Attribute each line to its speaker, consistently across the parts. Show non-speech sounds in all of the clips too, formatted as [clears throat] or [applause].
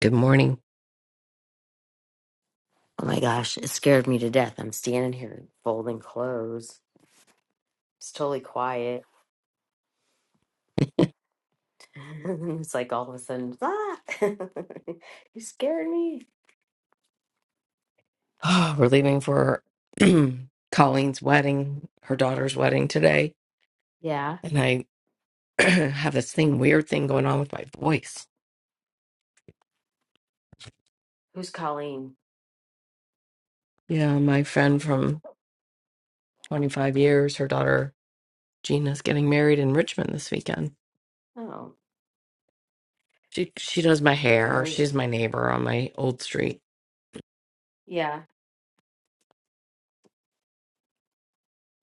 Speaker 1: Good morning. [sighs]
Speaker 2: Oh my gosh, it scared me to death. I'm standing here folding clothes. It's totally quiet. [laughs] it's like all of a sudden, ah, [laughs] you scared me.
Speaker 1: Oh, we're leaving for [clears throat] Colleen's wedding, her daughter's wedding today.
Speaker 2: Yeah.
Speaker 1: And I [clears throat] have this thing, weird thing going on with my voice.
Speaker 2: Who's Colleen?
Speaker 1: Yeah, my friend from 25 years, her daughter Gina's getting married in Richmond this weekend.
Speaker 2: Oh,
Speaker 1: She she does my
Speaker 2: I
Speaker 1: hair.
Speaker 2: leave.
Speaker 1: She's my neighbor on my old street.
Speaker 2: Yeah.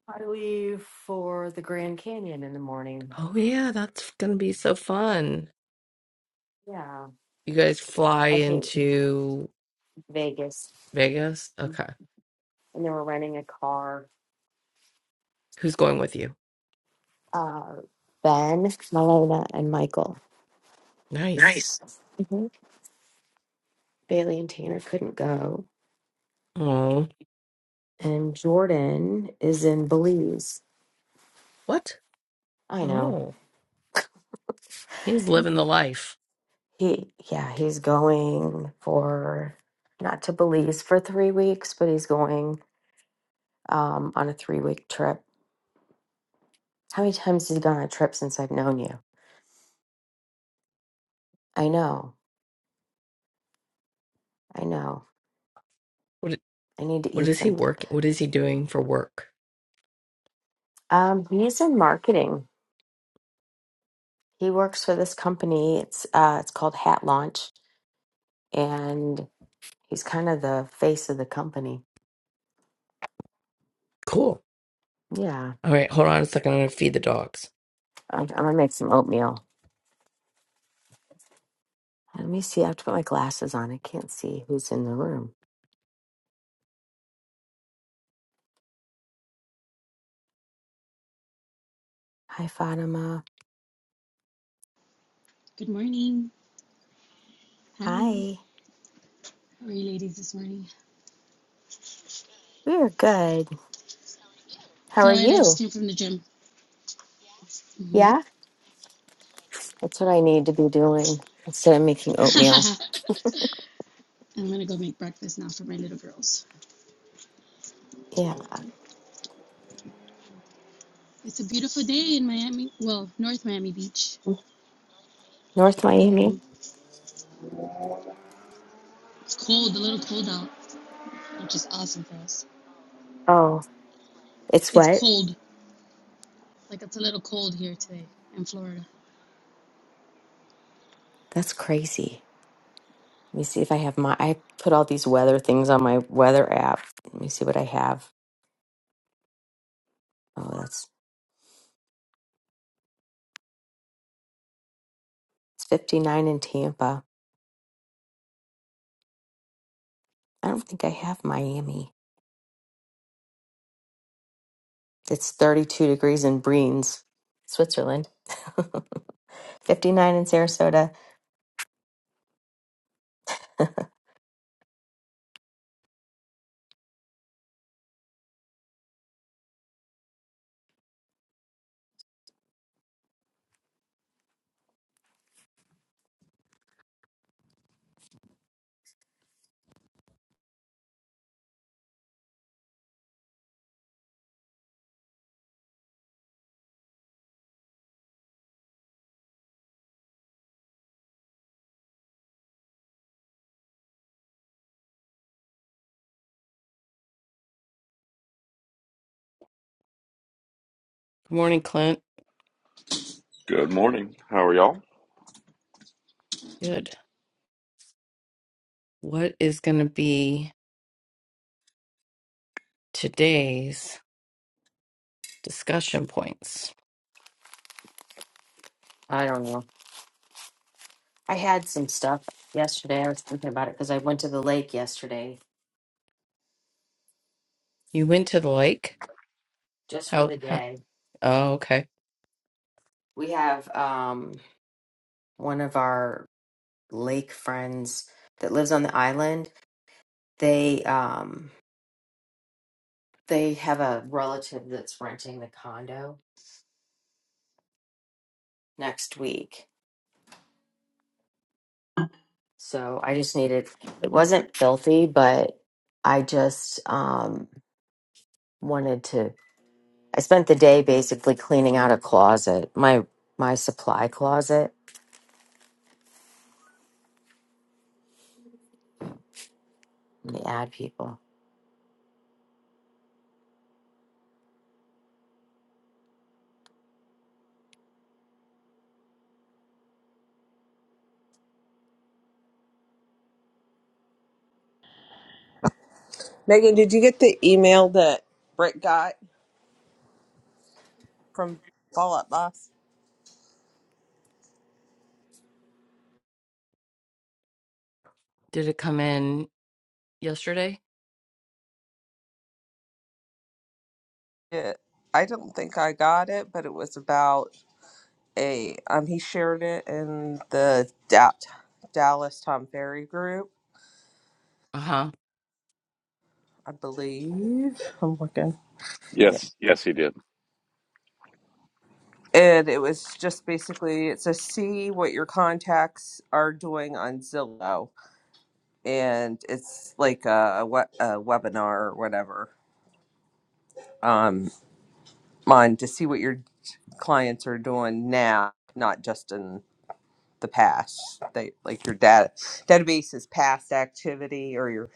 Speaker 2: I leave for the Grand Canyon in the morning.
Speaker 1: Oh yeah, that's gonna be so fun.
Speaker 2: Yeah.
Speaker 1: You guys fly
Speaker 2: I hate
Speaker 1: into
Speaker 2: Vegas.
Speaker 1: Vegas? Okay.
Speaker 2: And then we're renting a car.
Speaker 1: Who's going with you?
Speaker 2: Uh, ben, Malona, and Michael.
Speaker 1: Nice.
Speaker 2: Nice. hmm Bailey and Tanner couldn't go.
Speaker 1: Oh,
Speaker 2: and Jordan is in Belize.
Speaker 1: what?
Speaker 2: I know.
Speaker 1: Oh. He's living the life.
Speaker 2: He yeah, he's going for not to Belize for three weeks, but he's going um on a three week trip. How many times has he gone on a trip since I've known you? I know, I know.
Speaker 1: What
Speaker 2: I need to
Speaker 1: what
Speaker 2: eat
Speaker 1: is he
Speaker 2: something.
Speaker 1: working? What is he doing for work?
Speaker 2: Um, he's in marketing. He works for this company. It's uh it's called Hat Launch and he's kind of the face of the company.
Speaker 1: Cool.
Speaker 2: Yeah.
Speaker 1: All right, hold on a second. I'm gonna feed the dogs.
Speaker 2: I'm, I'm gonna make some oatmeal. Let me see. I have to put my glasses on. I can't see who's in the room. Hi, Fatima.
Speaker 3: Good morning. Hi.
Speaker 2: Hi.
Speaker 3: How are you ladies this morning?
Speaker 2: We're good. How
Speaker 3: Good.
Speaker 2: are
Speaker 3: I just
Speaker 2: you?
Speaker 3: came from the gym. hmm
Speaker 2: Yeah, that's what I need to be doing instead of making
Speaker 3: [laughs]
Speaker 2: oatmeal.
Speaker 3: I'm going to go make breakfast now for my little girls.
Speaker 2: Yeah.
Speaker 3: It's a beautiful day in Miami. Well, North Miami Beach.
Speaker 2: North
Speaker 3: hmm
Speaker 2: Miami.
Speaker 3: It's cold, a little cold out, which is awesome for us.
Speaker 2: Oh, it's
Speaker 3: It's
Speaker 2: wet.
Speaker 3: cold. Like it's a little cold here today in Florida.
Speaker 2: That's crazy. Let me see if I have my. I put all these weather things on my weather app. Let me see what I have. Oh, that's it's 59 in Tampa. I don't think I have Miami. It's 32 degrees in Breens, Switzerland. [laughs] 59 in Sarasota.
Speaker 1: Good morning, Clint.
Speaker 4: Good morning. How are y'all?
Speaker 1: Good. What is gonna be today's discussion points?
Speaker 2: I don't know. I had some stuff yesterday. I was thinking about it because I went to the lake yesterday
Speaker 1: You went to the lake.
Speaker 2: just for
Speaker 1: How?
Speaker 2: the
Speaker 1: how
Speaker 2: day.
Speaker 1: oh, okay.
Speaker 2: We have um, one of our lake friends that lives on the island. They um, they have a relative that's renting the condo next week. So I just needed. It wasn't filthy, but I just um, wanted to. I spent the day basically cleaning out a closet, my my supply closet. Let me add people.
Speaker 5: Megan, did you get the email that Britt got from Fallout Boss?
Speaker 1: Did it come in yesterday?
Speaker 5: Yeah, I don't think I got it, but it was about a um he shared it in the da- Dallas Tom Ferry group,
Speaker 1: Uh huh.
Speaker 5: I believe. I'm looking. Yeah.
Speaker 4: Yes, yes, he did.
Speaker 5: And it was just basically it's a see what your contacts are doing on Zillow, and it's like a, we- a webinar or whatever um on to see what you're clients are doing now, not just in the past. They like your data database's past activity or your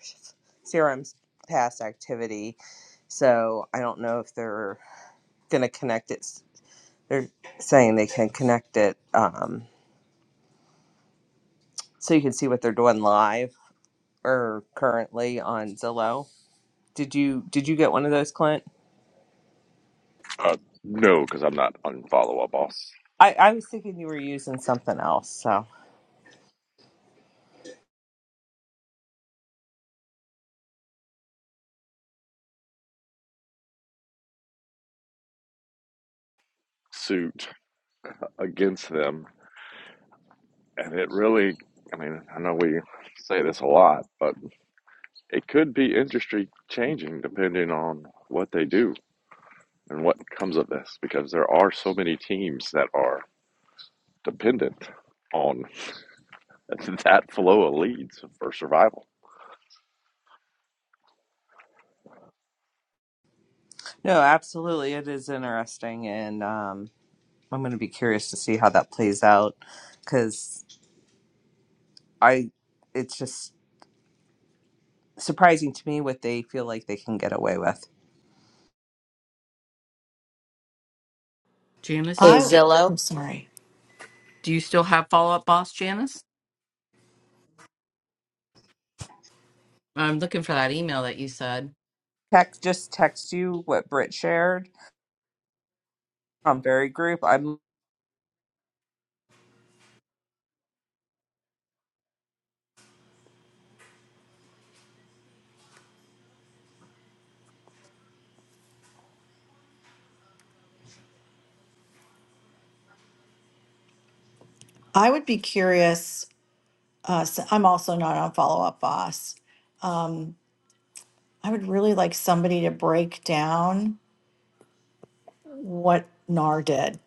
Speaker 5: CRM's past activity. So I don't know if they're going to connect it. They're saying they can connect it um, so you can see what they're doing live or currently on Zillow. Did you did you get one of those, Clint?
Speaker 4: Uh, no, because I'm not unfollow a boss
Speaker 5: I, I was thinking you were using something else. So
Speaker 4: suit against them, and it really. I mean, I know we say this a lot, but it could be industry changing depending on what they do and what comes of this, because there are so many teams that are dependent on [laughs] that flow of leads for survival.
Speaker 5: no, absolutely, it is interesting and. Um, I'm going to be curious to see how that plays out because I it's just surprising to me what they feel like they can get away with.
Speaker 1: Janice,
Speaker 2: Hey
Speaker 1: you
Speaker 6: I,
Speaker 1: st-
Speaker 2: Zillow,
Speaker 6: I'm sorry.
Speaker 1: do you still have follow up, boss Janice? I'm looking for that email that you said.
Speaker 5: Text just text you what Britt shared on Berry Group. I'm
Speaker 6: I would be curious. Uh, so I'm also not on Follow Up Boss. I would really like somebody to break down what NAR did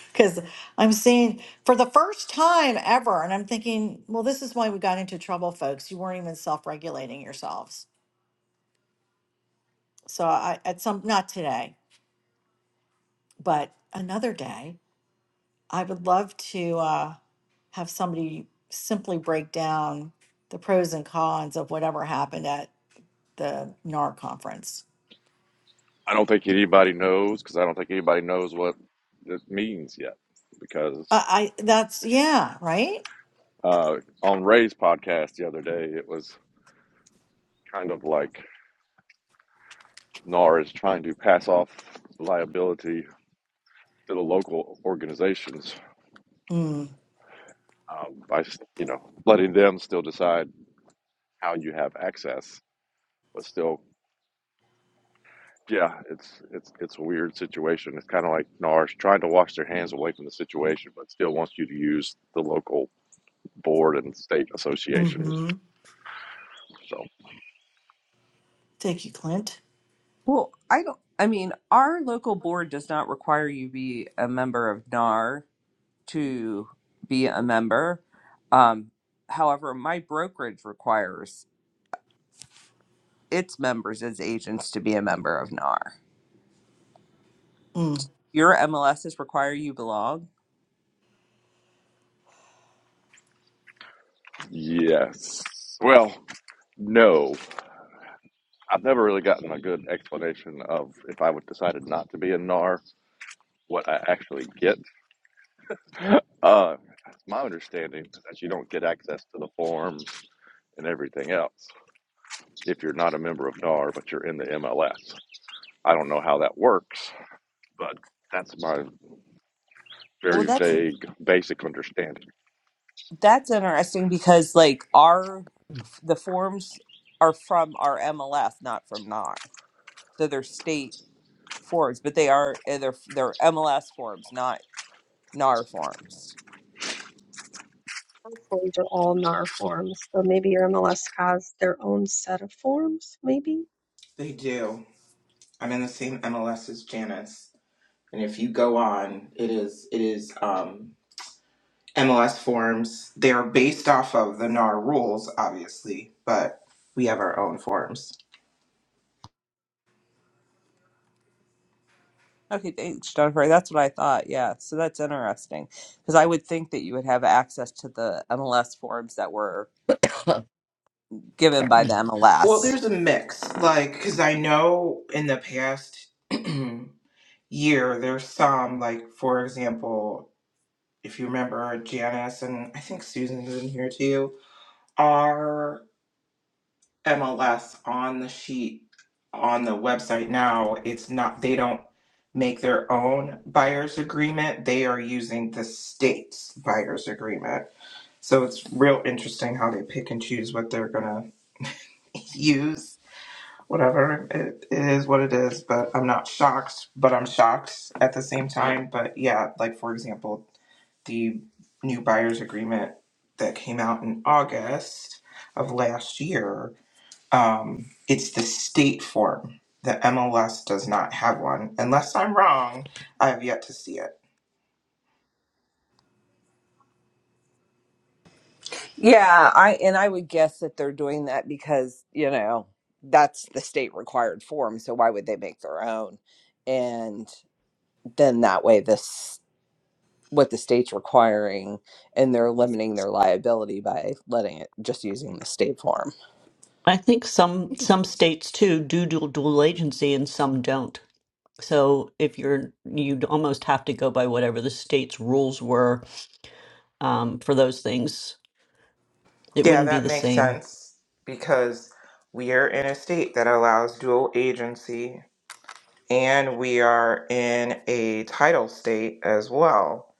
Speaker 6: [laughs] because I'm seeing for the first time ever, and I'm thinking, well, this is why we got into trouble, folks. You weren't even self regulating yourselves. So I, at some, not today, but another day, I would love to uh, have somebody simply break down the pros and cons of whatever happened at the NAR conference.
Speaker 4: I don't think anybody knows because I don't think anybody knows what it means yet because
Speaker 6: I, I that's yeah, right?
Speaker 4: Uh, on Ray's podcast the other day, it was kind of like NAR is trying to pass off liability to the local organizations
Speaker 6: Mm.
Speaker 4: um, by, you know, letting them still decide how you have access, but still. Yeah, it's it's it's a weird situation. It's kind of like NAR's trying to wash their hands away from the situation, but still wants you to use the local board and state associations.
Speaker 6: hmm
Speaker 4: So
Speaker 6: Thank you, Clint.
Speaker 5: well. I don't. I mean, our local board does not require you be a member of NAR to be a member. Um, however, my brokerage requires its members as agents to be a member of NAR.
Speaker 6: Mm.
Speaker 5: Your MLSs require you belong.
Speaker 4: yes, well, no. I've never really gotten a good explanation of if I would decided not to be a NAR, what I actually get. Uh, my understanding is that you don't get access to the forms and everything else if you're not a member of NAR, but you're in the MLS. I don't know how that works, but that's my
Speaker 5: Well,
Speaker 4: very
Speaker 5: that's
Speaker 4: vague, basic understanding.
Speaker 5: That's interesting because like our the forms are from our MLS, not from NAR. So they're state forms, but they are eh, they're they're MLS forms, not NAR forms.
Speaker 7: forms are all NAR forms. So maybe your MLS has their own set of forms, maybe.
Speaker 8: They do. I'm in the same MLS as Janice. And if you go on, it is it is um MLS forms. They are based off of the NAR rules, obviously, but we have our own forms.
Speaker 5: Okay, thanks, Jennifer. That's what I thought. Yeah, so that's interesting because I would think that you would have access to the MLS forms that were
Speaker 1: [coughs]
Speaker 5: given by the
Speaker 8: Well,
Speaker 5: MLS.
Speaker 8: there's a mix, like, because I know in the past [clears throat] year, there's some, like, for example, if you remember Janice and I think Susan's in here too, MLS on the sheet on the website now, it's not they don't make their own buyer's agreement. They are using the state's buyer's agreement. So it's real interesting how they pick and choose what they're gonna [laughs] use. Whatever it, it is, what it is, but I'm not shocked, but I'm shocked at the same time. But yeah, like for example, the new buyer's agreement that came out in August of last year um, it's the state form. The MLS does not have one. Unless I'm wrong, I have yet to see it.
Speaker 5: Yeah, I and I would guess that they're doing that because, you know, that's the state required form, so why would they make their own? And then that way this what the state's requiring and they're limiting their liability by letting it just using the state form.
Speaker 9: I think some some states too do dual, dual agency and some don't. So if you're you'd almost have to go by whatever the state's rules were um, for those things. It
Speaker 8: Yeah,
Speaker 9: wouldn't be
Speaker 8: that
Speaker 9: the
Speaker 8: makes
Speaker 9: same.
Speaker 8: sense because we are in a state that allows dual agency and we are in a title state as well.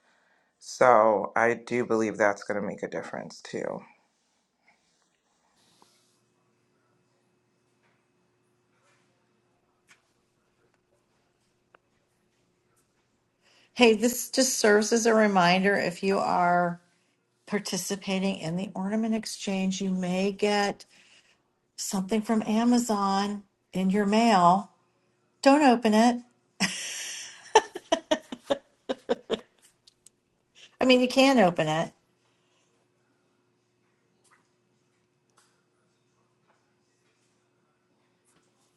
Speaker 8: So I do believe that's going to make a difference too.
Speaker 6: Hey, this just serves as a reminder if you are participating in the ornament exchange, you may get something from Amazon in your mail. Don't open it. I mean, you can open it.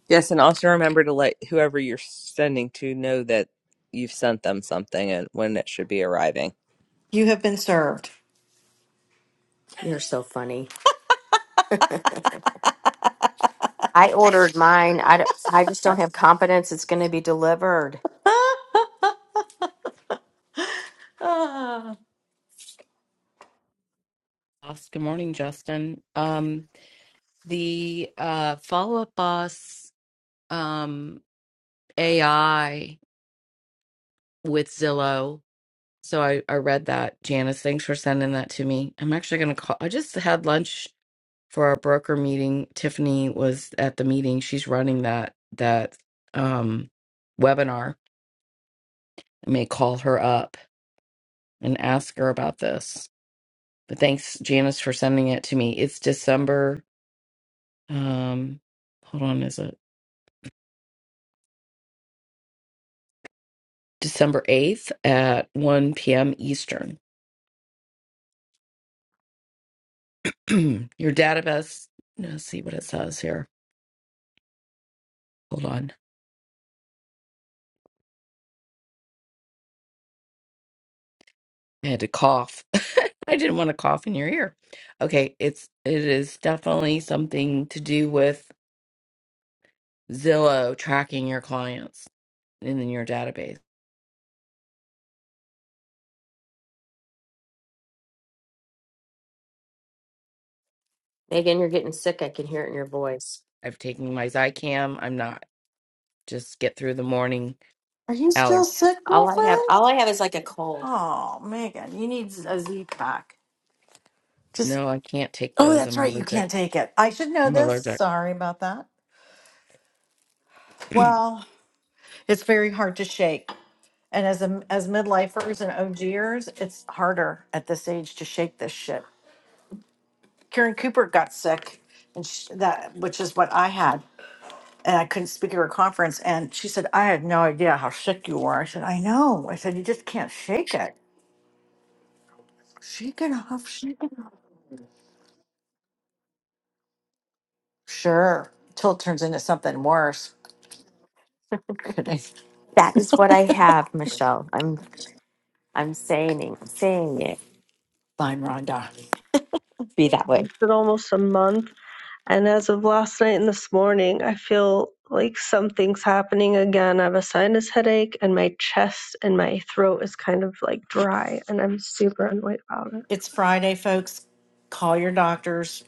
Speaker 5: Yes, and also remember to let whoever you're sending to know that you've sent them something and when it should be arriving.
Speaker 6: You have been served.
Speaker 2: you're so funny. I ordered mine. I, d- I just don't have confidence it's going to be delivered.
Speaker 6: Ah,
Speaker 1: Boss, Good morning, Justin. Um, The uh, Follow Up Boss um, AI with Zillow. So I, I read that. Janice, thanks for sending that to me. I'm actually going to call. I just had lunch for our broker meeting. Tiffany was at the meeting. She's running that that um, webinar. I may call her up and ask her about this. But thanks, Janice, for sending it to me. It's December. Um, hold on, is it December 8th at 1 p.m. Eastern? [clears throat] your database. Let's see what it says here. Hold on. I had to cough. [laughs] I didn't want to cough in your ear. Okay, it's it is definitely something to do with Zillow tracking your clients in your database.
Speaker 2: Megan, you're getting sick. I can hear it in your voice.
Speaker 1: I've taken my Zycam. I'm not just get through the morning
Speaker 6: are you still
Speaker 1: allergy.
Speaker 6: sick,
Speaker 2: All I have,
Speaker 6: girlfriend?
Speaker 2: all I have is like a cold.
Speaker 6: Oh, Megan, you need a Z pack. Just.
Speaker 1: No, I can't take
Speaker 6: Oh,
Speaker 1: those.
Speaker 6: that's
Speaker 1: I'm
Speaker 6: right. You
Speaker 1: allergic.
Speaker 6: can't take it. I should know
Speaker 1: I'm
Speaker 6: this.
Speaker 1: allergic.
Speaker 6: Sorry about that. Well, it's very hard to shake. And as a, as midlifers and OGers, it's harder at this age to shake this shit. Karen Cooper got sick, and sh that which is what I had, and I couldn't speak at her conference. And she said, "I had no idea how sick you were." I said, "I know." I said, "You just can't shake it. Shake it off. Shake it." off." Sure, till it turns into something worse. [laughs] Kidding.
Speaker 2: That is what I have, Michelle. I'm I'm saying it, saying it.
Speaker 6: Fine, Rhonda.
Speaker 2: Be that way.
Speaker 7: It's almost a month And as of last night and this morning, I feel like something's happening again. I have a sinus headache, and my chest and my throat is kind of like dry, and I'm super annoyed about it.
Speaker 6: It's Friday, folks. Call your doctors.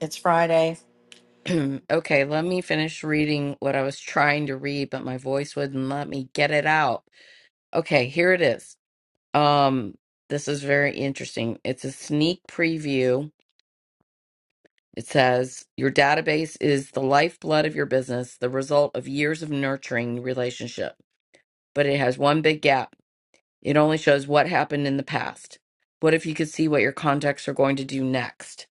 Speaker 6: It's Friday.
Speaker 1: [clears throat] okay, let me finish reading what I was trying to read, but my voice wouldn't let me get it out. Okay, here it is. Um, this is very interesting. It's a sneak preview. It says your database is the lifeblood of your business, the result of years of nurturing relationship. But it has one big gap. It only shows what happened in the past. What if you could see what your contacts are going to do next?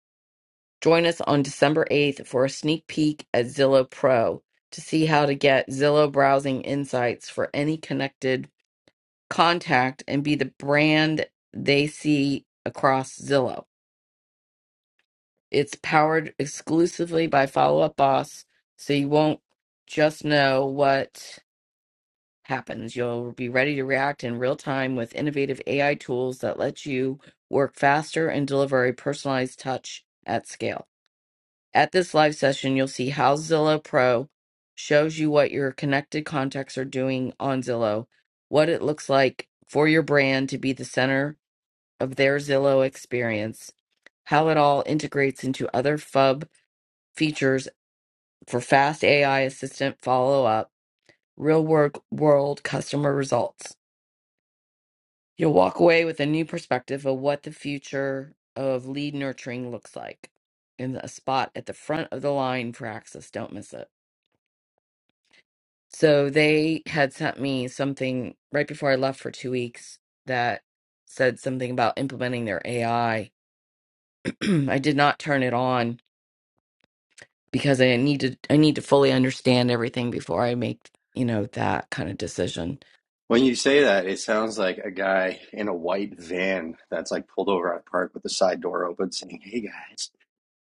Speaker 1: Join us on December 8th for a sneak peek at Zillow Pro to see how to get Zillow browsing insights for any connected contact and be the brand they see across Zillow. It's powered exclusively by Follow Up Boss, so you won't just know what happens. You'll be ready to react in real time with innovative AI tools that let you work faster and deliver a personalized touch at scale. At this live session, you'll see how Zillow Pro shows you what your connected contacts are doing on Zillow, what it looks like for your brand to be the center of their Zillow experience, how it all integrates into other FUB features for fast AI assistant follow up, real work world customer results. You'll walk away with a new perspective of what the future of lead nurturing looks like in a spot at the front of the line for access. Don't miss it. So they had sent me something right before I left for two weeks that said something about implementing their AI. I [clears throat] I did not turn it on because I need to I need to fully understand everything before I make, you know, that kind of decision
Speaker 10: When you say that, it sounds like a guy in a white van that's like pulled over at a park with the side door open, saying, "Hey guys,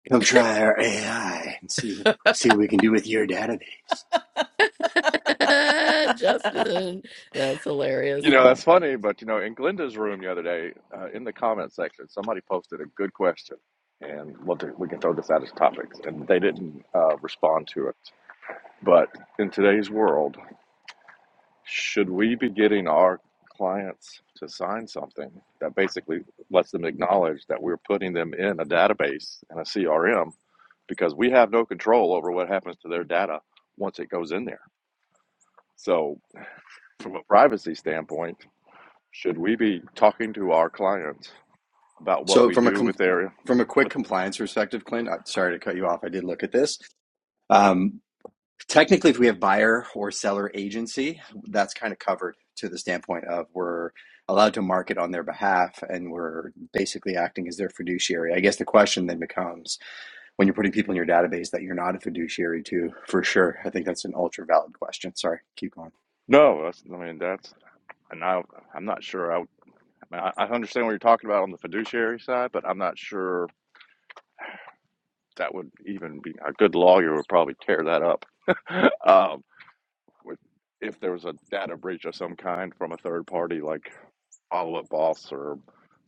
Speaker 10: come try our AI and see what see what we can do with your database."
Speaker 1: [laughs] Justin, that's hilarious.
Speaker 4: You know,
Speaker 1: Oh my.
Speaker 4: that's funny, but you know, in Glenda's room the other day, uh, in the comment section, somebody posted a good question, and we'll do, we can throw this out as topics, and they didn't uh, respond to it. But in today's world, should we be getting our clients to sign something that basically lets them acknowledge that we're putting them in a database and a CRM because we have no control over what happens to their data once it goes in there? So, from a privacy standpoint, should we be talking to our clients about what
Speaker 10: So,
Speaker 4: we
Speaker 10: from a
Speaker 4: do
Speaker 10: com-
Speaker 4: with their
Speaker 10: from a quick
Speaker 4: with
Speaker 10: compliance perspective, Clint, I'm sorry to cut you off. I did look at this. Um, technically, if we have buyer or seller agency, that's kind of covered to the standpoint of we're allowed to market on their behalf and we're basically acting as their fiduciary. I guess the question then becomes when you're putting people in your database that you're not a fiduciary to, for sure. I think that's an ultra valid question. Sorry, keep going.
Speaker 4: no that's, i mean that's and I, i'm not sure I i understand what you're talking about on the fiduciary side but i'm not sure that would even be a good lawyer would probably tear that up. [laughs] um, with, if there was a data breach of some kind from a third party, like Follow Up Boss or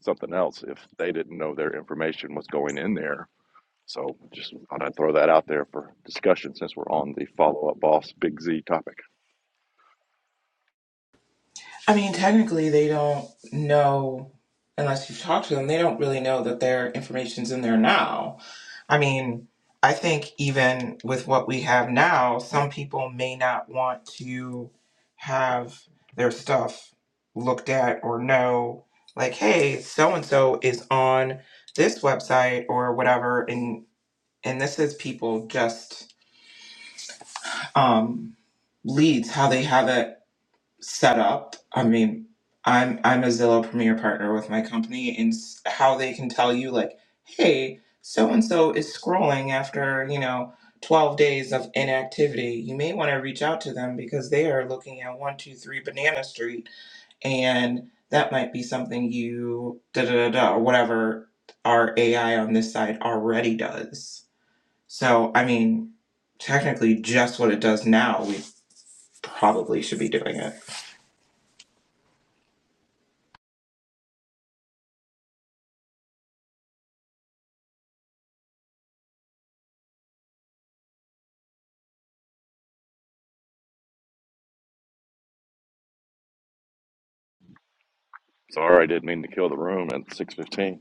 Speaker 4: something else, if they didn't know their information was going in there. So just thought I'd throw that out there for discussion since we're on the Follow Up Boss Big Z topic.
Speaker 8: I mean, technically, they don't know unless you've talked to them. They don't really know that their information's in there now. I mean, I think even with what we have now, some people may not want to have their stuff looked at or know, like, hey, so and so is on this website or whatever, and and this is people just um, leads how they have it setup. I mean, I'm I'm a Zillow Premier partner with my company, and s- how they can tell you like, hey, so and so is scrolling after you know. 12 days of inactivity, you may want to reach out to them because they are looking at 123 Banana Street, and that might be something you da da da da, or whatever our AI on this side already does. So, I mean, technically, just what it does now, we probably should be doing it.
Speaker 4: Sorry, I didn't mean to kill the room at 6:15.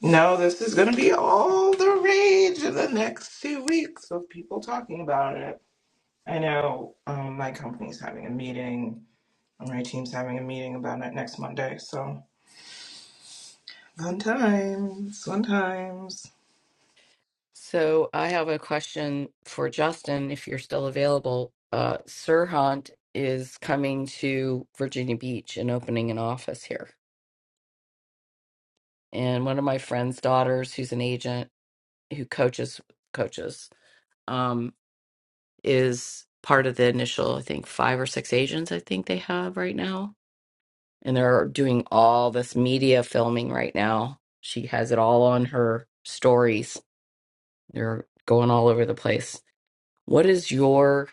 Speaker 8: No, this is going to be all the rage in the next two weeks of people talking about it. I know um, my company's having a meeting, and my team's having a meeting about it next Monday. So fun times, fun times.
Speaker 1: So I have a question for Justin, if you're still available. Uh, Sirhan is coming to Virginia Beach and opening an office here. And one of my friend's daughters, who's an agent who coaches coaches, um, is part of the initial, I think, five or six agents I think they have right now. And they're doing all this media filming right now. She has it all on her stories They're going all over the place. What is your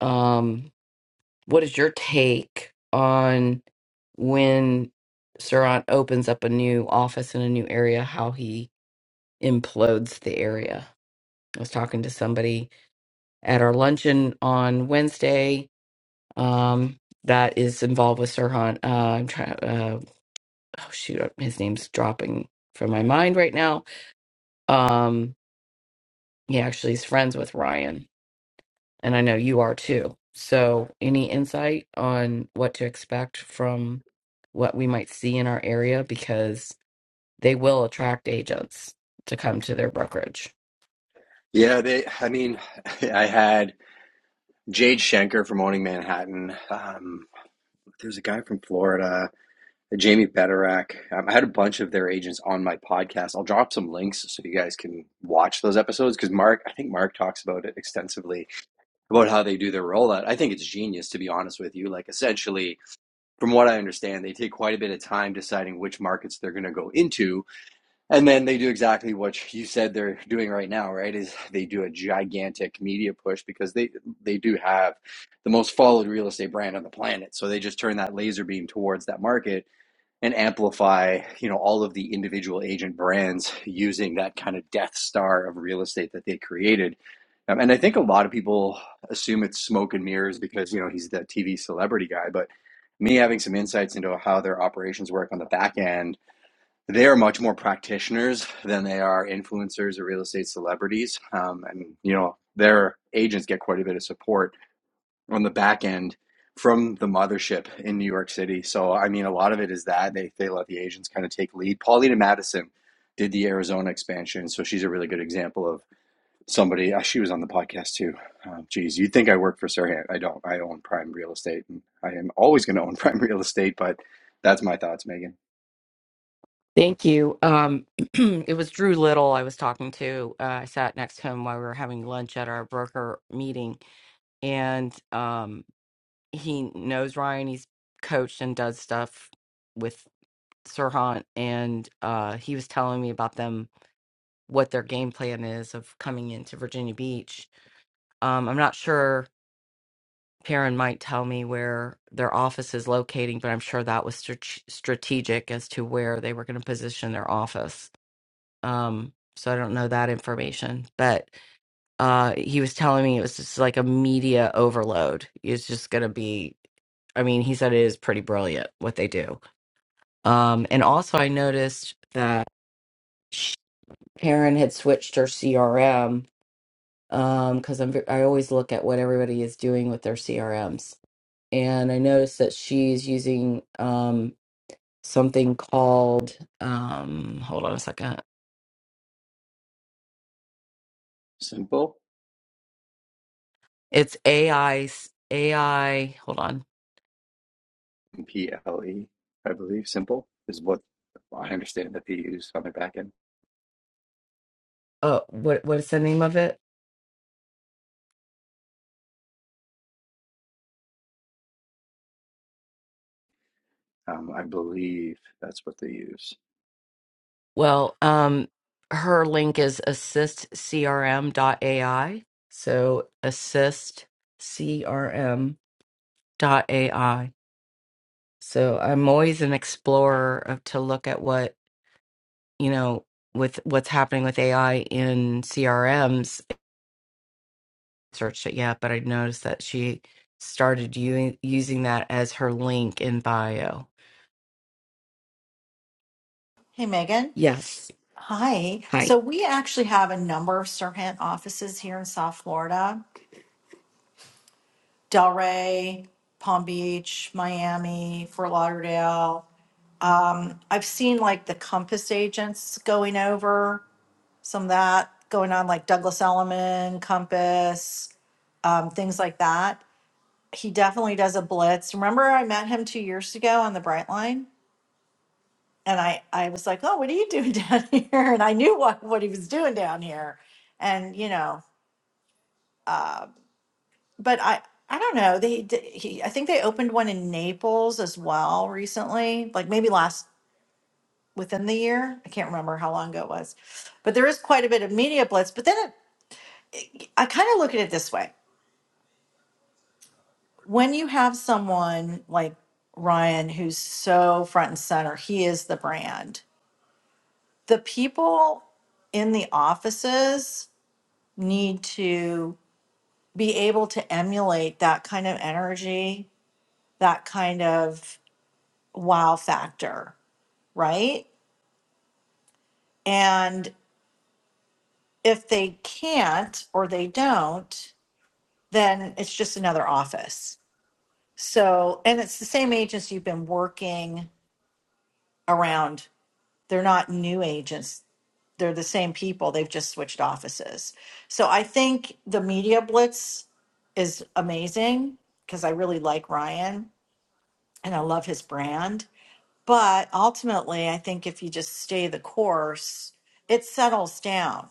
Speaker 1: um what is your take on when Surat opens up a new office in a new area, how he implodes the area? I was talking to somebody at our luncheon on Wednesday um, that is involved with Sirhan. Uh, I'm trying. Uh, oh shoot, uh, his name's dropping from my mind right now. Um, he actually is friends with Ryan and I know you are too. So, any insight on what to expect from what we might see in our area because they will attract agents to come to their brokerage.
Speaker 10: Yeah, they. I mean, [laughs] I had Jade Schenker from Owning Manhattan. Um, there's a guy from Florida, Jamie Betterack. Um, I had a bunch of their agents on my podcast. I'll drop some links so you guys can watch those episodes because Mark, I think Mark talks about it extensively about how they do their rollout. I think it's genius, to be honest with you. Like, essentially, from what I understand, they take quite a bit of time deciding which markets they're going to go into And then they do exactly what you said they're doing right now, right? Is they do a gigantic media push because they they do have the most followed real estate brand on the planet. So they just turn that laser beam towards that market and amplify, you know, all of the individual agent brands using that kind of death star of real estate that they created. Um, and I think a lot of people assume it's smoke and mirrors because, you know, he's the TV celebrity guy, but me having some insights into how their operations work on the back end they are much more practitioners than they are influencers or real estate celebrities. Um, and, you know, their agents get quite a bit of support on the back end from the mothership in New York City. So, I mean, a lot of it is that they, they let the agents kind of take lead. Paulina Madison did the Arizona expansion. So she's a really good example of somebody. uh, She was on the podcast too. Um, geez, you'd think I work for Sirhan. I don't. I own prime real estate and I am always going to own [laughs] prime real estate, but that's my thoughts, Megan.
Speaker 1: Thank you. Um, [clears throat] it was Drew Little I was talking to. Uh, I sat next to him while we were having lunch at our broker meeting, and um, he knows Ryan. He's coached and does stuff with Sirhan, and uh, he was telling me about them what their game plan is of coming into Virginia Beach. Um, I'm not sure. Perrin might tell me where their office is locating, but I'm sure that was strat- strategic as to where they were going to position their office. Um, so I don't know that information, but uh, he was telling me it was just like a media overload. It's just going to be. I mean, he said it is pretty brilliant what they do. Um, and also, I noticed that Perrin had switched her CRM um because I'm ve- I always look at what everybody is doing with their CRMs. And I noticed that she's using um something called um hold on a second.
Speaker 10: Simple.
Speaker 1: It's AI AI hold on.
Speaker 10: P L E, I believe, simple is what I understand that they use on their back end.
Speaker 1: Uh what what is the name of it?
Speaker 10: Um, I believe that's what they use.
Speaker 1: Well, um her link is assistcrm.ai. So assistcrm.ai. So I'm always an explorer of, to look at what you know, with what's happening with AI in CRMs, searched it yet, but I noticed that she started u- using that as her link in bio.
Speaker 6: Hey, Megan.
Speaker 1: Yes.
Speaker 6: Hi.
Speaker 1: Hi.
Speaker 6: So we actually have a number of Serpent offices here in South Florida. Delray, Palm Beach, Miami, Fort Lauderdale. I've seen like the Compass agents going over some of that going on, like Douglas Elliman, Compass, um, things like that. He definitely does a blitz. Remember, I met him two years ago on the Brightline? and I I was like, "Oh, what are you doing down [laughs] here?" And I knew what what he was doing down here, and you know, but I I don't know. They d- he I think they opened one in Naples as well recently, like maybe last within the year. I can't remember how long ago it was, but there is quite a bit of media blitz. But then it, I kind of look at it this way: when you have someone like Ryan, who's so front and center, he is the brand. The people in the offices need to be able to emulate that kind of energy, that kind of wow factor, right? And if they can't or they don't, then it's just another office. So, and it's the same agents you've been working around. They're not new agents. They're the same people. They've just switched offices. So I think the media blitz is amazing because I really like Ryan and I love his brand But ultimately, I think if you just stay the course, it settles down.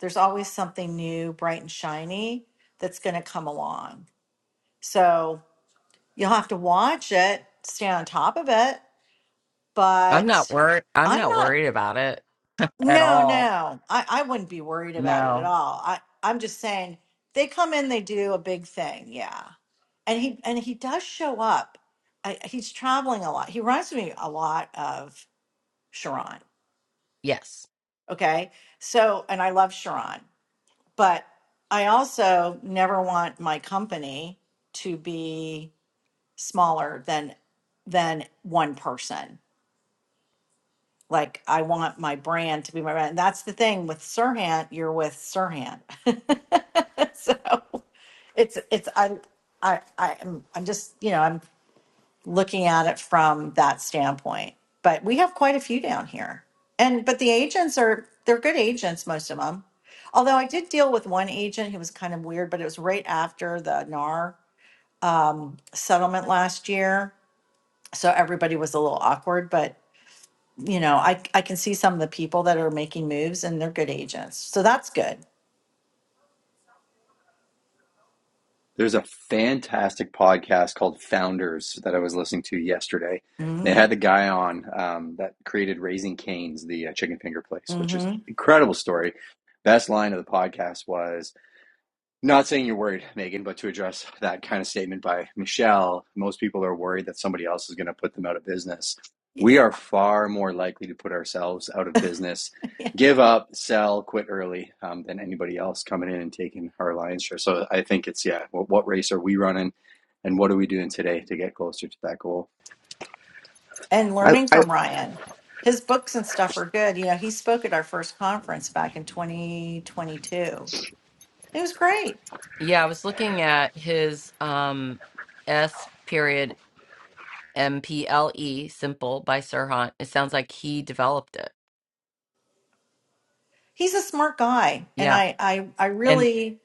Speaker 6: There's always something new, bright and shiny that's going to come along. So you'll have to watch it, stay on top of it.
Speaker 1: I'm not
Speaker 6: But
Speaker 1: worried. I'm
Speaker 6: I'm
Speaker 1: not
Speaker 6: not,
Speaker 1: worried about it at
Speaker 6: no,
Speaker 1: all.
Speaker 6: no, I, I wouldn't be worried about it at
Speaker 1: No.
Speaker 6: all. I, I'm just saying they come in, they do a big thing. Yeah. And he, and he does show up. I, he's traveling a lot. He reminds me a lot of Sharon
Speaker 1: Yes.
Speaker 6: Okay. So, and I love Sharon, but I also never want my company to be smaller than than one person. Like I want my brand to be my brand. And that's the thing with Sirhan, you're with Sirhan. [laughs] so it's it's I I I am I'm just, you know, I'm looking at it from that standpoint. But we have quite a few down here. And but the agents are they're good agents, most of them. Although I did deal with one agent who was kind of weird, but it was right after the NAR um, settlement last year, so everybody was a little awkward. But you know, I I can see some of the people that are making moves, and they're good agents, so that's good.
Speaker 10: There's a fantastic podcast called Founders that I was listening to yesterday. They had
Speaker 6: Mm,
Speaker 10: the guy on um, that created Raising Canes, the uh, chicken finger place, which is an
Speaker 6: hmm
Speaker 10: incredible story. Best line of the podcast was Not saying you're worried, Megan, but to address that kind of statement by Michelle, most people are worried that somebody else is going to put them out of business. We
Speaker 6: Yeah.
Speaker 10: are far more likely to put ourselves out of business,
Speaker 6: [laughs]
Speaker 10: give up, sell, quit early um, than anybody else coming in and taking our lion's share. So I think it's, yeah, what, what race are we running and what are we doing today to get closer to that goal?
Speaker 6: and
Speaker 11: I,
Speaker 6: learning
Speaker 11: I
Speaker 6: from Ryan. His books and stuff are good. You know, he spoke at our first conference back in 2022. It was great.
Speaker 1: Yeah, I was looking at his um S period M P L E simple by Sirhan. It sounds like he developed it.
Speaker 6: He's a smart guy, and
Speaker 1: Yeah.
Speaker 6: I I, I
Speaker 1: And.
Speaker 6: really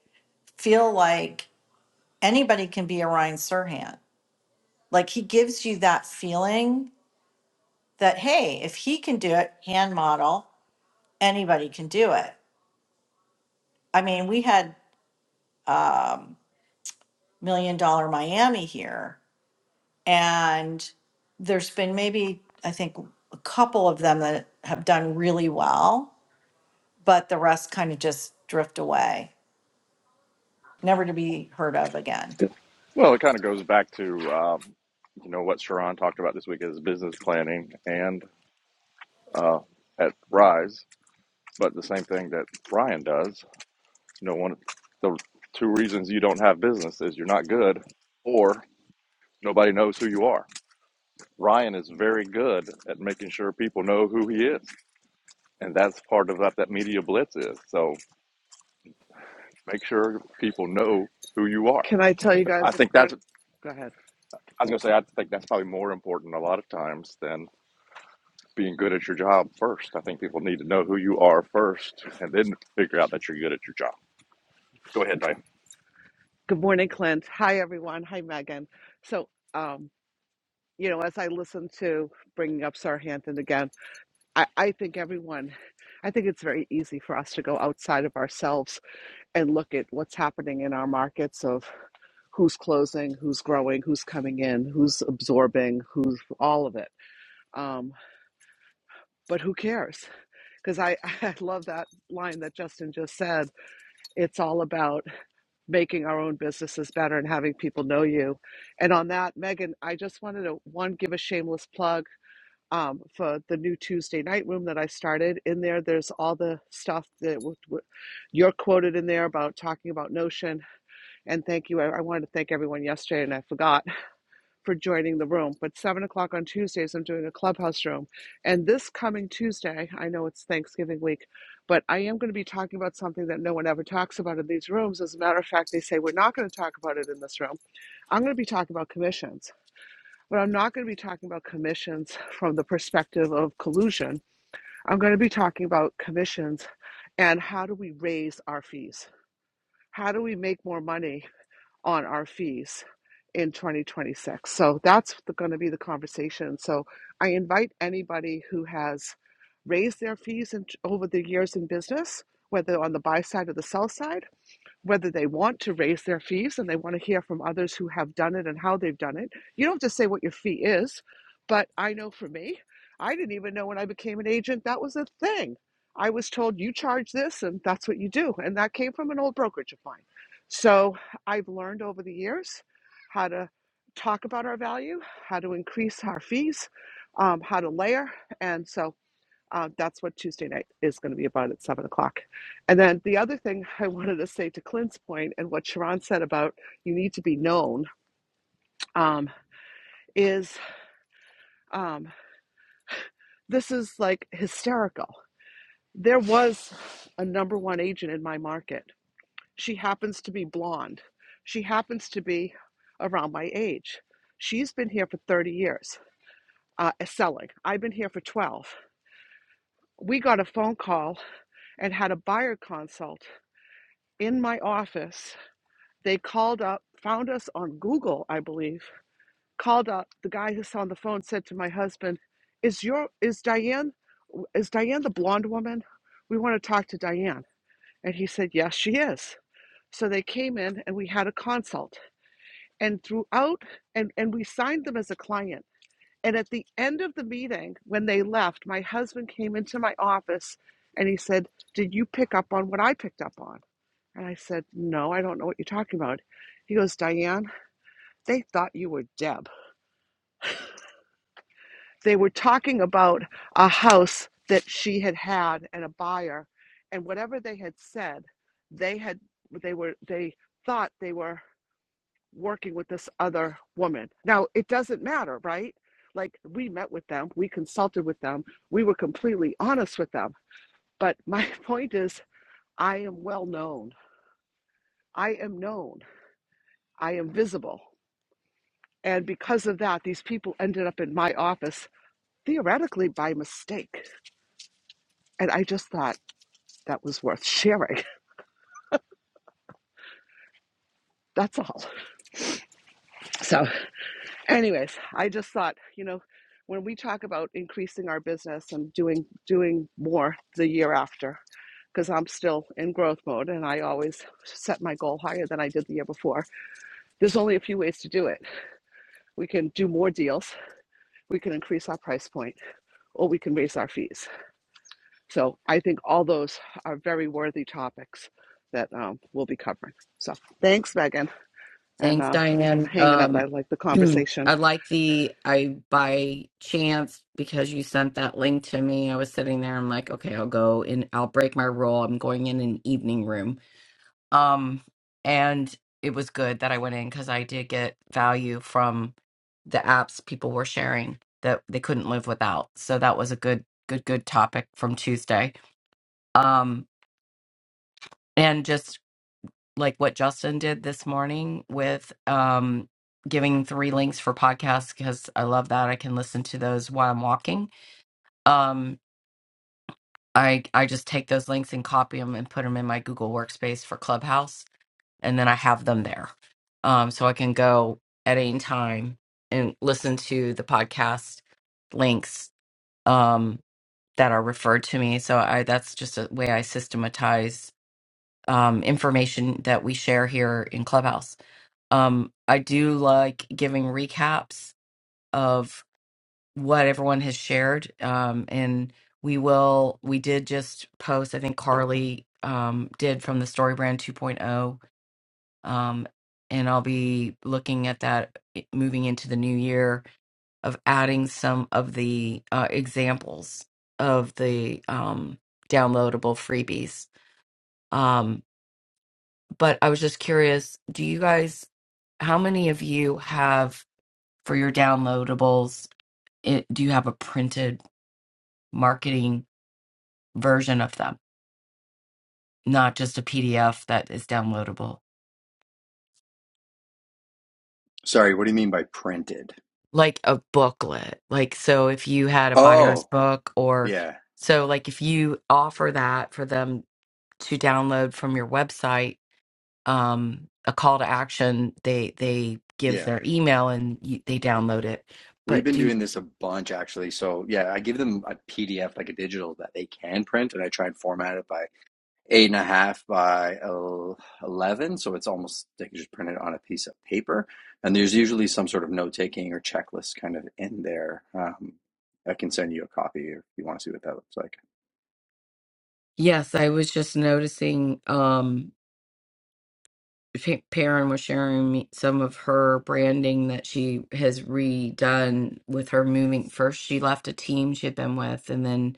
Speaker 6: feel like anybody can be a Ryan Serhant. Like he gives you that feeling that hey, if he can do it, hand model, anybody can do it. I mean, we had um, Million Dollar Miami here And there's been maybe, I think, a couple of them that have done really well, but the rest kind of just drift away, never to be heard of again.
Speaker 11: g-
Speaker 4: Well, it kind of goes back to um, you know what Sharon talked about this week is business planning and uh, at Rise. But the same thing that Brian does, you know, one of the two reasons you don't have business is you're not good or nobody knows who you are. Ryan is very good at making sure people know who he is. And that's part of what that media blitz is. So make sure people know who you are.
Speaker 11: can I tell you
Speaker 4: I
Speaker 11: guys a
Speaker 4: think
Speaker 11: part?
Speaker 4: that's, I
Speaker 11: Go ahead.
Speaker 4: was going to say, I think that's probably more important a lot of times than being good at your job first. I think people need to know who you are first and then figure out that you're good at your job. Go ahead, Diane.
Speaker 11: Good morning, Clint. Hi, everyone. Hi, Megan. So, um, you know, as I listen to bringing up Sarhanton again, I, I think everyone, I think it's very easy for us to go outside of ourselves and look at what's happening in our markets of who's closing, who's growing, who's coming in, who's absorbing, who's all of it. Um, but who cares? Because I, [laughs] I love that line that Justin just said. It's all about making our own businesses better and having people know you. And on that, Megan, I just wanted to one give a shameless plug um, for the new Tuesday night room that I started. In there, there's all the stuff that w- w- you're quoted in there about talking about Notion. And thank you. I, I wanted to thank everyone yesterday, and I forgot for joining the room. But seven o'clock on Tuesdays, I'm doing a clubhouse room. And this coming Tuesday, I know it's Thanksgiving week, but I am going to be talking about something that no one ever talks about in these rooms. As a matter of fact, they say we're not going to talk about it in this room. I'm going to be talking about commissions, but I'm not going to be talking about commissions from the perspective of collusion. I'm going to be talking about commissions and how do we raise our fees? How do we make more money on our fees in 2026. So that's going to be the conversation. So I invite anybody who has raised their fees in, over the years in business, whether on the buy side or the sell side whether they want to raise their fees and they want to hear from others who have done it and how they've done it. You don't have to say what your fee is, but I know for me, I didn't even know when I became an agent that was a thing. I was told you charge this and that's what you do. And that came from an old brokerage of mine. So I've learned over the years how to talk about our value, how to increase our fees, um, how to layer. And so uh, that's what Tuesday night is going to be about at seven o'clock. And then the other thing [laughs] I wanted to say to Clint's point and what Sharon said about you need to be known um, is um, this is like hysterical. There was a number one agent in my market. She happens to be blonde. She happens to be around my age. She's been here for 30 years uh, selling. I've been here for 12. We got a phone call and had a buyer consult in my office They called up, found us on Google, I believe, called up. The guy who's on the phone said to my husband, Is your is Diane is Diane the blonde woman? We want to talk to Diane. And he said, Yes, she is. So they came in and we had a consult. And throughout and, and we signed them as a client. And at the end of the meeting, when they left, my husband came into my office and he said, Did you pick up on what I picked up on? And I said, No, I don't know what you're talking about. He goes, Diane, they thought you were Deb. They were talking about a house that she had had and a buyer, and whatever they had said, they had they were they thought they were working with this other woman. Now it doesn't matter, right? Like we met with them, we consulted with them, we were completely honest with them. But [laughs] my point is, I am well known. I am known. I am visible. And because of that, these people ended up in my office theoretically by mistake. And I just thought that was worth sharing. [laughs] That's all. So, anyways, I just thought, you know, when we talk about increasing our business and doing doing more the year after, because I'm still in growth mode and I always set my goal higher than I did the year before. There's only a few ways to do it. We can do more deals, we can increase our price point, or we can raise our fees. So I think all those are very worthy topics that um, we'll be covering. So thanks, Megan. and
Speaker 1: Thanks,
Speaker 11: uh, I'm
Speaker 1: Diane.
Speaker 11: hanging out. I
Speaker 1: Um,
Speaker 11: like the
Speaker 1: [clears throat]
Speaker 11: conversation.
Speaker 1: I like the I by chance because you sent that link to me. I was sitting there. I'm like, okay, I'll go and I'll break my rule. I'm going in an evening room. Um, and it was good that I went in because I did get value from the apps people were sharing that they couldn't live without. So that was a good, good, good topic from Tuesday. Um, and just like what Justin did this morning with um, giving three links for podcasts because I love that. I can listen to those while I'm walking. Um, I I just take those links and copy them and put them in my Google Workspace for Clubhouse, and then I have them there, um, so I can go at any time and listen to the podcast links um, that are referred to me. So I that's just a way I systematize um, information that we share here in Clubhouse Um, I do like giving recaps of what everyone has shared. Um, and we will, we did just post, I think Carly um, did from the Story Brand 2.0. Um, and I'll be looking at that i- moving into the new year of adding some of the uh, examples of the um, downloadable freebies. Um, but I was just curious, do you guys, how many of you have? for your downloadables, it, do you have a printed marketing version of them, not just a PDF that is downloadable,
Speaker 10: Sorry, what do you mean by printed?
Speaker 1: like a booklet? Like, so if you had a buyer's
Speaker 10: Oh,
Speaker 1: book, or
Speaker 10: yeah,
Speaker 1: so, like, if you offer that for them to download from your website, um, a call to action, they they
Speaker 10: yeah.
Speaker 1: give their email and you, they download it.
Speaker 10: We've
Speaker 1: But
Speaker 10: been
Speaker 1: do
Speaker 10: doing this a bunch actually. So yeah, I give them a PDF, like a digital that they can print, and I try and format it by eight and a half by eleven, so it's almost they can just print it on a piece of paper. And there's usually some sort of note taking or checklist kind of in there. Um, I can send you a copy if you want to see what that looks like.
Speaker 1: yes, I was just noticing. Um, Pa- Perrin was sharing me some of her branding that she has redone with her moving. First, she left a team she had been with, and then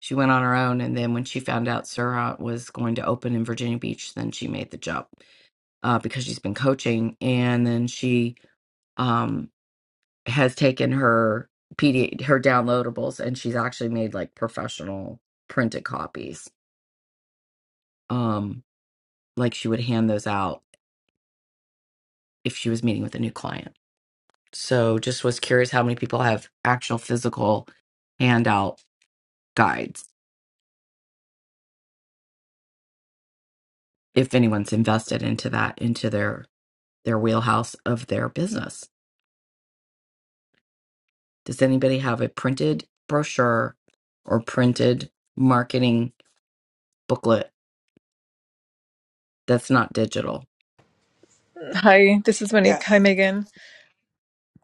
Speaker 1: she went on her own. And then when she found out Surat was going to open in Virginia Beach, then she made the jump uh, because she's been coaching. And then she um, has taken her PD, her downloadables, and she's actually made like professional printed copies, um, like she would hand those out if she was meeting with a new client So just was curious how many people have actual physical handout guides if anyone's invested into that into their their wheelhouse of their business. Does anybody have a printed brochure or printed marketing booklet that's not digital?
Speaker 12: Hi, this is Monique. Hi,
Speaker 8: Yes.
Speaker 12: Megan.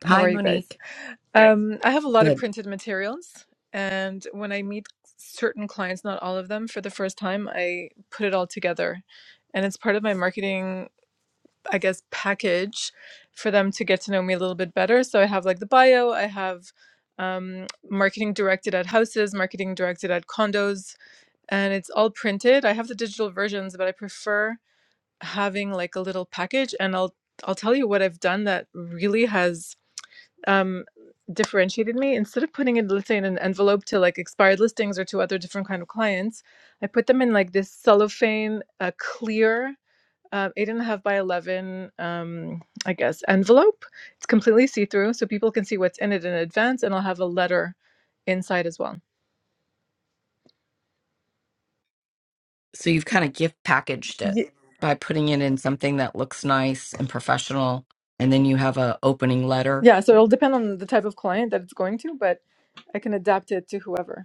Speaker 12: How
Speaker 1: Hi
Speaker 12: are you guys?
Speaker 1: Monique.
Speaker 12: Hi. Um, I have a lot of
Speaker 1: Good.
Speaker 12: printed materials, and when I meet certain clients, not all of them, for the first time, I put it all together. And it's part of my marketing, I guess, package for them to get to know me a little bit better. So I have like the bio, I have um, marketing directed at houses, marketing directed at condos, and it's all printed. I have the digital versions, but I prefer having like a little package and I'll I'll tell you what I've done that really has um differentiated me instead of putting it let's say in an envelope to like expired listings or to other different kind of clients I put them in like this cellophane uh, clear uh, eight and a half by 11 um I guess envelope it's completely see-through so people can see what's in it in advance and I'll have a letter inside as well
Speaker 1: So you've kind of gift packaged it
Speaker 12: Ye-
Speaker 1: by putting it in something that looks nice and professional and then you have a opening letter.
Speaker 12: yeah so it'll depend on the type of client that it's going to but I can adapt it to whoever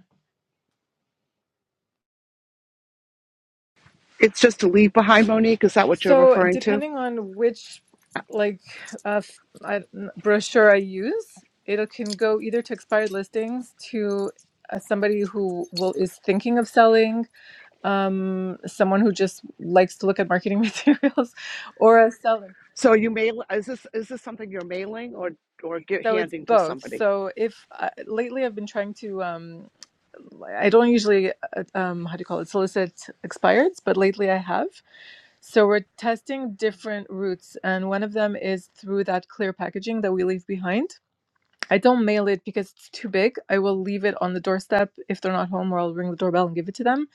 Speaker 11: It's just to leave behind, Monique. Is that what you're
Speaker 12: So,
Speaker 11: referring to?
Speaker 12: depending on which like uh, f- I- n- brochure I use, it can go either to expired listings to uh, somebody who will is thinking of selling, um, someone who just likes to look at marketing [laughs] materials, or a seller.
Speaker 11: So you mail? Is this is this something you're mailing or or get,
Speaker 12: So it's
Speaker 11: handing to
Speaker 12: both.
Speaker 11: somebody?
Speaker 12: So if uh, lately I've been trying to, um, I don't usually, uh, um, how do you call it, solicit expireds, but lately I have. So we're testing different routes, and one of them is through that clear packaging that we leave behind. I don't mail it because it's too big. I will leave it on the doorstep if they're not home, or I'll ring the doorbell and give it to them.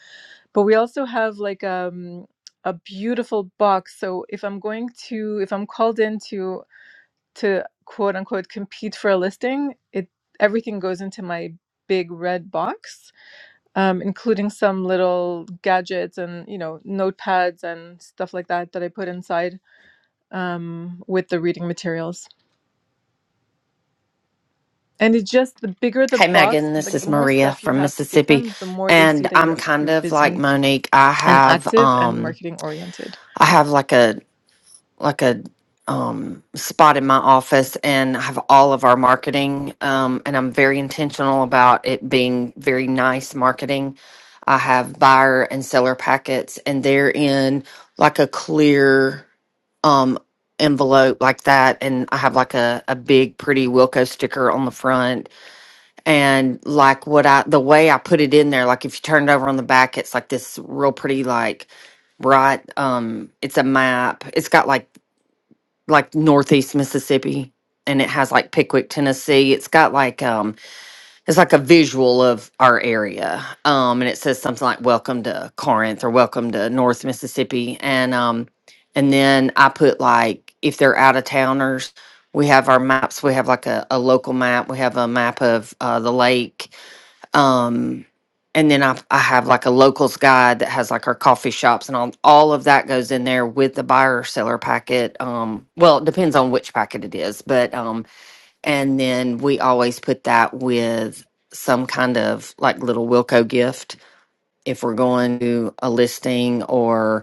Speaker 12: But we also have like um, a beautiful box. So if I'm going to, if I'm called in to to quote unquote compete for a listing, it everything goes into my big red box um, including some little gadgets and you know notepads and stuff like that that I put inside um, with the reading materials. And it's just the bigger the
Speaker 13: Hey,
Speaker 12: box,
Speaker 13: Megan, this
Speaker 12: like the
Speaker 13: is
Speaker 12: more
Speaker 13: Maria
Speaker 12: stuff you
Speaker 13: from
Speaker 12: have to give
Speaker 13: Mississippi.
Speaker 12: them, the more they see
Speaker 13: And
Speaker 12: that
Speaker 13: I'm
Speaker 12: you're you're
Speaker 13: kind of like
Speaker 12: busy
Speaker 13: Monique. I
Speaker 12: and
Speaker 13: have
Speaker 12: active and
Speaker 13: um
Speaker 12: marketing oriented.
Speaker 13: I have like a like a um spot in my office and I have all of our marketing um and I'm very intentional about it being very nice marketing. I have buyer and seller packets and they're in like a clear um envelope like that and I have like a, a big pretty Wilco sticker on the front and like what I the way I put it in there, like if you turn it over on the back, it's like this real pretty like bright um it's a map. It's got like like northeast Mississippi and it has like Pickwick, Tennessee. It's got like um it's like a visual of our area. Um and it says something like welcome to Corinth or welcome to North Mississippi and um and then I put like if they're out of towners, we have our maps. We have like a, a local map. We have a map of uh, the lake um, and then I, I have like a locals guide that has like our coffee shops and all, all of that goes in there with the buyer seller packet. Um, well, it depends on which packet it is, but, um, and then we always put that with some kind of like little Wilco gift if we're going to a listing or.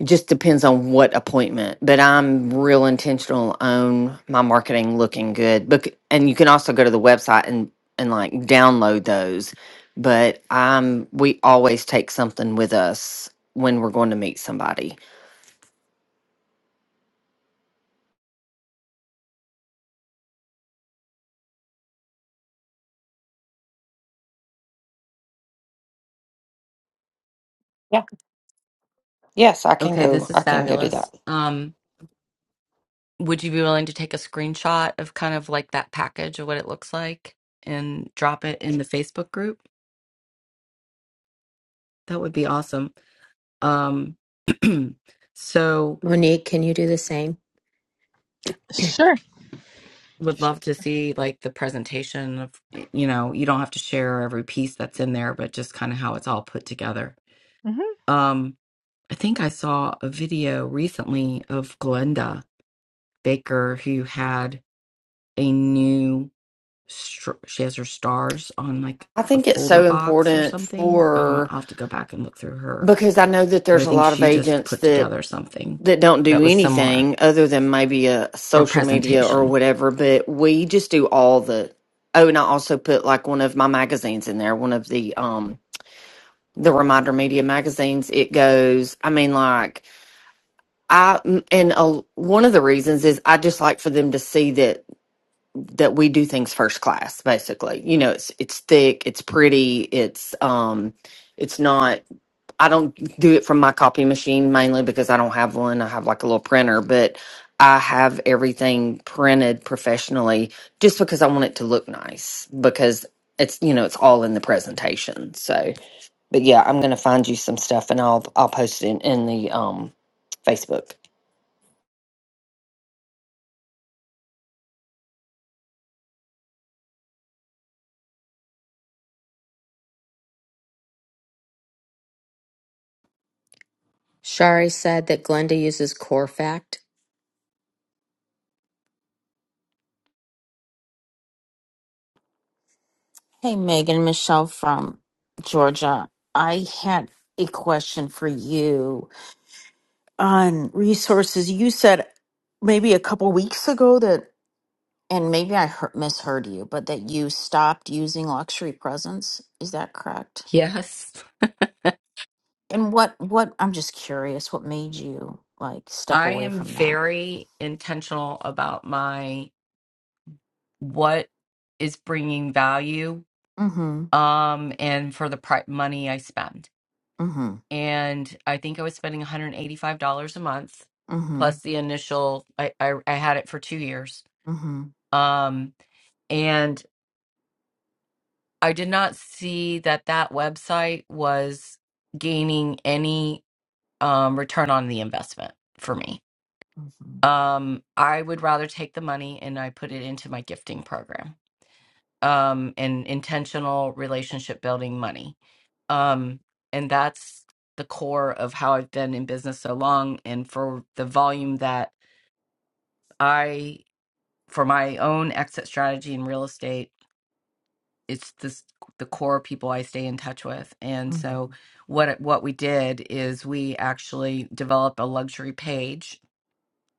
Speaker 13: It just depends on what appointment, but I'm real intentional on my marketing looking good. But and you can also go to the website and and like download those. But um, we always take something with us when we're going to meet somebody. Yeah. Yes, I can
Speaker 1: Okay,
Speaker 13: go.
Speaker 1: this
Speaker 13: I
Speaker 1: is
Speaker 13: can go do
Speaker 1: fabulous.
Speaker 13: that.
Speaker 1: Um Would you be willing to take a screenshot of kind of like that package of what it looks like and drop it in the Facebook group? That would be awesome. Um, [clears throat] so
Speaker 2: Monique, can you do the same?
Speaker 12: Sure.
Speaker 1: would love to see like the presentation of, y- you know, you don't have to share every piece that's in there, but just kind of how it's all put together.
Speaker 12: hmm
Speaker 1: Um, I think I saw a video recently of Glenda Baker who had a new str- she has her stars on like
Speaker 13: I
Speaker 1: a
Speaker 13: think it's
Speaker 1: folder
Speaker 13: so
Speaker 1: box or
Speaker 13: important
Speaker 1: something. Uh,
Speaker 13: for
Speaker 1: I'll have to go back and look through her,
Speaker 13: because I know that
Speaker 1: but
Speaker 13: there's
Speaker 1: I
Speaker 13: a
Speaker 1: think
Speaker 13: lot of
Speaker 1: she just
Speaker 13: agents
Speaker 1: put
Speaker 13: that
Speaker 1: together something
Speaker 13: that don't do
Speaker 1: that was similar
Speaker 13: anything other than maybe a
Speaker 1: for
Speaker 13: social media or
Speaker 1: presentation.
Speaker 13: whatever, but we just do all the oh, and I also put like one of my magazines in there, one of the um the Reminder Media magazines. It goes, I mean, like I and a, one of the reasons is I just like for them to see that that we do things first class basically you know it's it's thick it's pretty it's um it's not i don't do it from my copy machine mainly because i don't have one i have like a little printer but i have everything printed professionally just because i want it to look nice because it's you know it's all in the presentation so but yeah i'm gonna find you some stuff and i'll i'll post it in, in the um facebook
Speaker 2: Shari said that Glenda uses core
Speaker 14: Hey, Megan, Michelle from Georgia. I had a question for you on resources. You said maybe a couple weeks ago that, and maybe I heard, misheard you, but that you stopped using luxury presents. Is that correct?
Speaker 1: Yes,
Speaker 14: And what, what, I'm just curious, what made you like step
Speaker 1: I
Speaker 14: away
Speaker 1: am
Speaker 14: from that?
Speaker 1: very intentional about my what is bringing value
Speaker 14: Mm hmm.
Speaker 1: um and for the pri- money I spend.
Speaker 14: Mm hmm.
Speaker 1: And I think I was spending $185 a month
Speaker 14: Mm hmm.
Speaker 1: plus the initial I I, I had it for 2 years.
Speaker 14: Mm hmm.
Speaker 1: Um and I did not see that that website was gaining any um, return on the investment for me.
Speaker 14: Mm
Speaker 1: Um, I would rather take the money and I put it into my gifting program um, and intentional relationship building money. Um, and that's the core of how I've been in business so long. And for the volume that I, for my own exit strategy in real estate, it's this the core people I stay in touch with. And
Speaker 14: hmm.
Speaker 1: so what what we did is we actually developed a luxury page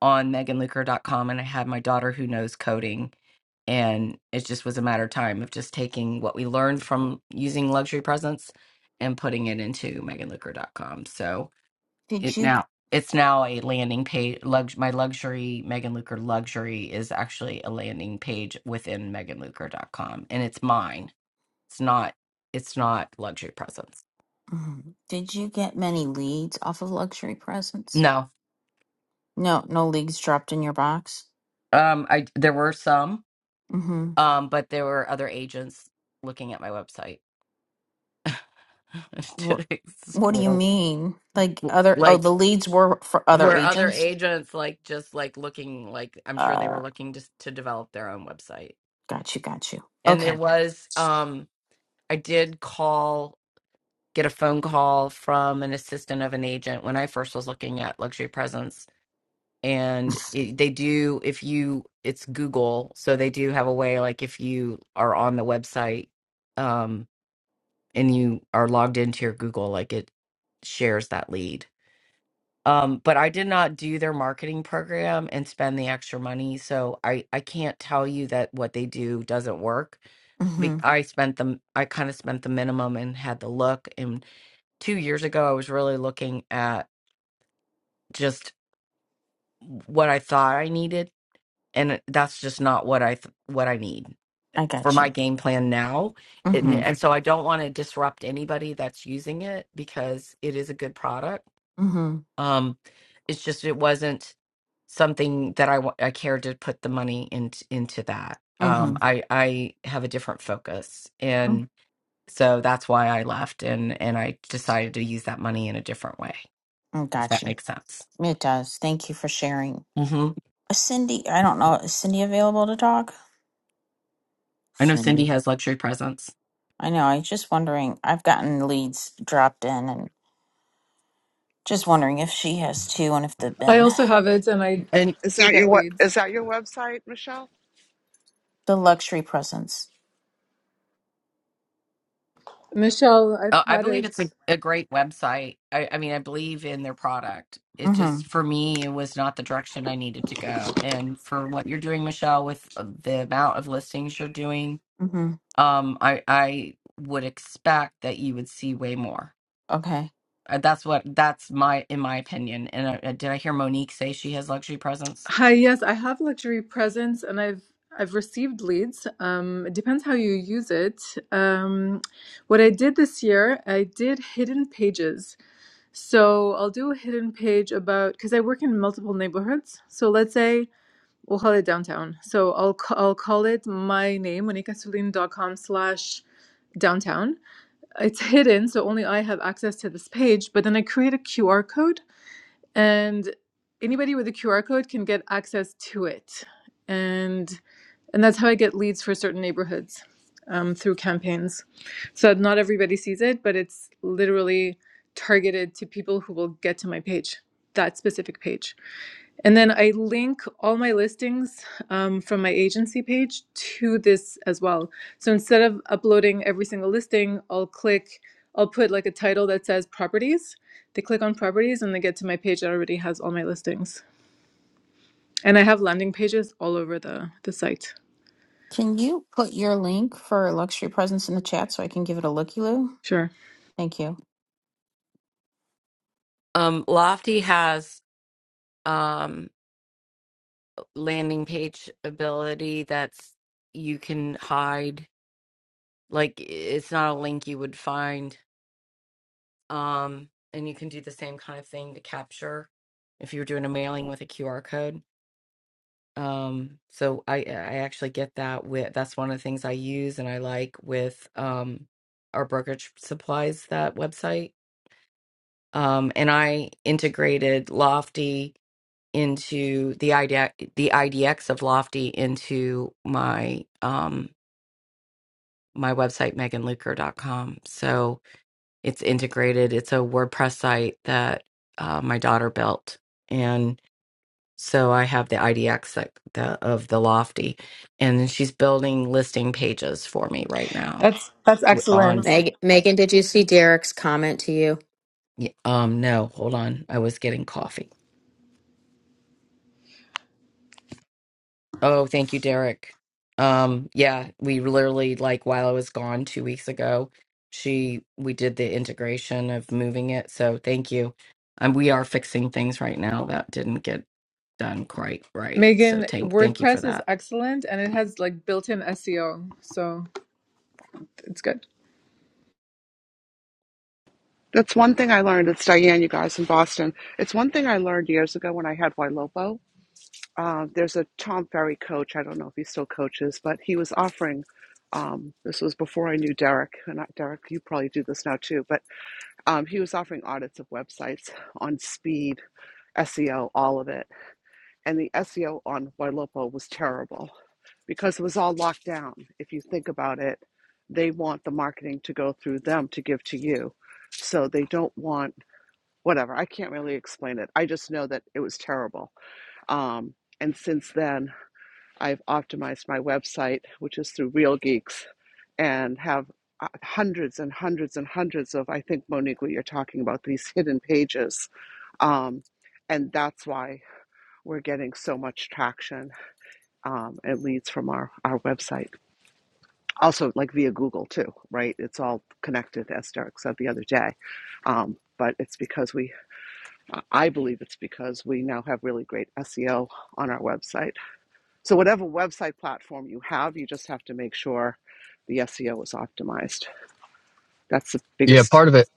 Speaker 1: on megan luker dot com, and I had my daughter who knows coding and it just was a matter of time of just taking what we learned from using luxury presence and putting it into megan luker dot com. So
Speaker 14: Did
Speaker 1: it
Speaker 14: you,
Speaker 1: now it's now a landing page. Lux, my luxury Megan Luker luxury is actually a landing page within megan luker dot com, and it's mine it's not it's not luxury presents.
Speaker 14: mhm. did you get many leads off of luxury presents?
Speaker 1: No.
Speaker 14: No, no leagues dropped in your box.
Speaker 1: Um I there were some
Speaker 14: Mm-hmm.
Speaker 1: um but there were other agents looking at my website [laughs]
Speaker 14: What,
Speaker 1: to
Speaker 14: what do you
Speaker 1: explore
Speaker 14: mean? Like other? Oh,
Speaker 1: like
Speaker 14: the leads were for other
Speaker 1: were other
Speaker 14: agents.
Speaker 1: agents like just like looking like I'm sure they were
Speaker 14: Uh,
Speaker 1: looking just to develop their own website.
Speaker 14: got you, got you.
Speaker 1: And there
Speaker 14: Okay.
Speaker 1: was um I did call get a phone call from an assistant of an agent when I first was looking at luxury presents and it, they do if you it's google so they do have a way like if you are on the website um and you are logged into your google like it shares that lead um but i did not do their marketing program and spend the extra money so i i can't tell you that what they do doesn't work be-
Speaker 14: Mm-hmm.
Speaker 1: I spent the I kind of spent the minimum and had the look. And two years ago, I was really looking at just what I thought I needed and it- that's just not what I th- what I need
Speaker 14: I
Speaker 1: for
Speaker 14: got
Speaker 1: my
Speaker 14: you.
Speaker 1: game plan now. And,
Speaker 14: Mm-hmm.
Speaker 1: and so I don't want to disrupt anybody that's using it because it is a good product.
Speaker 14: Mm-hmm.
Speaker 1: Um, it's just it wasn't something that I wa- I cared to put the money into into that.
Speaker 14: Mm-hmm.
Speaker 1: Um, I I have a different focus,
Speaker 14: mm
Speaker 1: and so that's why I left and and I decided to use that money in a different way,
Speaker 14: mm,
Speaker 1: if
Speaker 14: Got
Speaker 1: that
Speaker 14: you.
Speaker 1: makes sense.
Speaker 14: It does. Thank you for sharing.
Speaker 1: hmm
Speaker 14: Uh, Cindy, I don't know. Is Cindy available to talk?
Speaker 1: I know Cindy
Speaker 14: Cindy.
Speaker 1: has luxury presents
Speaker 14: I know. I was just wondering. I've gotten leads dropped in, and just wondering if she has too, and if they've
Speaker 12: I
Speaker 14: been
Speaker 12: also have it and I
Speaker 11: Is
Speaker 12: do
Speaker 11: that your
Speaker 12: get
Speaker 11: what?
Speaker 12: leads.
Speaker 11: Is that your website, Michelle?
Speaker 14: the luxury presence.
Speaker 12: Michelle, I've
Speaker 1: Uh, I
Speaker 12: had
Speaker 1: believe
Speaker 12: it.
Speaker 1: it's a, a great website. I, I mean, I believe in their product. It
Speaker 14: Mm-hmm.
Speaker 1: just, for me, it was not the direction I needed to go. And for what you're doing, Michelle, with uh, the amount of listings you're doing,
Speaker 14: Mm-hmm.
Speaker 1: um, I, I would expect that you would see way more.
Speaker 14: Okay.
Speaker 1: Uh, That's what, that's my, in my opinion. And uh, uh, did I hear Monique say she has luxury presence?
Speaker 12: Hi, yes, I have luxury presents and I've I've received leads. Um, it depends how you use it. Um, what I did this year, I did hidden pages. So I'll do a hidden page about because I work in multiple neighborhoods. So let's say we'll call it downtown. So I'll ca- I'll call it my name monicasuline.com slash downtown. It's hidden, so only I have access to this page. But then I create a QR code, and anybody with a QR code can get access to it. And and that's how I get leads for certain neighborhoods um, through campaigns. So not everybody sees it, but it's literally targeted to people who will get to my page, that specific page. And then I link all my listings um, from my agency page to this as well. So instead of uploading every single listing, I'll click, I'll put like a title that says properties. They click on properties and they get to my page that already has all my listings. And I have landing pages all over the, the site.
Speaker 14: Can you put your link for luxury presents in the chat so I can give it a looky loo?
Speaker 12: Sure.
Speaker 14: Thank you.
Speaker 1: Um, Lofty has um landing page ability that's you can hide. Like it's not a link you would find. Um, and you can do the same kind of thing to capture if you're doing a mailing with a QR code. Um, so I I actually get that with that's one of the things I use and I like with um our brokerage supplies that website. Um, and I integrated Lofty into the idea the IDX of Lofty into my um my website megan luker dot com. So it's integrated. It's a WordPress site that uh, my daughter built, and so I have the IDX that, the, of the Lofty, and she's building listing pages for me right now.
Speaker 12: That's that's
Speaker 1: w- On
Speaker 12: excellent.
Speaker 2: Meg- Megan, did you see Derek's comment to you?
Speaker 1: y- um no, hold on, I was getting coffee. Oh, thank you, Derek. Um, yeah, we literally like while I was gone two weeks ago, she we did the integration of moving it. So thank you. And we are fixing things right now that didn't get done quite right. So
Speaker 12: Megan,
Speaker 1: thank thank you for
Speaker 12: WordPress
Speaker 1: that.
Speaker 12: is excellent and it has like built-in SEO. So it's good.
Speaker 11: That's one thing I learned. It's Diane, you guys in Boston. It's one thing I learned years ago when I had Wailopo. Uh, there's a Tom Ferry coach. I don't know if he still coaches, but he was offering. Um, this was before I knew Derek, and I- Derek, you probably do this now too. But um, he was offering audits of websites on speed SEO, all of it. And the SEO on Wailopo was terrible because it was all locked down. If you think about it, they want the marketing to go through them to give to you. So they don't want whatever. I can't really explain it. I just know that it was terrible. Um, and since then, I've optimized my website, which is through Real Geeks, and have uh, hundreds and hundreds and hundreds of, I think, Monique, what you're talking about, these hidden pages. Um, and that's why. We're getting so much traction. Um, it leads from our, our website. Also, like via Google, too, right? It's all connected, as Derek said the other day. Um, but it's because we, I believe it's because we now have really great SEO on our website. So, whatever website platform you have, you just have to make sure the SEO is optimized. That's the
Speaker 15: Yeah,
Speaker 11: biggest
Speaker 15: part of it,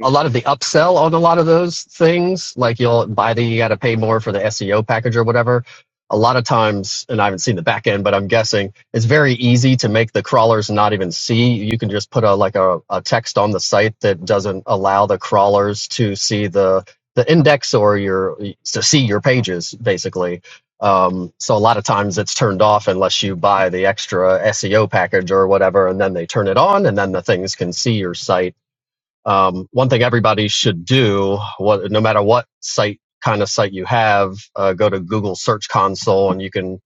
Speaker 15: a lot of the upsell on a lot of those things, like you'll buy the, you got to pay more for the SEO package or whatever. A lot of times, and I haven't seen the back end, but I'm guessing it's very easy to make the crawlers not even see. You can just put a like a, a text on the site that doesn't allow the crawlers to see the the index or your to see your pages basically. Um, so a lot of times it's turned off unless you buy the extra SEO package or whatever, and then they turn it on, and then the things can see your site um, one thing everybody should do, what, no matter what site kind of site you have, uh, go to Google Search Console and you can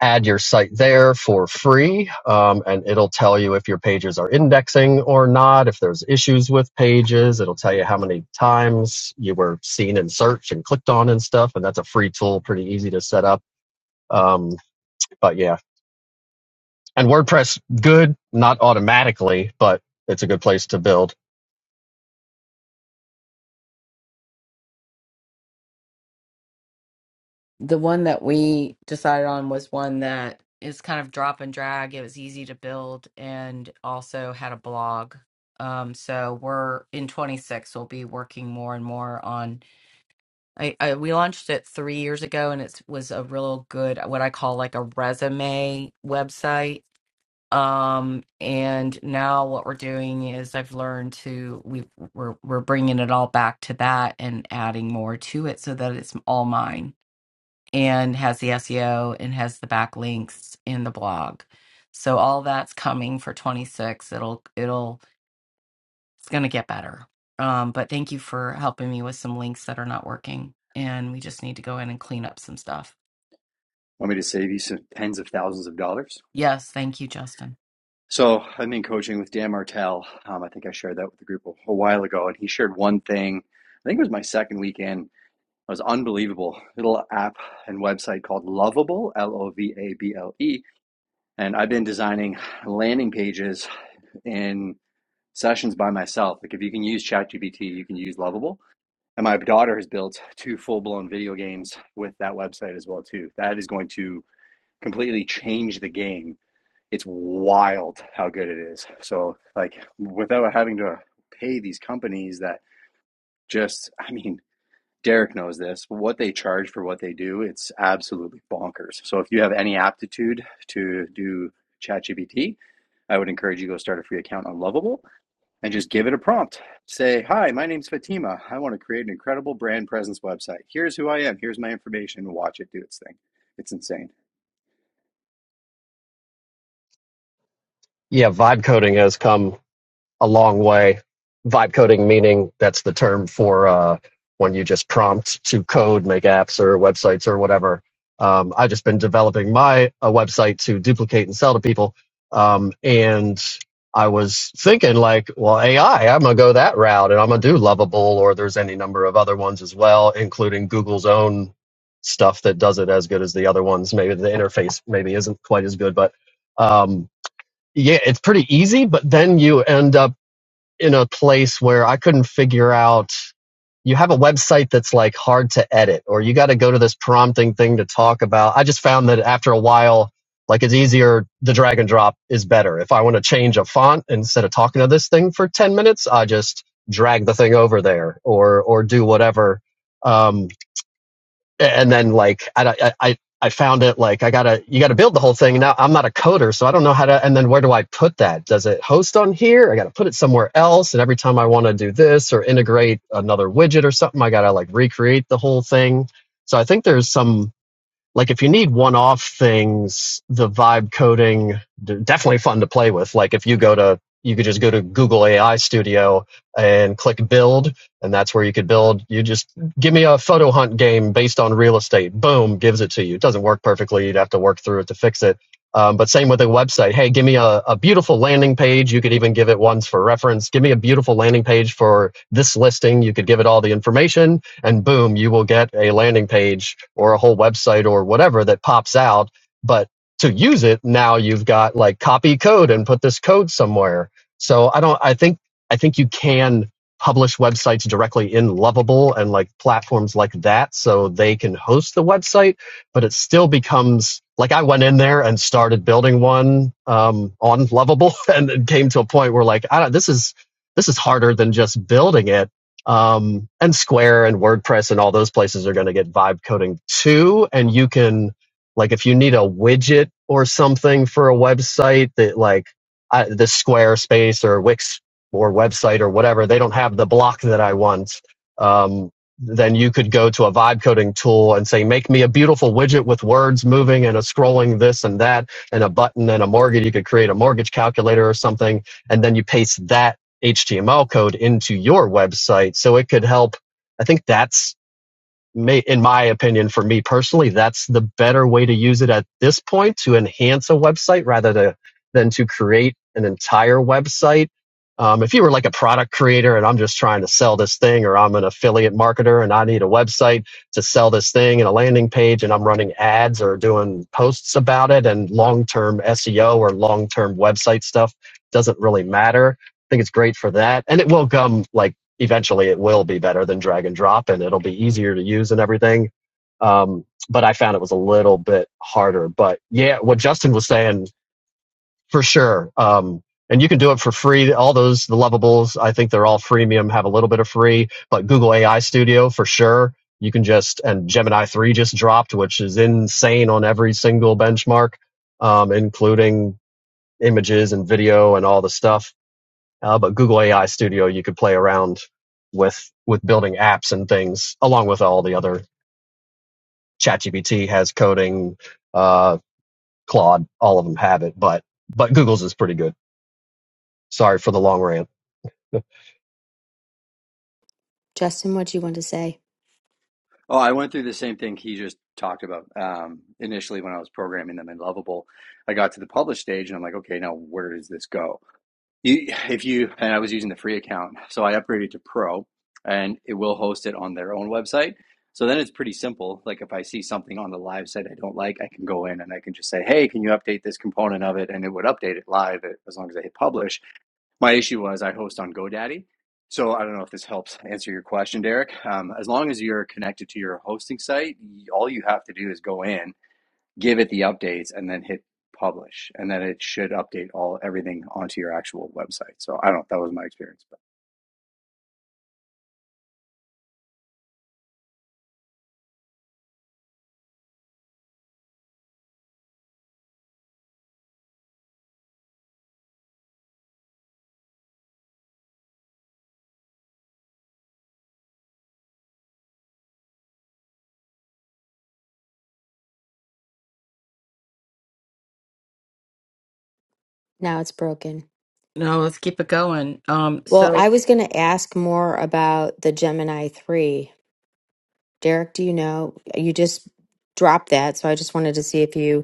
Speaker 15: add your site there for free. Um, and it'll tell you if your pages are indexing or not, if there's issues with pages. It'll tell you how many times you were seen in search and clicked on and stuff. And that's a free tool, pretty easy to set up. Um, but yeah, and WordPress, good, not automatically, but it's a good place to build.
Speaker 1: The one that we decided on was one that is kind of drop and drag. It was easy to build and also had a blog. Um, so we're in 26, we'll be working more and more on I, I we launched it three years ago, and it was a real good what I call like a resume website. Um, and now what we're doing is I've learned to we we're we're bringing it all back to that and adding more to it so that it's all mine and has the SEO and has the backlinks in the blog. So all that's coming for 26. It'll it'll it's going to get better. Um, but thank you for helping me with some links that are not working. And we just need to go in and clean up some stuff.
Speaker 10: Want me to save you some tens of thousands of dollars?
Speaker 1: Yes. Thank you, Justin.
Speaker 10: So i have been coaching with Dan Martell. Um, I think I shared that with the group a, a while ago, and he shared one thing. I think it was my second weekend It was unbelievable. Little app and website called Lovable, L O V A B L E. And I've been designing landing pages in sessions by myself. Like if you can use ChatGPT, you can use Lovable. And my daughter has built two full-blown video games with that website as well too. That is going to completely change the game. It's wild how good it is. So like without having to pay these companies that just I mean Derek knows this, but what they charge for what they do, it's absolutely bonkers. So if you have any aptitude to do ChatGPT, I would encourage you to go start a free account on Lovable and just give it a prompt. Say, "Hi, my name's Fatima. I want to create an incredible brand presence website. Here's who I am. Here's my information. Watch it do its thing." It's insane.
Speaker 15: Yeah, vibe coding has come a long way. Vibe coding meaning that's the term for uh, when you just prompt to code, make apps or websites or whatever. Um, I've just been developing my a website to duplicate and sell to people, um, and I was thinking like, well, AI, I'm gonna go that route, and I'm gonna do Lovable, or there's any number of other ones as well, including Google's own stuff that does it as good as the other ones. Maybe the interface maybe isn't quite as good, but um, yeah, it's pretty easy. But then you end up in a place where I couldn't figure out. You have a website that's like hard to edit, or you got to go to this prompting thing to talk about. I just found that after a while, like it's easier. The drag and drop is better. If I want to change a font instead of talking to this thing for ten minutes, I just drag the thing over there, or or do whatever. Um, and then like I, I I found it like I gotta you gotta build the whole thing. Now I'm not a coder, so I don't know how to. And then where do I put that? Does it host on here? I gotta put it somewhere else. And every time I want to do this or integrate another widget or something, I gotta like recreate the whole thing. So I think there's some like if you need one-off things, the vibe coding definitely fun to play with. Like if you go to you could just go to Google AI Studio and click build, and that's where you could build. You just give me a photo hunt game based on real estate. Boom, gives it to you. It doesn't work perfectly. You'd have to work through it to fix it. Um, but same with a website. Hey, give me a, a beautiful landing page. You could even give it ones for reference. Give me a beautiful landing page for this listing. You could give it all the information and boom, you will get a landing page or a whole website or whatever that pops out. But to use it, now you've got like copy code and put this code somewhere. So I don't, I think, I think you can publish websites directly in Lovable and like platforms like that so they can host the website, but it still becomes like I went in there and started building one um, on Lovable [laughs] and it came to a point where like, I don't, this is, this is harder than just building it um, and Square and WordPress and all those places are going to get vibe coding too. And you can, like, if you need a widget or something for a website that, like, I, the Squarespace or Wix or website or whatever, they don't have the block that I want. Um, then you could go to a vibe coding tool and say, make me a beautiful widget with words moving and a scrolling this and that and a button and a mortgage. You could create a mortgage calculator or something. And then you paste that HTML code into your website. So it could help. I think that's in my opinion, for me personally, that's the better way to use it at this point to enhance a website rather to, than to create an entire website. Um, if you were like a product creator and I'm just trying to sell this thing, or I'm an affiliate marketer and I need a website to sell this thing and a landing page, and I'm running ads or doing posts about it, and long term SEO or long term website stuff doesn't really matter. I think it's great for that, and it will come like eventually it will be better than drag and drop and it'll be easier to use and everything. Um, but I found it was a little bit harder. But yeah, what Justin was saying for sure. Um, and you can do it for free. All those, the lovables, I think they're all freemium, have a little bit of free, but Google AI Studio for sure. You can just, and Gemini 3 just dropped, which is insane on every single benchmark, um, including images and video and all the stuff uh, but Google AI Studio, you could play around with with building apps and things, along with all the other. ChatGPT has coding, uh, Claude, all of them have it, but but Google's is pretty good. Sorry for the long rant. [laughs]
Speaker 2: Justin, what'd you want to say?
Speaker 10: Oh, I went through the same thing he just talked about. Um, initially, when I was programming them in Lovable, I got to the publish stage and I'm like, okay, now where does this go? You, if you, and I was using the free account, so I upgraded to Pro and it will host it on their own website. So then it's pretty simple. Like if I see something on the live site I don't like, I can go in and I can just say, hey, can you update this component of it? And it would update it live as long as I hit publish my issue was I host on GoDaddy. So I don't know if this helps [laughs] answer your question, Derek. Um, as long as you're connected to your hosting site, y- all you have to do is go in, give it the updates, and then hit publish, and then it should update all everything onto your actual website. So I don't. That was my experience, but.
Speaker 2: Now it's broken.
Speaker 1: No, let's keep it going. Um,
Speaker 2: Well,
Speaker 1: so,
Speaker 2: I was going to ask more about the Gemini 3. Derek, do you know? You just dropped that, so I just wanted to see if you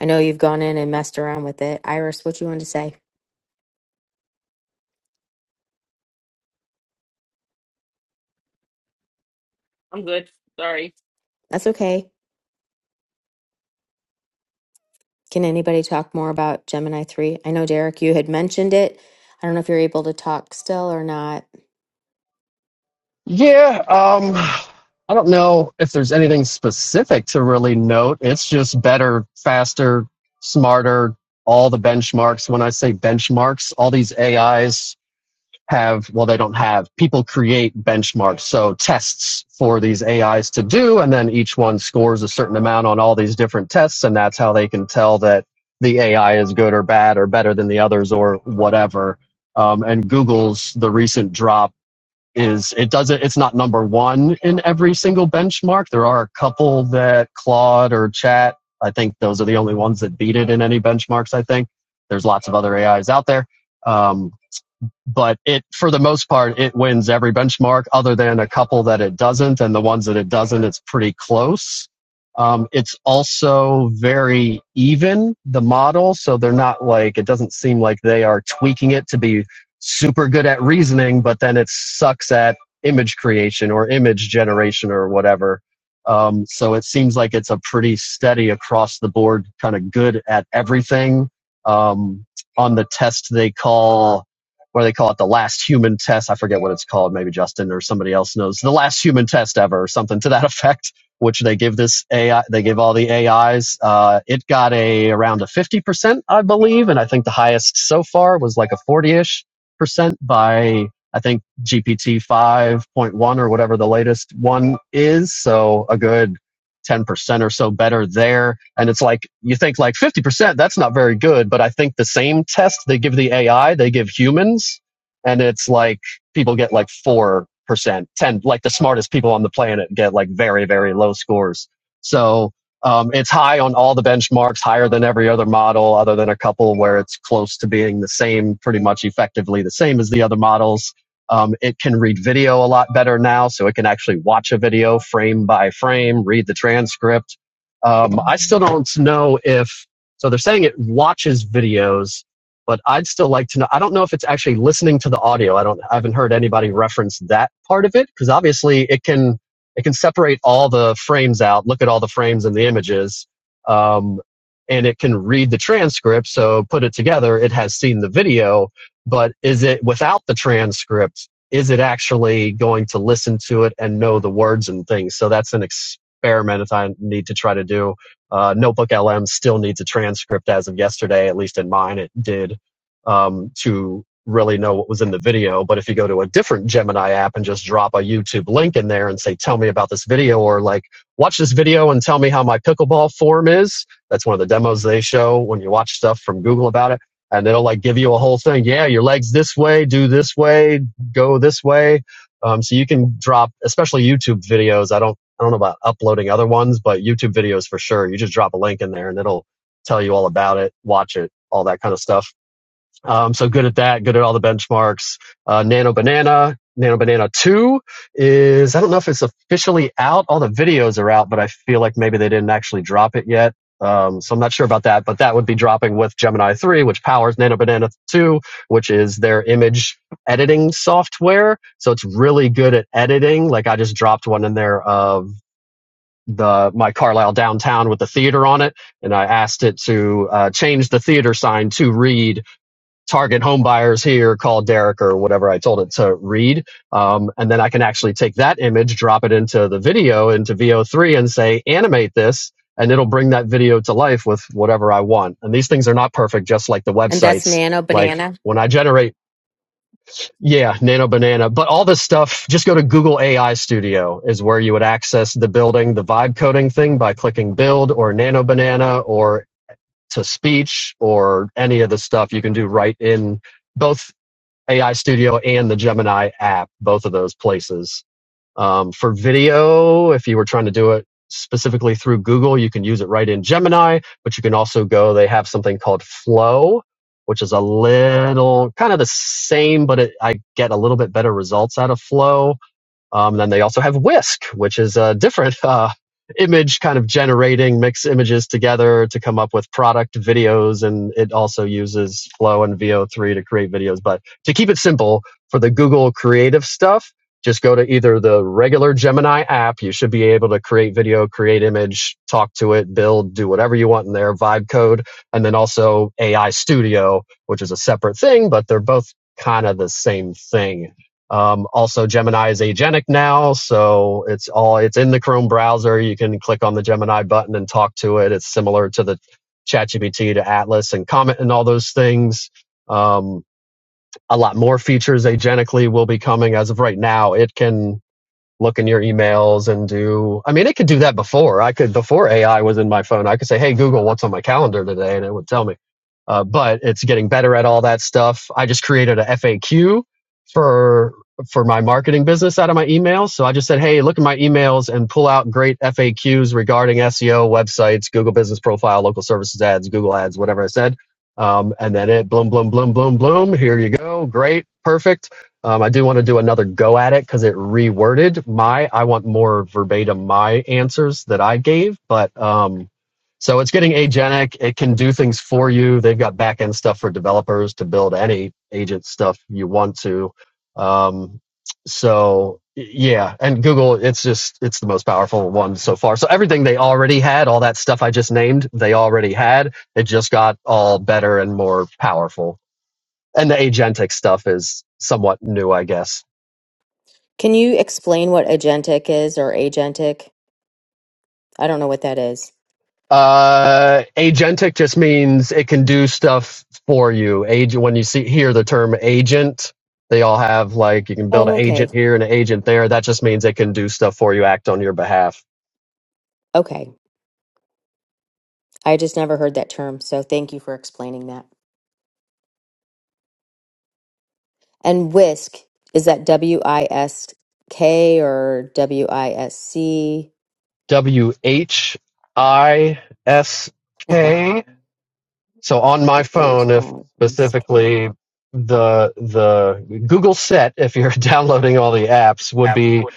Speaker 2: I know you've gone in and messed around with it. Iris, what you wanted to say?
Speaker 16: I'm good. Sorry.
Speaker 2: That's okay. Can anybody talk more about Gemini 3? I know, Derek, you had mentioned it. I don't know if you're able to talk still or not.
Speaker 15: Yeah, um, I don't know if there's anything specific to really note. It's just better, faster, smarter, all the benchmarks. When I say benchmarks, all these AIs have, well, they don't have, people create benchmarks. So tests for these AIs to do, and then each one scores a certain amount on all these different tests, and that's how they can tell that the AI is good or bad or better than the others or whatever. Um, and Google's the recent drop is it doesn't it's not number one in every single benchmark. There are a couple that Claude or Chat, I think those are the only ones that beat it in any benchmarks. I think there's lots of other AIs out there, um, but it, for the most part, it wins every benchmark other than a couple that it doesn't. And the ones that it doesn't, it's pretty close. Um, it's also very even, the model. So they're not like, it doesn't seem like they are tweaking it to be super good at reasoning, but then it sucks at image creation or image generation or whatever. Um, so it seems like it's a pretty steady across the board, kind of good at everything. Um, on the test they call or they call it the last human test. I forget what it's called. Maybe Justin or somebody else knows the last human test ever or something to that [laughs] effect, which they give this AI, they give all the AIs. Uh, it got a around a 50%, I believe. And I think the highest so far was like a 40ish percent by I think GPT 5.1 or whatever the latest one is. So a good 10% or so better there. And it's like, you think like 50%, that's not very good. But I think the same test they give the AI, they give humans. And it's like people get like 4%, 10, like the smartest people on the planet get like very, very low scores. So um, it's high on all the benchmarks, higher than every other model, other than a couple where it's close to being the same, pretty much effectively the same as the other models. Um, it can read video a lot better now, so it can actually watch a video frame by frame, read the transcript. Um, I still don't know if, so they're saying it watches videos, but I'd still like to know. I don't know if it's actually listening to the audio. I don't, I haven't heard anybody reference that part of it, because obviously it can, it can separate all the frames out, look at all the frames and the images, um, and it can read the transcript. So put it together, it has seen the video, but is it without the transcript? Is it actually going to listen to it and know the words and things? So that's an experiment that I need to try to do. Uh, Notebook LM still needs a transcript as of yesterday, at least in mine, it did um, to really know what was in the video. But if you go to a different Gemini app and just drop a YouTube link in there and say, tell me about this video, or like, watch this video and tell me how my pickleball form is, that's one of the demos they show when you watch stuff from Google about it. And it'll like give you a whole thing. Yeah, your legs this way, do this way, go this way. Um, so you can drop, especially YouTube videos. I don't, I don't know about uploading other ones, but YouTube videos for sure. You just drop a link in there and it'll tell you all about it, watch it, all that kind of stuff. Um, so good at that, good at all the benchmarks. Uh, Nano Banana, Nano Banana 2 is, I don't know if it's officially out. All the videos are out, but I feel like maybe they didn't actually drop it yet. Um, so I'm not sure about that, but that would be dropping with Gemini 3, which powers Nano Banana 2, which is their image editing software. So it's really good at editing. Like I just dropped one in there of the my Carlisle downtown with the theater on it, and I asked it to uh, change the theater sign to read target home buyers here, call Derek or whatever I told it to read. Um, and then I can actually take that image, drop it into the video, into VO3 and say, animate this. And it'll bring that video to life with whatever I want. And these things are not perfect, just like the
Speaker 2: And that's
Speaker 15: websites.
Speaker 2: Nano
Speaker 15: Like
Speaker 2: Banana.
Speaker 15: when I generate, yeah, Nano Banana, but all this stuff, just go to Google AI Studio is where you would access the building, the vibe coding thing by clicking build or Nano Banana or to speech or any of the stuff you can do right in both AI Studio and the Gemini app, both of those places. Um, for video, if you were trying to do it specifically through Google, you can use it right in Gemini, but you can also go, they have something called Flow, which is a little kind of the same, but it, I get a little bit better results out of Flow. Um, then they also have Whisk, which is a different [laughs] uh, image kind of generating, mix images together to come up with product videos. And it also uses Flow and VO3 to create videos. But to keep it simple, for the Google creative stuff, just go to either the regular Gemini app. You should be able to create video, create image, talk to it, build, do whatever you want in there, vibe code. And then also AI Studio, which is a separate thing, but they're both kind of the same thing um, also, Gemini is agentic now, so it's all it's in the Chrome browser. You can click on the Gemini button and talk to it. It's similar to the ChatGPT to Atlas and Comet and all those things. Um, a lot more features agentically will be coming. As of right now, it can look in your emails and do i mean it could do that before i could before ai was in my phone i could say hey google what's on my calendar today and it would tell me uh, but it's getting better at all that stuff i just created a faq for for my marketing business out of my emails so i just said hey look at my emails and pull out great faqs regarding seo websites google business profile local services ads google ads whatever i said um, and then it bloom bloom bloom bloom bloom here you go great perfect um, I do want to do another go at it because it reworded my. I want more verbatim my answers that I gave, but um, so it's getting agentic. It can do things for you. They've got back end stuff for developers to build any agent stuff you want to. Um, so yeah, and Google, it's just it's the most powerful one so far. So everything they already had, all that stuff I just named, they already had. It just got all better and more powerful and the agentic stuff is somewhat new, I guess.
Speaker 2: Can you explain what agentic is or agentic? I don't know what that is.
Speaker 15: Uh, agentic just means it can do stuff for you. Agent, when you see hear the term agent, they all have like you can build
Speaker 2: Oh,
Speaker 15: an
Speaker 2: okay.
Speaker 15: agent here and an agent there. That just means it can do stuff for you, act on your behalf.
Speaker 2: Okay. I just never heard that term. So thank you for explaining that. And whisk is that W I S K or W I S C?
Speaker 15: W H I S K. So on my
Speaker 2: W H
Speaker 15: phone, if
Speaker 2: I S K.
Speaker 15: specifically the the Google set, if you're [laughs] downloading all the apps, would be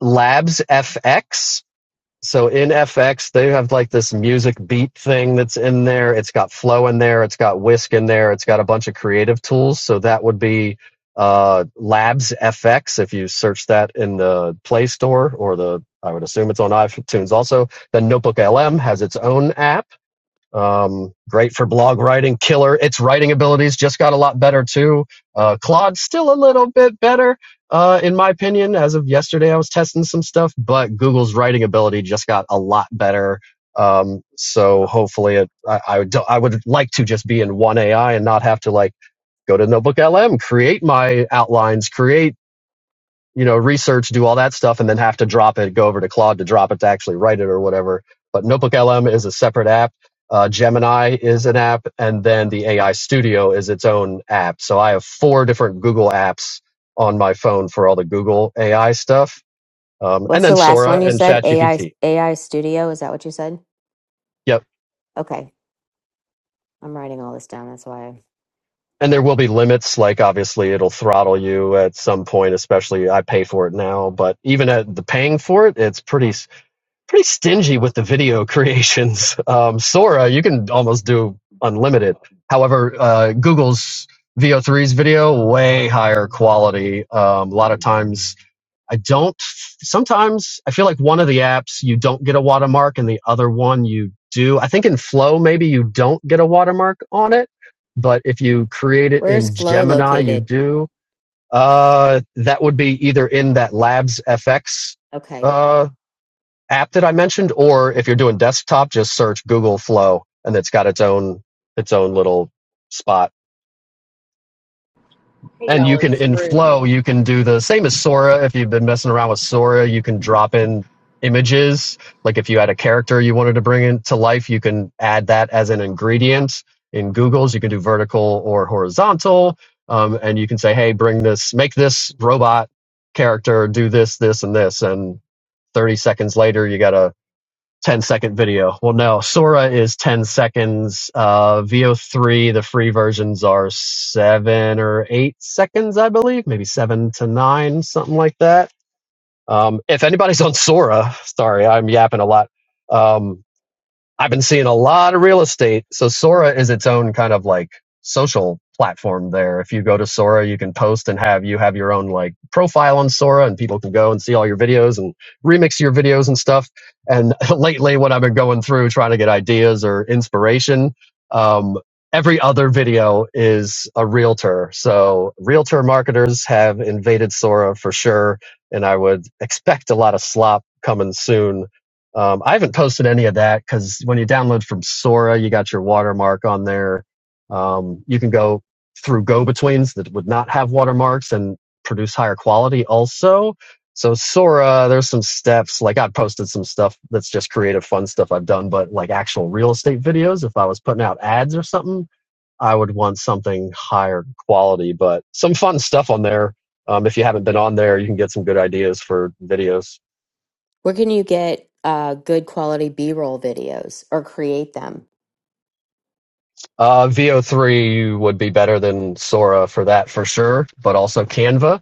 Speaker 15: Labs FX so in FX, they have like this music beat thing that's in there. It's got flow in there. It's got whisk in there. It's got a bunch of creative tools. So that would be uh, Labs FX if you search that in the Play Store or the, I would assume it's on iTunes also. Then Notebook LM has its own app. Um, great for blog writing, killer. Its writing abilities just got a lot better too. Uh, Claude's still a little bit better, uh, in my opinion. As of yesterday, I was testing some stuff, but Google's writing ability just got a lot better. Um, so hopefully it, I, I, would, I would like to just be in one AI and not have to like go to Notebook LM, create my outlines, create you know, research, do all that stuff, and then have to drop it, go over to Claude to drop it to actually write it or whatever. But Notebook LM is a separate app. Uh, Gemini is an app, and then the AI Studio is its own app. So I have four different Google apps on my phone for all the Google AI stuff, um, and
Speaker 2: What's
Speaker 15: then
Speaker 2: the last
Speaker 15: Sora
Speaker 2: one you
Speaker 15: and
Speaker 2: said? AI
Speaker 15: ChatGPT.
Speaker 2: AI Studio, is that what you said?
Speaker 15: Yep.
Speaker 2: Okay. I'm writing all this down. That's why. I-
Speaker 15: And there will be limits, like obviously it'll throttle you at some point, especially I pay for it now. But even at the paying for it, it's pretty. pretty stingy with the video [laughs] creations. Um, Sora, you can almost do unlimited. However, uh, Google's VO3's video way higher quality. Um, a lot of times, I don't. Sometimes I feel like one of the apps you don't get a watermark, and the other one you do. I think in Flow maybe you don't get a watermark on it, but if you create it
Speaker 2: Where's
Speaker 15: in
Speaker 2: Flow
Speaker 15: Gemini, you
Speaker 2: located?
Speaker 15: do. Uh, that would be either in that Labs FX
Speaker 2: Okay.
Speaker 15: app that I mentioned, or if you're doing desktop, just search Google Flow, and it's got its own its own little spot.
Speaker 17: Hey
Speaker 15: And you
Speaker 17: y'all,
Speaker 15: can
Speaker 17: it's
Speaker 15: in
Speaker 17: Rue.
Speaker 15: Flow, you can do the same as Sora. If you've been messing around with Sora, you can drop in images. Like if you had a character you wanted to bring into life, you can add that as an ingredient in Google's. You can do vertical or horizontal, um, and you can say, "Hey, bring this, make this robot character do this, this, and this," and 30 seconds later, you got a 10 second video. Well, no, Sora is 10 seconds. Uh, VO3, the free versions are seven or eight seconds, I believe, maybe seven to nine, something like that. Um, if anybody's on Sora, sorry, I'm yapping a lot. Um, I've been seeing a lot of real estate. So Sora is its own kind of like social platform there. If you go to Sora, you can post and have you have your own like profile on Sora and people can go and see all your videos and remix your videos and stuff. And [laughs] lately what I've been going through trying to get ideas or inspiration, um, every other video is a realtor. So realtor marketers have invaded Sora for sure. And I would expect a lot of slop coming soon um, I haven't posted any of that because when you download from Sora, you got your watermark on there. Um, you can go through go betweens that would not have watermarks and produce higher quality also. So Sora, there's some steps. Like I have posted some stuff that's just creative, fun stuff I've done, but like actual real estate videos, if I was putting out ads or something, I would want something higher quality, but some fun stuff on there. Um, if you haven't been on there, you can get some good ideas for videos.
Speaker 2: Where can you get uh good quality B-roll videos or create them?
Speaker 15: Uh, VO3 would be better than Sora for that for sure, but also Canva.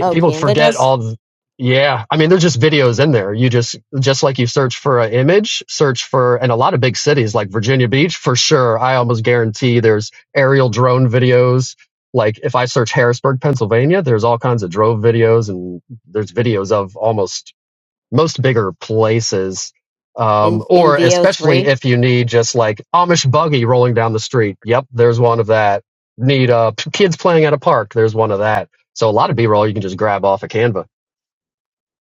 Speaker 2: Oh,
Speaker 15: people
Speaker 2: Canva
Speaker 15: forget
Speaker 2: does?
Speaker 15: all. th- yeah, I mean, there's just videos in there. You just just like you search for an image, search for, and a lot of big cities like Virginia Beach for sure. I almost guarantee there's aerial drone videos. Like if I search Harrisburg, Pennsylvania, there's all kinds of drone videos, and there's videos of almost most bigger places.
Speaker 2: In
Speaker 15: Um,
Speaker 2: in
Speaker 15: or especially
Speaker 2: VO3
Speaker 15: if you need just like Amish buggy rolling down the street. Yep, there's one of that. Need uh, p- kids playing at a park. There's one of that. So a lot of B-roll you can just grab off of Canva.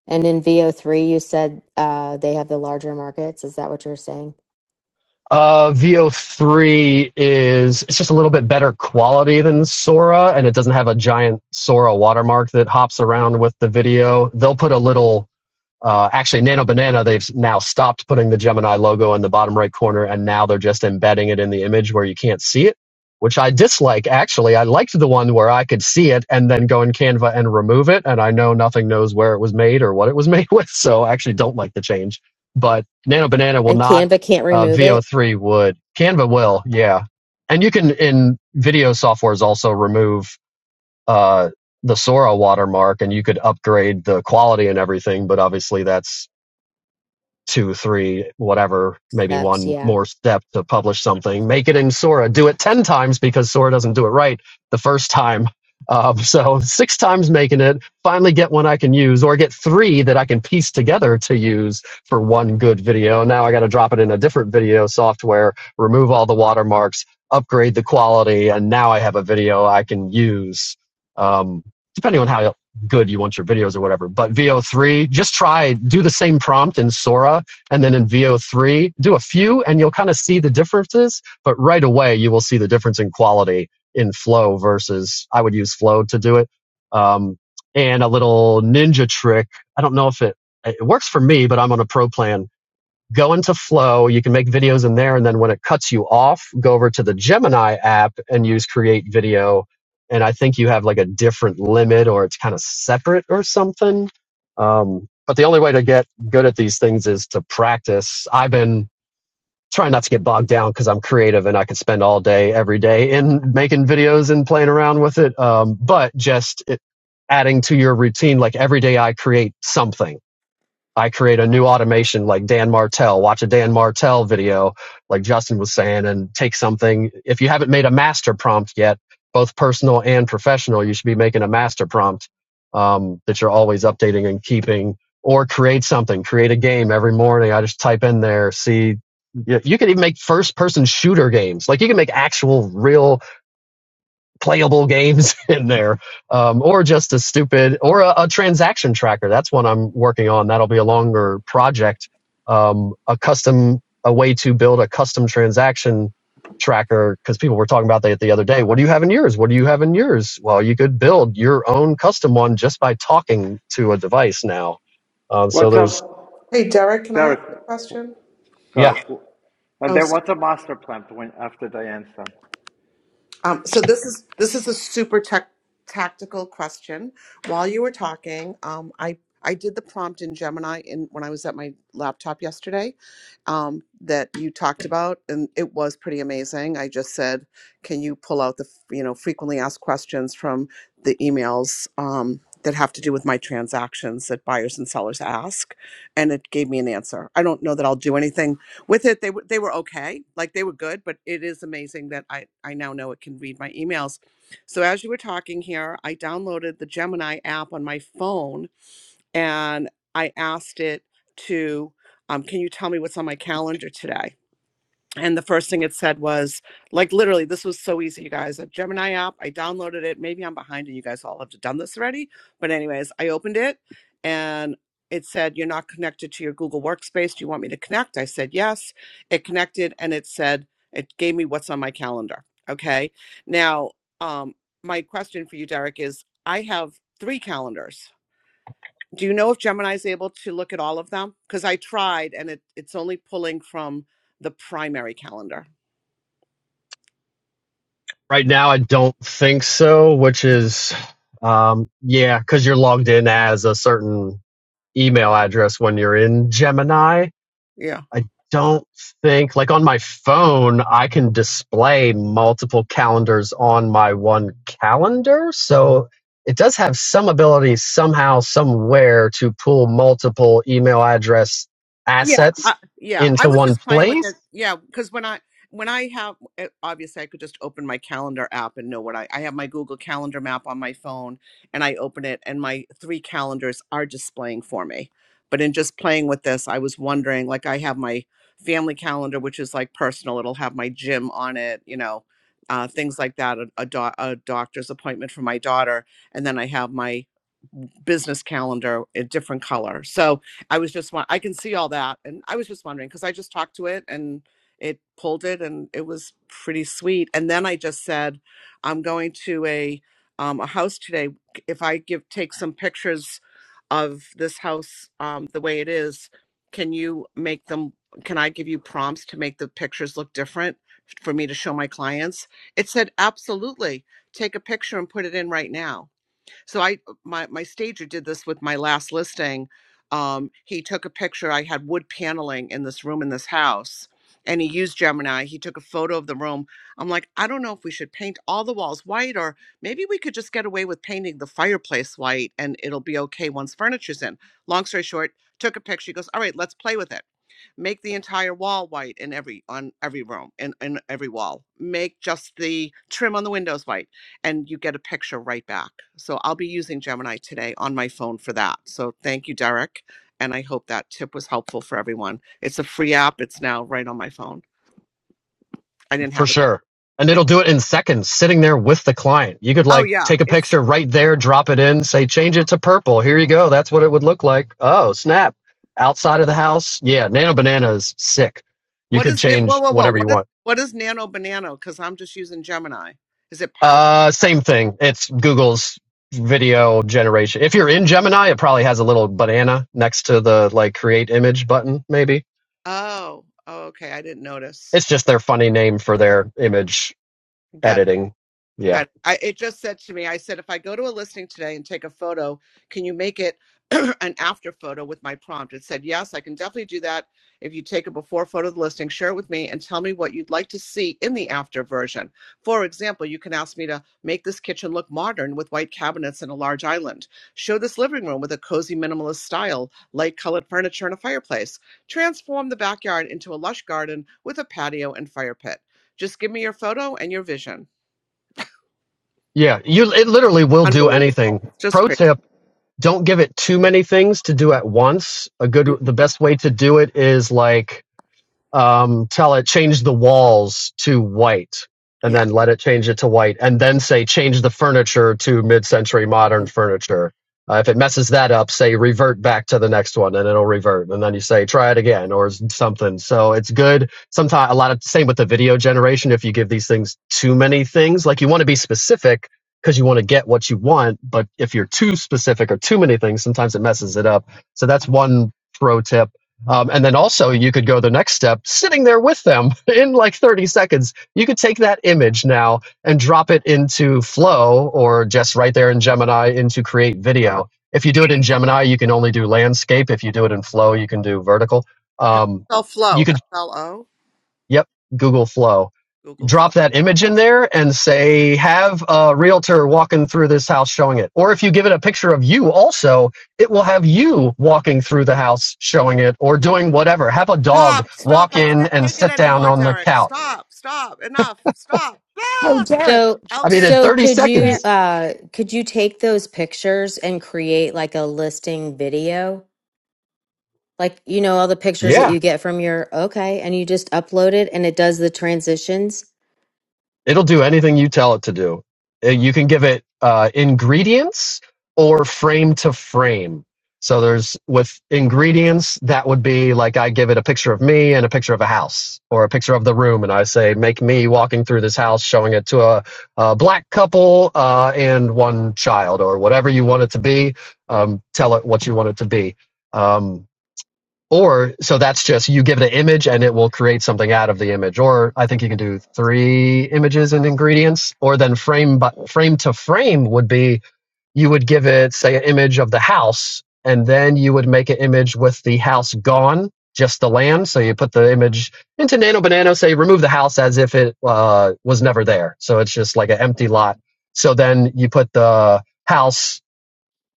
Speaker 2: and in VO3 you said uh they have the larger markets. Is that what you're saying?
Speaker 15: Uh, VO3 is it's just a little bit better quality than Sora, and it doesn't have a giant Sora watermark that hops around with the video. They'll put a little Uh, actually, Nano Banana, they've now stopped putting the Gemini logo in the bottom right corner, and now they're just embedding it in the image where you can't see it, which I dislike, actually. I liked the one where I could see it and then go in Canva and remove it, and I know nothing knows where it was made or what it was [laughs] made with, so I actually don't like the change. But Nano Banana will
Speaker 2: And
Speaker 15: not,
Speaker 2: Canva can't
Speaker 15: uh,
Speaker 2: remove it.
Speaker 15: VO3 would. Canva will, yeah. And you can, in video softwares, also remove uh, the Sora watermark, and you could upgrade the quality and everything. But obviously, that's two, three, whatever, maybe
Speaker 2: Steps,
Speaker 15: one
Speaker 2: yeah.
Speaker 15: more step to publish something, make it in Sora, do it 10 times because Sora doesn't do it right the first time. Um, [laughs] so six times
Speaker 2: Mm.
Speaker 15: making it, finally get one I can use or get three that I can piece together to use for one good video. Now I got to drop it in a different video software, remove all the watermarks, upgrade the quality, and now I have a video I can use. Um, depending on how good you want your videos or whatever. But VO3, just try, do the same prompt in Sora and then in VO3, do a few and you'll kind of see the differences. But right away, you will see the difference in quality in Flow versus I would use Flow to do it. Um, and a little ninja trick. I don't know if it, it works for me, but I'm on a pro plan go into Flow. You can make videos in there. And then when it cuts you off, go over to the Gemini app and use Create Video. And I think you have like a different limit or it's kind of separate or something. Um, but the only way to get good at these things is to practice. I've been trying not to get bogged down because I'm creative and I could spend all day, every day in making videos and playing around with it. Um, but just it, adding to your routine, like every day I create something I create a new automation like Dan Martell, watch a Dan Martell video, like Justin was saying, and take something. If you haven't made a master prompt yet, both personal and professional, you should be making a master prompt um, that you're always updating and keeping, or create something, create a game every morning. I just type in there, see. You you can even make first person shooter games. Like you can make actual real playable games [laughs] in there, um, or just a stupid or a, a transaction tracker. That's one I'm working on. That'll be a longer project. Um, a custom, a way to build a custom transaction tracker because people were talking about that the other day. What do you have in yours? What do you have in yours? Well, you could build your own custom one just by talking to a device now. Um, so
Speaker 18: What's
Speaker 15: there's
Speaker 18: up,
Speaker 11: Hey, Derek, can I ask
Speaker 18: Derek?
Speaker 11: a question?
Speaker 18: Sorry.
Speaker 15: yeah.
Speaker 18: And
Speaker 11: Oh.
Speaker 18: then
Speaker 11: sorry.
Speaker 18: what's a master plan when after Diane's done?
Speaker 11: Um, so this is this is a super tech tactical question. While you were talking, um, I I did the prompt in Gemini in when I was at my laptop yesterday um, that you talked about, and it was pretty amazing. I just said, "Can you pull out the f- you know frequently asked questions from the emails um, that have to do with my transactions that buyers and sellers ask?" And it gave me an answer. I don't know that I'll do anything with it they were they were okay like they were good but it is amazing that i i now know it can read my emails so as you were talking here i downloaded the gemini app on my phone and i asked it to um, can you tell me what's on my calendar today and the first thing it said was, like, literally, this was so easy, you guys. A Gemini app, I downloaded it. Maybe I'm behind and you guys all have done this already. But, anyways, I opened it and it said, You're not connected to your Google Workspace. Do you want me to connect? I said, Yes. It connected and it said, It gave me what's on my calendar. Okay. Now, um, my question for you, Derek, is I have three calendars. Do you know if Gemini is able to look at all of them? Because I tried and it, it's only pulling from the primary calendar.
Speaker 15: Right now, I don't think so, which is um, yeah, because you're logged in as a certain email address when you're in Gemini.
Speaker 11: Yeah.
Speaker 15: I don't think, like on my phone, I can display multiple calendars on my one calendar. So it does have some ability somehow, somewhere to pull multiple email address
Speaker 11: Yeah.
Speaker 15: assets
Speaker 11: Uh, yeah, I
Speaker 15: into
Speaker 11: was
Speaker 15: one
Speaker 11: just playing with
Speaker 15: place
Speaker 11: it. Yeah, because when I when I have eh, obviously I could just open my calendar app and know what I I have my Google Calendar map on my phone and I open it and my three calendars are displaying for me. But in just playing with this, I was wondering like I have my family calendar which is like personal. It'll have my gym on it, you know, uh, things like that. A, a, do- a doctor's appointment for my daughter, and then I have my business calendar a different color so i was just i can see all that and i was just wondering because i just talked to it and it pulled it and it was pretty sweet and then i just said i'm going to a um, a house today if i give take some pictures of this house um, the way it is can you make them can i give you prompts to make the pictures look different for me to show my clients it said absolutely take a picture and put it in right now so I uh, my my stager did this with my last listing. Um, he took a picture. I had wood paneling in this room in this house, and he used Gemini. He took a photo of the room. I'm like, I don't know if we should paint all the walls white, or maybe we could just get away with painting the fireplace white, and it'll be okay once furniture's in. Long story short, took a picture. He goes, all right, let's play with it. Make the entire wall white in every on every room in, in every wall. Make just the trim on the windows white and you get a picture right back. So I'll be using Gemini today on my phone for that. So thank you, Derek. And I hope that tip was helpful for everyone. It's a free app. It's now right on my phone. I didn't
Speaker 15: For
Speaker 11: have it.
Speaker 15: sure. And
Speaker 11: Thing.
Speaker 15: it'll do it in seconds, sitting there with the client. You could
Speaker 11: Oh
Speaker 15: like
Speaker 11: yeah,
Speaker 15: take a
Speaker 11: it's.
Speaker 15: picture right there, drop it in, say, change
Speaker 11: Uh-huh.
Speaker 15: it to purple. Here you go. That's what it would look like. Oh, snap. Outside of the house. Yeah. Nano Banana is sick. You
Speaker 11: What
Speaker 15: could
Speaker 11: is it? Whoa,
Speaker 15: change
Speaker 11: whoa, whoa!
Speaker 15: whatever you
Speaker 11: What is
Speaker 15: want.
Speaker 11: what is Nano Banano? Because I'm just using Gemini. Is it powered by
Speaker 15: Uh,
Speaker 11: that?
Speaker 15: same thing. It's Google's video generation. If you're in Gemini, it probably has a little banana next to the like create image button, maybe.
Speaker 11: Oh, oh, okay. I didn't notice.
Speaker 15: It's just their funny name for their image
Speaker 11: Got it.
Speaker 15: editing. Yeah.
Speaker 11: God, I, it just said to me, I said, if I go to a listing today and take a photo, can you make it [clears throat] an after photo with my prompt? It said, yes, I can definitely do that. If you take a before photo of the listing, share it with me and tell me what you'd like to see in the after version. For example, you can ask me to make this kitchen look modern with white cabinets and a large island. Show this living room with a cozy minimalist style, light colored furniture and a fireplace. Transform the backyard into a lush garden with a patio and fire pit. Just give me your photo and your vision.
Speaker 15: Yeah, you it literally will do
Speaker 11: Unbelievable.
Speaker 15: anything.
Speaker 11: Just
Speaker 15: Pro
Speaker 11: crazy.
Speaker 15: tip, don't give it too many things to do at once. A good the best way to do it is like um, tell it change the walls to white and
Speaker 11: Yeah.
Speaker 15: then let it change it to white and then say change the furniture to mid-century modern
Speaker 11: How do
Speaker 15: furniture uh, if it messes that up say revert back to the next one and it'll revert and then you say try it again or something so it's good sometimes a lot of same with the video generation if you give these things too many things like you want to be specific because you want to get what you want but if you're too specific or too many things sometimes it messes it up so that's one pro tip um, and then also you could go the next step, sitting there with them [laughs] in like 30 seconds. You could take that image now and drop it into Flow or just right there in Gemini into Create Video. If you do it in Gemini, you can only do landscape. If you do it in Flow, you can do vertical.
Speaker 11: you
Speaker 15: Um,
Speaker 11: spell
Speaker 15: you
Speaker 11: flow?
Speaker 15: could,
Speaker 11: F L O?
Speaker 15: yep, Google Flow
Speaker 11: Google Flow.
Speaker 15: drop that image in there and say have a realtor walking through this house showing it or if you give it a picture of you also it will have you walking through the house showing it or doing whatever have a dog
Speaker 11: Stop, stop.
Speaker 15: walk
Speaker 11: I
Speaker 15: in
Speaker 11: can't
Speaker 15: and
Speaker 11: take it
Speaker 15: sit down
Speaker 11: anymore,
Speaker 15: on the
Speaker 11: Derek.
Speaker 15: couch
Speaker 11: Stop, stop. Enough. Stop.
Speaker 19: Oh
Speaker 11: Ah!
Speaker 19: Derek,
Speaker 2: So,
Speaker 15: i mean in
Speaker 11: Elkin.
Speaker 2: so
Speaker 15: 30
Speaker 2: could you
Speaker 19: Derek,
Speaker 15: seconds
Speaker 2: uh could you take those pictures and create like a listing video? Like, you know, all the pictures that
Speaker 15: yeah
Speaker 2: you get from your okay, and you just upload it and it does the transitions?
Speaker 15: It'll do anything you tell it to do. Uh, You can give it uh, ingredients or frame to frame. So there's with ingredients, that would be like I give it a picture of me and a picture of a house or a picture of the room. And I say, make me walking through this house, showing it to a, a black couple uh, and one child or whatever you want it to be. Um, tell it what you want it to be. Um, or so that's just you give it an image and it will create something out of the image. Or I think you can do three images and ingredients. Or then frame but frame to frame would be you would give it say an image of the house and then you would make an image with the house gone, just the land. So you put the image into Nano Banana, say remove the house as if it uh, was never there. So it's just like an empty lot. So then you put the house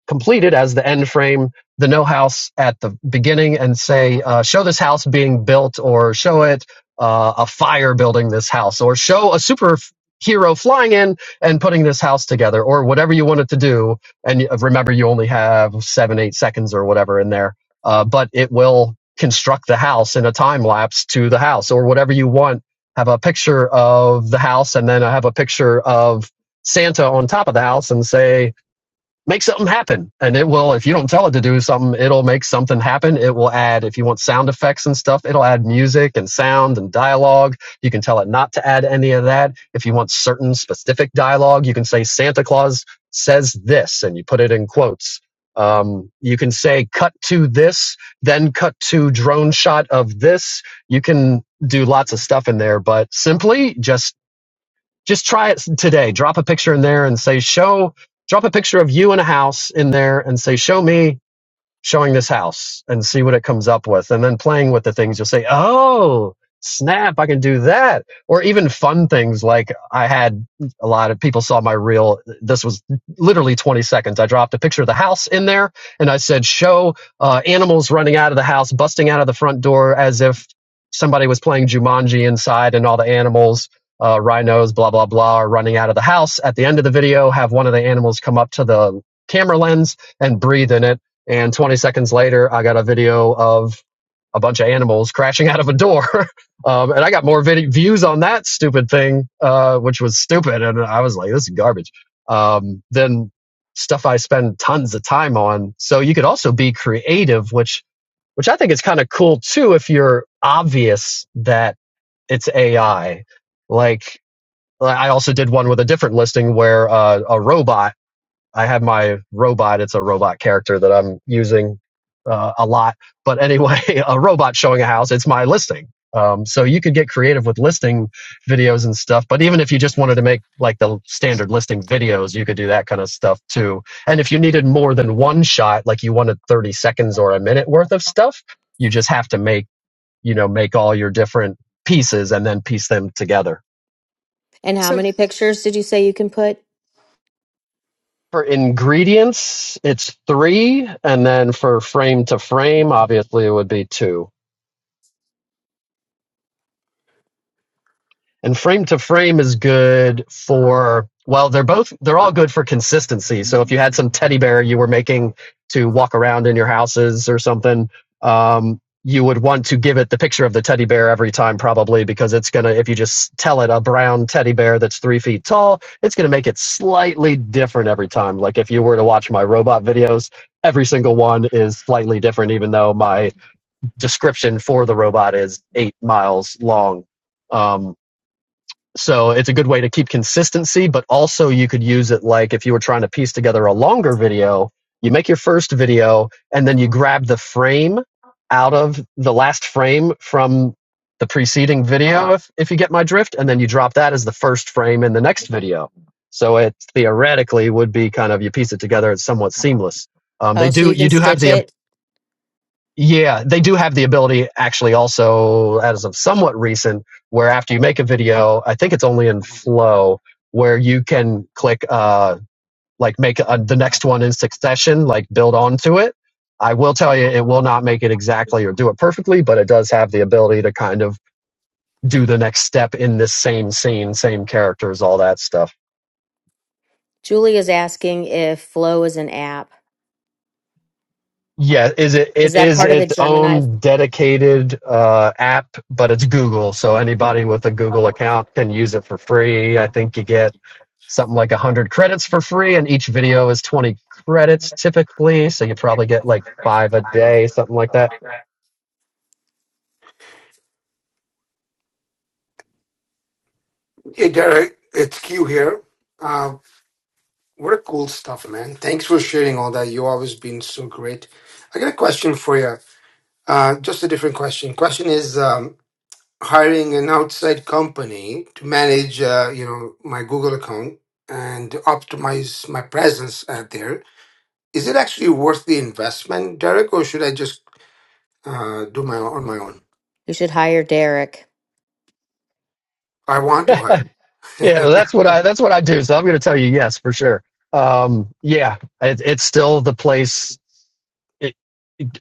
Speaker 15: completed as the end frame, the no house at the beginning, and say, uh, show this house being built, or show it uh, a fire building this house, or show a superhero flying in and putting this house together, or whatever you want it to do. And y- remember, you only have seven, eight seconds or whatever in there, uh, but it will construct the house in a time lapse to the house or whatever you want. Have a picture of the house, and then I have a picture of Santa on top of the house, and say, make something happen. And it will, if you don't tell it to do something, it'll make something happen. It will add, if you want sound effects and stuff, it'll add music and sound and dialogue. You can tell it not to add any of that. If you want certain specific dialogue, you can say Santa Claus says this and you put it in quotes. Um, you can say cut to this, then cut to drone shot of this. You can do lots of stuff in there, but simply just just try it today. Drop a picture in there and say, show, drop a picture of you in a house in there and say, show me showing this house and see what it comes up with and then playing with the things you'll say oh snap i can do that or even fun things like i had a lot of people saw my reel this was literally 20 seconds i dropped a picture of the house in there and i said show uh, animals running out of the house busting out of the front door as if somebody was playing jumanji inside and all the animals uh, rhinos blah blah blah are running out of the house at the end of the video have one of the animals come up to the camera lens and breathe in it and 20 seconds later, I got a video of a bunch of animals crashing out of a door. [laughs] um, and I got more vid- views on that stupid thing, uh, which was stupid. And I was like, this is garbage, um, than stuff I spend tons of time on. So you could also be creative, which, which I think is kind of cool too, if you're obvious that it's AI. Like, I also did one with a different listing where uh, a robot I have my robot. It's a robot character that I'm using uh, a lot. But anyway, [laughs] a robot showing a house. It's my listing. Um, so you could get creative with listing videos and stuff. But even if you just wanted to make like the standard listing videos, you could do that kind of stuff too. And if you needed more than one shot, like you wanted 30 seconds or a minute worth of stuff, you just have to make, you know, make all your different pieces and then piece them together
Speaker 2: And how many pictures did you say you can put?
Speaker 15: For ingredients, it's three, and then for frame to frame, obviously, it would be two. and frame to frame is good for well they're both they're all good for consistency so if you had some teddy bear you were making to walk around in your houses or something um, you would want to give it the picture of the teddy bear every time probably because it's going to if you just tell it a brown teddy bear that's three feet tall it's going to make it slightly different every time like if you were to watch my robot videos every single one is slightly different even though my description for the robot is eight miles long um, so it's a good way to keep consistency, but also you could use it like if you were trying to piece together a longer video, you make your first video and then you grab the frame out of the last frame from the preceding video, if, if you get my drift, and then you drop that as the first frame in the next video. So it theoretically would be kind of you piece it together, it's somewhat seamless. Um, they
Speaker 2: Oh, so
Speaker 15: do
Speaker 2: you
Speaker 15: you
Speaker 2: can
Speaker 15: do have
Speaker 2: stitch
Speaker 15: the
Speaker 2: it.
Speaker 15: yeah, they do have the ability actually also as of somewhat recent where after you make a video, I think it's only in Flow where you can click uh like make a, the next one in succession, like build onto it. I will tell you it will not make it exactly or do it perfectly, but it does have the ability to kind of do the next step in this same scene, same characters, all that stuff.
Speaker 2: Julie is asking if Flow is an app.
Speaker 15: Yeah, is it?
Speaker 2: Is
Speaker 15: It
Speaker 2: that
Speaker 15: is
Speaker 2: part of the
Speaker 15: its
Speaker 2: Gemini?
Speaker 15: own dedicated uh, app, but it's Google, so anybody with a Google account can use it for free. I think you get something like a hundred credits for free, and each video is twenty credits typically. So you probably get like five a day, something like that.
Speaker 20: Hey Derek, it's Q here. Uh, what a cool stuff, man. Thanks for sharing all that. You always been so great. I got a question for you. Uh, just a different question. Question is um, hiring an outside company to manage, uh, you know, my Google account and optimize my presence out there. Is it actually worth the investment, Derek, or should I just uh, do my on my own?
Speaker 2: You should hire Derek.
Speaker 20: I
Speaker 15: [laughs]
Speaker 20: want to
Speaker 15: yeah,
Speaker 20: hire. [laughs]
Speaker 15: that's what I that's what I do. So I'm going to tell you yes for sure. Um, yeah, it, it's still the place. It,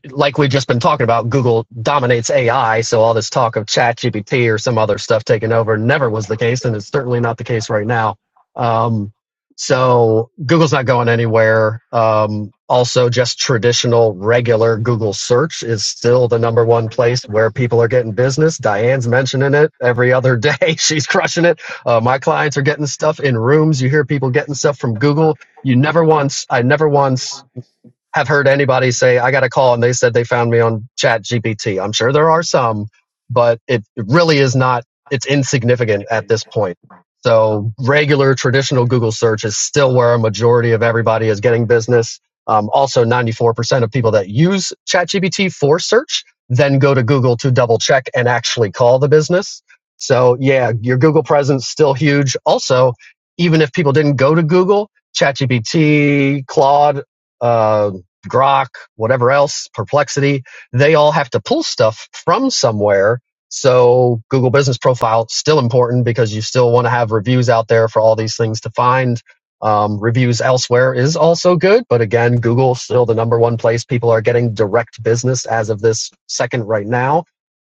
Speaker 15: like we've just been talking about, Google dominates AI. So all this talk of chat GPT or some other stuff taking over never was the case. And it's certainly not the case right now. Um, so Google's not going anywhere. Um, also just traditional regular Google search is still the number one place where people are getting business. Diane's mentioning it every other day. [laughs] She's crushing it. Uh, my clients are getting stuff in rooms. You hear people getting stuff from Google. You never once, I never once have heard anybody say, I got a call and they said they found me on Chat GPT. I'm sure there are some, but it really is not, it's insignificant at this point. So regular traditional Google search is still where a majority of everybody is getting business. Um, also, 94% of people that use ChatGPT for search then go to Google to double check and actually call the business. So yeah, your Google presence still huge. Also, even if people didn't go to Google, ChatGPT, Claude, uh, Grok, whatever else, Perplexity, they all have to pull stuff from somewhere. So Google Business Profile still important because you still want to have reviews out there for all these things to find. Um, reviews elsewhere is also good, but again, Google still the number one place people are getting direct business as of this second right now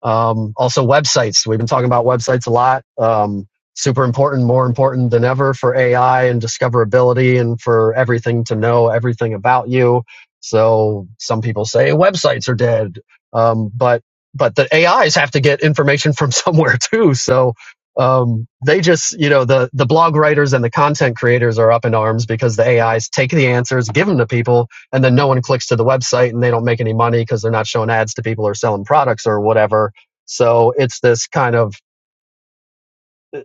Speaker 15: um, also, websites. We've been talking about websites a lot. Um, super important, more important than ever for AI and discoverability and for everything to know everything about you. So some people say websites are dead, um, but but the AIs have to get information from [laughs] somewhere too. So um, they just, you know, the the blog writers and the content creators are up in arms because the AIs take the answers, give them to people, and then no one clicks to the website and they don't make any money because they're not showing ads to people or selling products or whatever so it's this kind of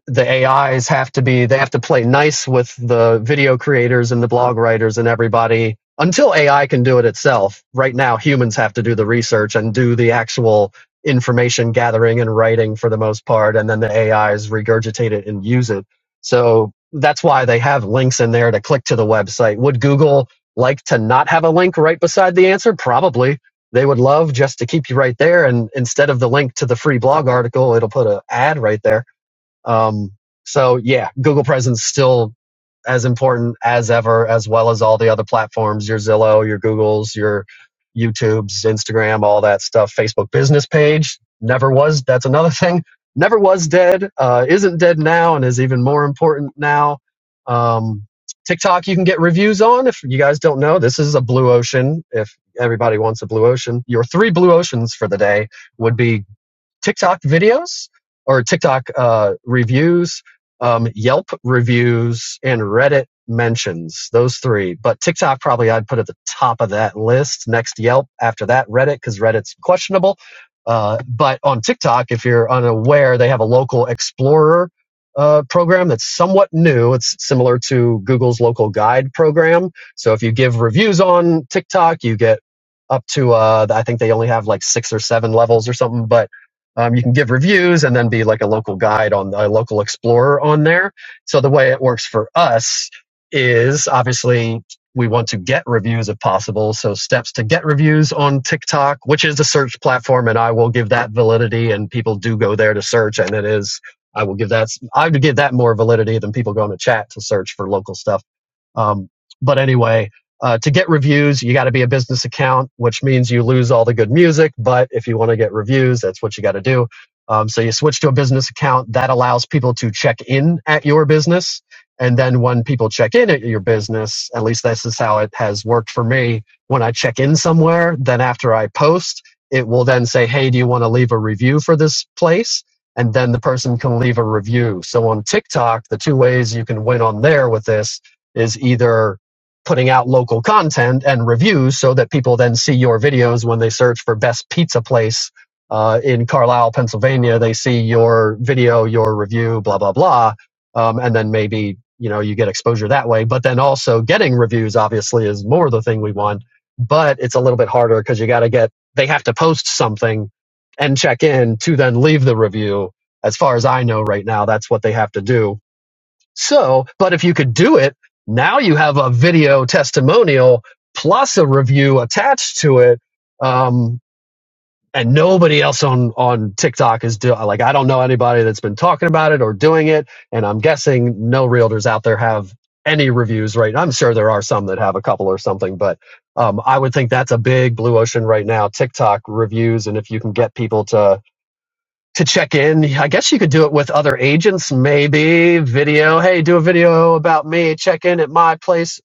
Speaker 15: the AIs have to be they have to play nice with the video creators and the blog writers and everybody until AI can do it itself. Right now, humans have to do the research and do the actual information gathering and writing for the most part, and then the AIs regurgitate it and use it. So that's why they have links in there to click to the website. Would Google like to not have a link right beside the answer? Probably they would love just to keep you right there and instead of the link to the free blog article it'll put an ad right there um, so yeah, Google presence still as important as ever, as well as all the other platforms, your Zillow, your Googles, your YouTubes, Instagram, all that stuff, Facebook business page never was. That's another [laughs] thing. Never was dead, uh, isn't dead now and is even more important now. Um, TikTok, you can get reviews on. If you guys don't know, this is a blue ocean. If everybody wants a blue ocean, your three blue oceans for the day would be TikTok videos or TikTok uh, reviews, um, Yelp reviews, and Reddit mentions. Those three, but TikTok probably I'd put at the top of that list. Next Yelp, after that Reddit, because Reddit's questionable. Uh, but on TikTok, if you're unaware, they have a local explorer uh, program that's somewhat new. It's similar to Google's local guide program. So if you give reviews on TikTok, you get up to uh, I think they only have like six or seven levels or something, but um, you can give reviews and then be like a local guide on a local explorer on there. So the way it works for us is obviously we want to get reviews if possible. So steps to get reviews on TikTok, which is the search platform, and I will give that validity. And people do go there to search, and it is I will give that I would give that more validity than people going to chat to search for local stuff um, but anyway, uh, to get reviews, you got to be a business account, which means you lose all the good music. But if you want to get reviews, that's what you got to do. Um, so you switch to a business account that allows people to check in at your business. And then when people check in at your business, at least this is how it has worked for me. When I check in somewhere, then after I post, it will then say, Hey, do you want to leave a review for this place? And then the person can leave a review. So on TikTok, the two ways you can win on there with this is either putting out local content and reviews so that people then see your videos when they search for best pizza place uh, in Carlisle, Pennsylvania. They see your video, your review, blah blah blah, um, and then maybe you know you get exposure that way. But then also getting reviews obviously is more the thing we want, but it's a little bit harder because you got to get they have to post something and check in to then leave the review. As far as I know right now, that's what they have to do so, but if you could do it, now you have a video testimonial plus a review attached to it. Um, and nobody else on, on TikTok is doing. like, I don't know anybody that's been talking about it or doing it. And I'm guessing no realtors out there have any reviews right i'm sure there are some that have a couple or something but um, i would think that's a big blue ocean right now tiktok reviews and if you can get people to to check in. I guess you could do it with other agents, maybe video. Hey, do a video about me. Check in at my place.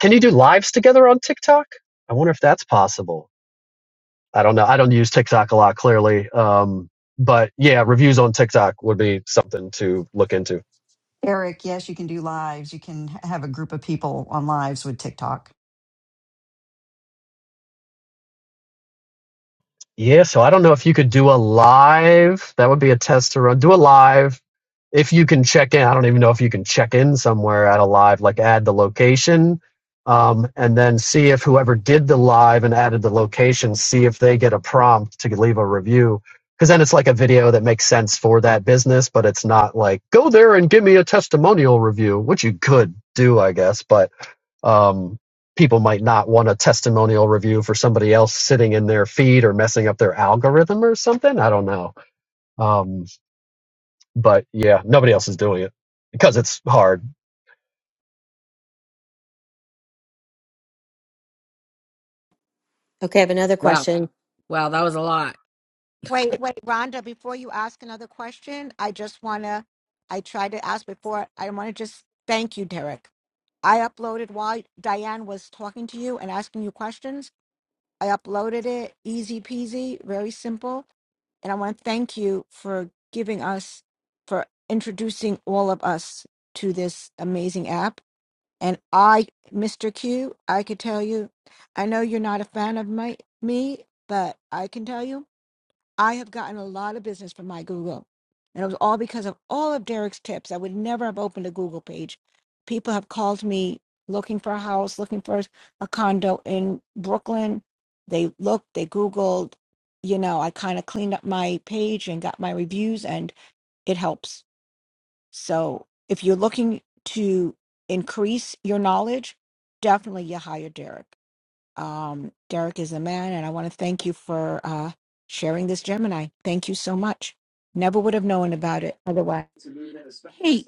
Speaker 15: Can you do lives together on TikTok? I wonder if that's possible. I don't know. I don't use TikTok a lot, clearly. Um, but yeah, reviews on TikTok would be something to look into.
Speaker 21: Eric, yes, you can do lives. You can have a group of people on lives with TikTok.
Speaker 15: Yeah, so I don't know if you could do a live. That would be a test to run. Do a live. If you can check in, I don't even know if you can check in somewhere at a live, like add the location, um, and then see if whoever did the live and added the location, see if they get a prompt to leave a review. Because then it's like a video that makes sense for that business, but it's not like go there and give me a testimonial review, which you could do, I guess, but um, people might not want a testimonial review for somebody else sitting in their feed or messing up their algorithm or something. I don't know. Um, but yeah, nobody else is doing it because it's hard.
Speaker 2: Okay, I have another
Speaker 1: wow.
Speaker 2: question.
Speaker 1: Wow. That was a lot.
Speaker 19: wait, wait, Rhonda, before you ask another question, I just want to, I tried to ask before, I want to just thank you, Derek. I uploaded while Diane was talking to you and asking you questions. I uploaded it, easy peasy, very simple. And I want to thank you for giving us, for introducing all of us to this amazing app. And I, Mr. Q, I could tell you, I know you're not a fan of my, me, but I can tell you. I have gotten a lot of business from my Google. And it was all because of all of Derek's tips. I would never have opened a Google page. People have called me looking for a house, looking for a condo in Brooklyn. They looked, they Googled, you know, I kind of cleaned up my page and got my reviews, and it helps. So if you're looking to increase your knowledge, definitely you hire Derek. Um, Derek is a man, and I want to thank you for uh, sharing this Gemini. Thank you so much. Never would have known about it otherwise.
Speaker 22: Hey,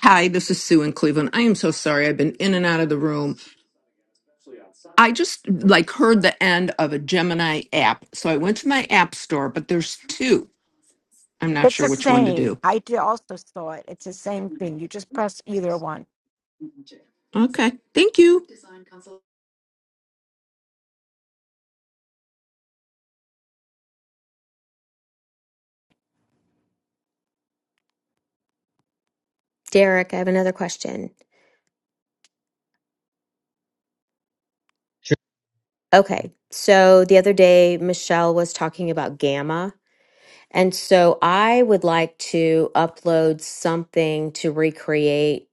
Speaker 22: hi, this is Sue in Cleveland. I am so sorry. I've been in and out of the room. I just like heard the end of a Gemini app. So I went to my app store, but there's two. I'm not
Speaker 19: It's
Speaker 22: sure
Speaker 19: the
Speaker 22: which one to
Speaker 19: same.
Speaker 22: do.
Speaker 19: I d- also saw it. It's the same thing. You just press either one.
Speaker 22: Okay. Thank you.
Speaker 2: Derek, I have another question. Okay, so the other day, Michelle was talking about Gamma. And so I would like to upload something to recreate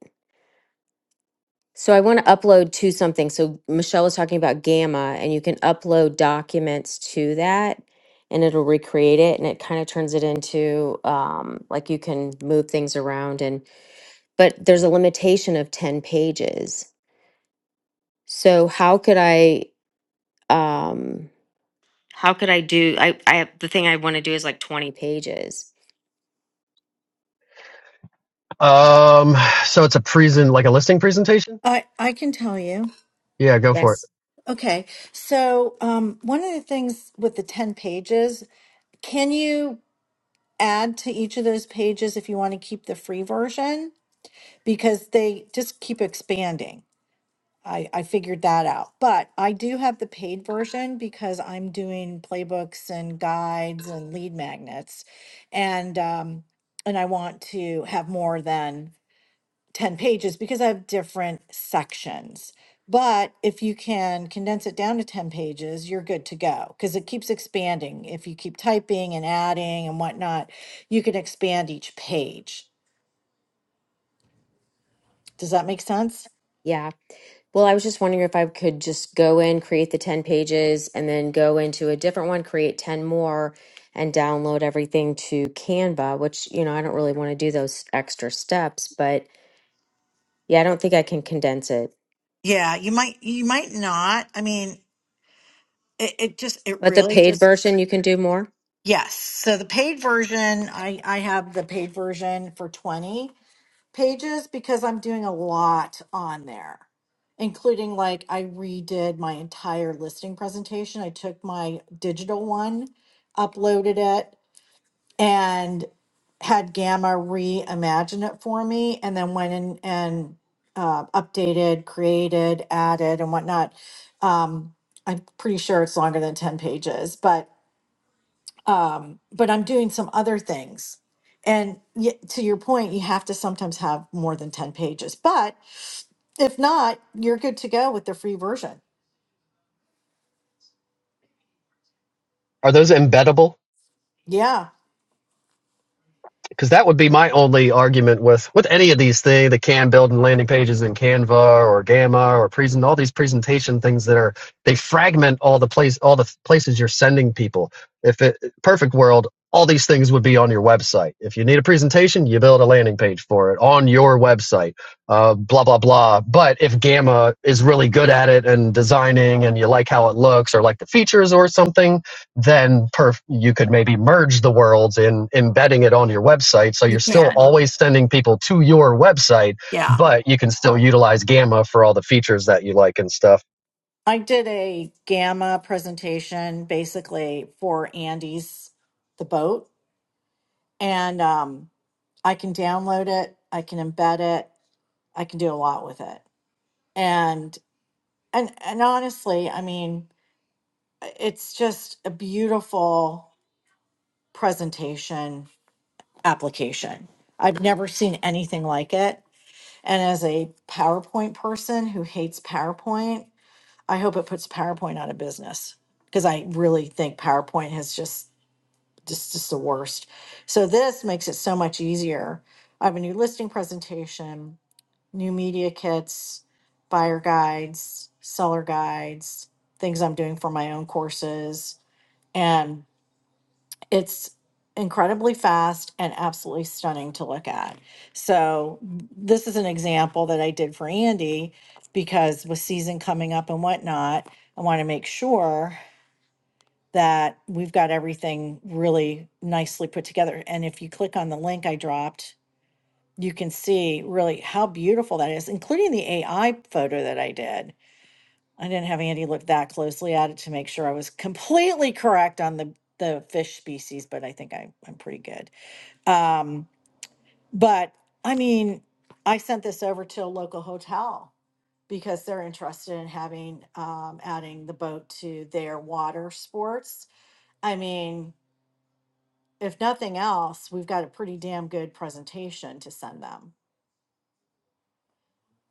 Speaker 2: So I want to upload to something. So Michelle was talking about Gamma, and you can upload documents to that, and it'll recreate it, and it kind of turns it into um, like you can move things around. And but there's a limitation of ten pages. So how could I? Um, how could I do? I I have, the thing I want to do is like twenty pages.
Speaker 15: Um, so it's a present, like a listing presentation.
Speaker 6: I I can tell you.
Speaker 15: Yeah, go for it.
Speaker 2: Yes.
Speaker 6: Okay. So, um, one of the things with the 10 pages, can you add to each of those pages if you want to keep the free version? Because they just keep expanding. I, I figured that out. But I do have the paid version because I'm doing playbooks and guides and lead magnets. And um, and I want to have more than 10 pages because I have different sections. But if you can condense it down to 10 pages, you're good to go because it keeps expanding. If you keep typing and adding and whatnot, you can expand each page. Does that make sense?
Speaker 2: Yeah. Well, I was just wondering if I could just go in, create the 10 pages, and then go into a different one, create 10 more, and download everything to Canva, which, you know, I don't really want to do those extra steps, but yeah, I don't think I can condense it.
Speaker 6: Yeah, you might you might not. I mean, It, it just, it
Speaker 2: But the
Speaker 6: really
Speaker 2: paid
Speaker 6: just,
Speaker 2: version, you can do more.
Speaker 6: yes. So the paid version, I, I have the paid version for 20 pages because I'm doing a lot on there, including like I redid my entire listing presentation. I took my digital one, uploaded it, and had Gamma reimagine it for me, and then went in and uh, updated, created, added, and whatnot. Um, I'm pretty sure it's longer than 10 pages, but um, but I'm doing some other things. And y to your point, you have to sometimes have more than 10 pages. But if not, you're good to go with the free version.
Speaker 15: Are those embeddable?
Speaker 6: Yeah.
Speaker 15: because that would be my only argument with with any of these things the can building landing pages in canva or gamma or present all these presentation things that are they fragment all the place all the places you're sending people if it perfect world all these things would be on your website if you need a presentation you build a landing page for it on your website uh, blah blah blah but if gamma is really good at it and designing and you like how it looks or like the features or something then perf- you could maybe merge the worlds in embedding it on your website. So
Speaker 6: You
Speaker 15: you're still
Speaker 6: can.
Speaker 15: always sending people to your website,
Speaker 6: Yeah.
Speaker 15: but you can still utilize Gamma for all the features that you like and stuff.
Speaker 6: I did a gamma presentation basically for Andy's, the boat, and um, I can download it, I can embed it, I can do a lot with it. And and and honestly, I mean, it's just a beautiful presentation application. I've never seen anything like it. And as a PowerPoint person who hates PowerPoint, I hope it puts PowerPoint out of business because I really think PowerPoint has just just just the worst. So this makes it so much easier. I have a new listing presentation, new media kits, buyer guides, seller guides, things I'm doing for my own courses, and it's incredibly fast and absolutely stunning to look at. So this is an example that I did for Andy because with season coming up and whatnot, I want to make sure that we've got everything really nicely put together. And if you click on the link I dropped, you can see really how beautiful that is, including the AI photo that I did. I didn't have Andy look that closely at it to make sure I was completely correct on the the fish species, but I think I, I'm pretty good. Um, but I mean, I sent this over to a local hotel because they're interested in having um, adding the boat to their water sports. I mean, if nothing else, we've got a pretty damn good presentation to send them.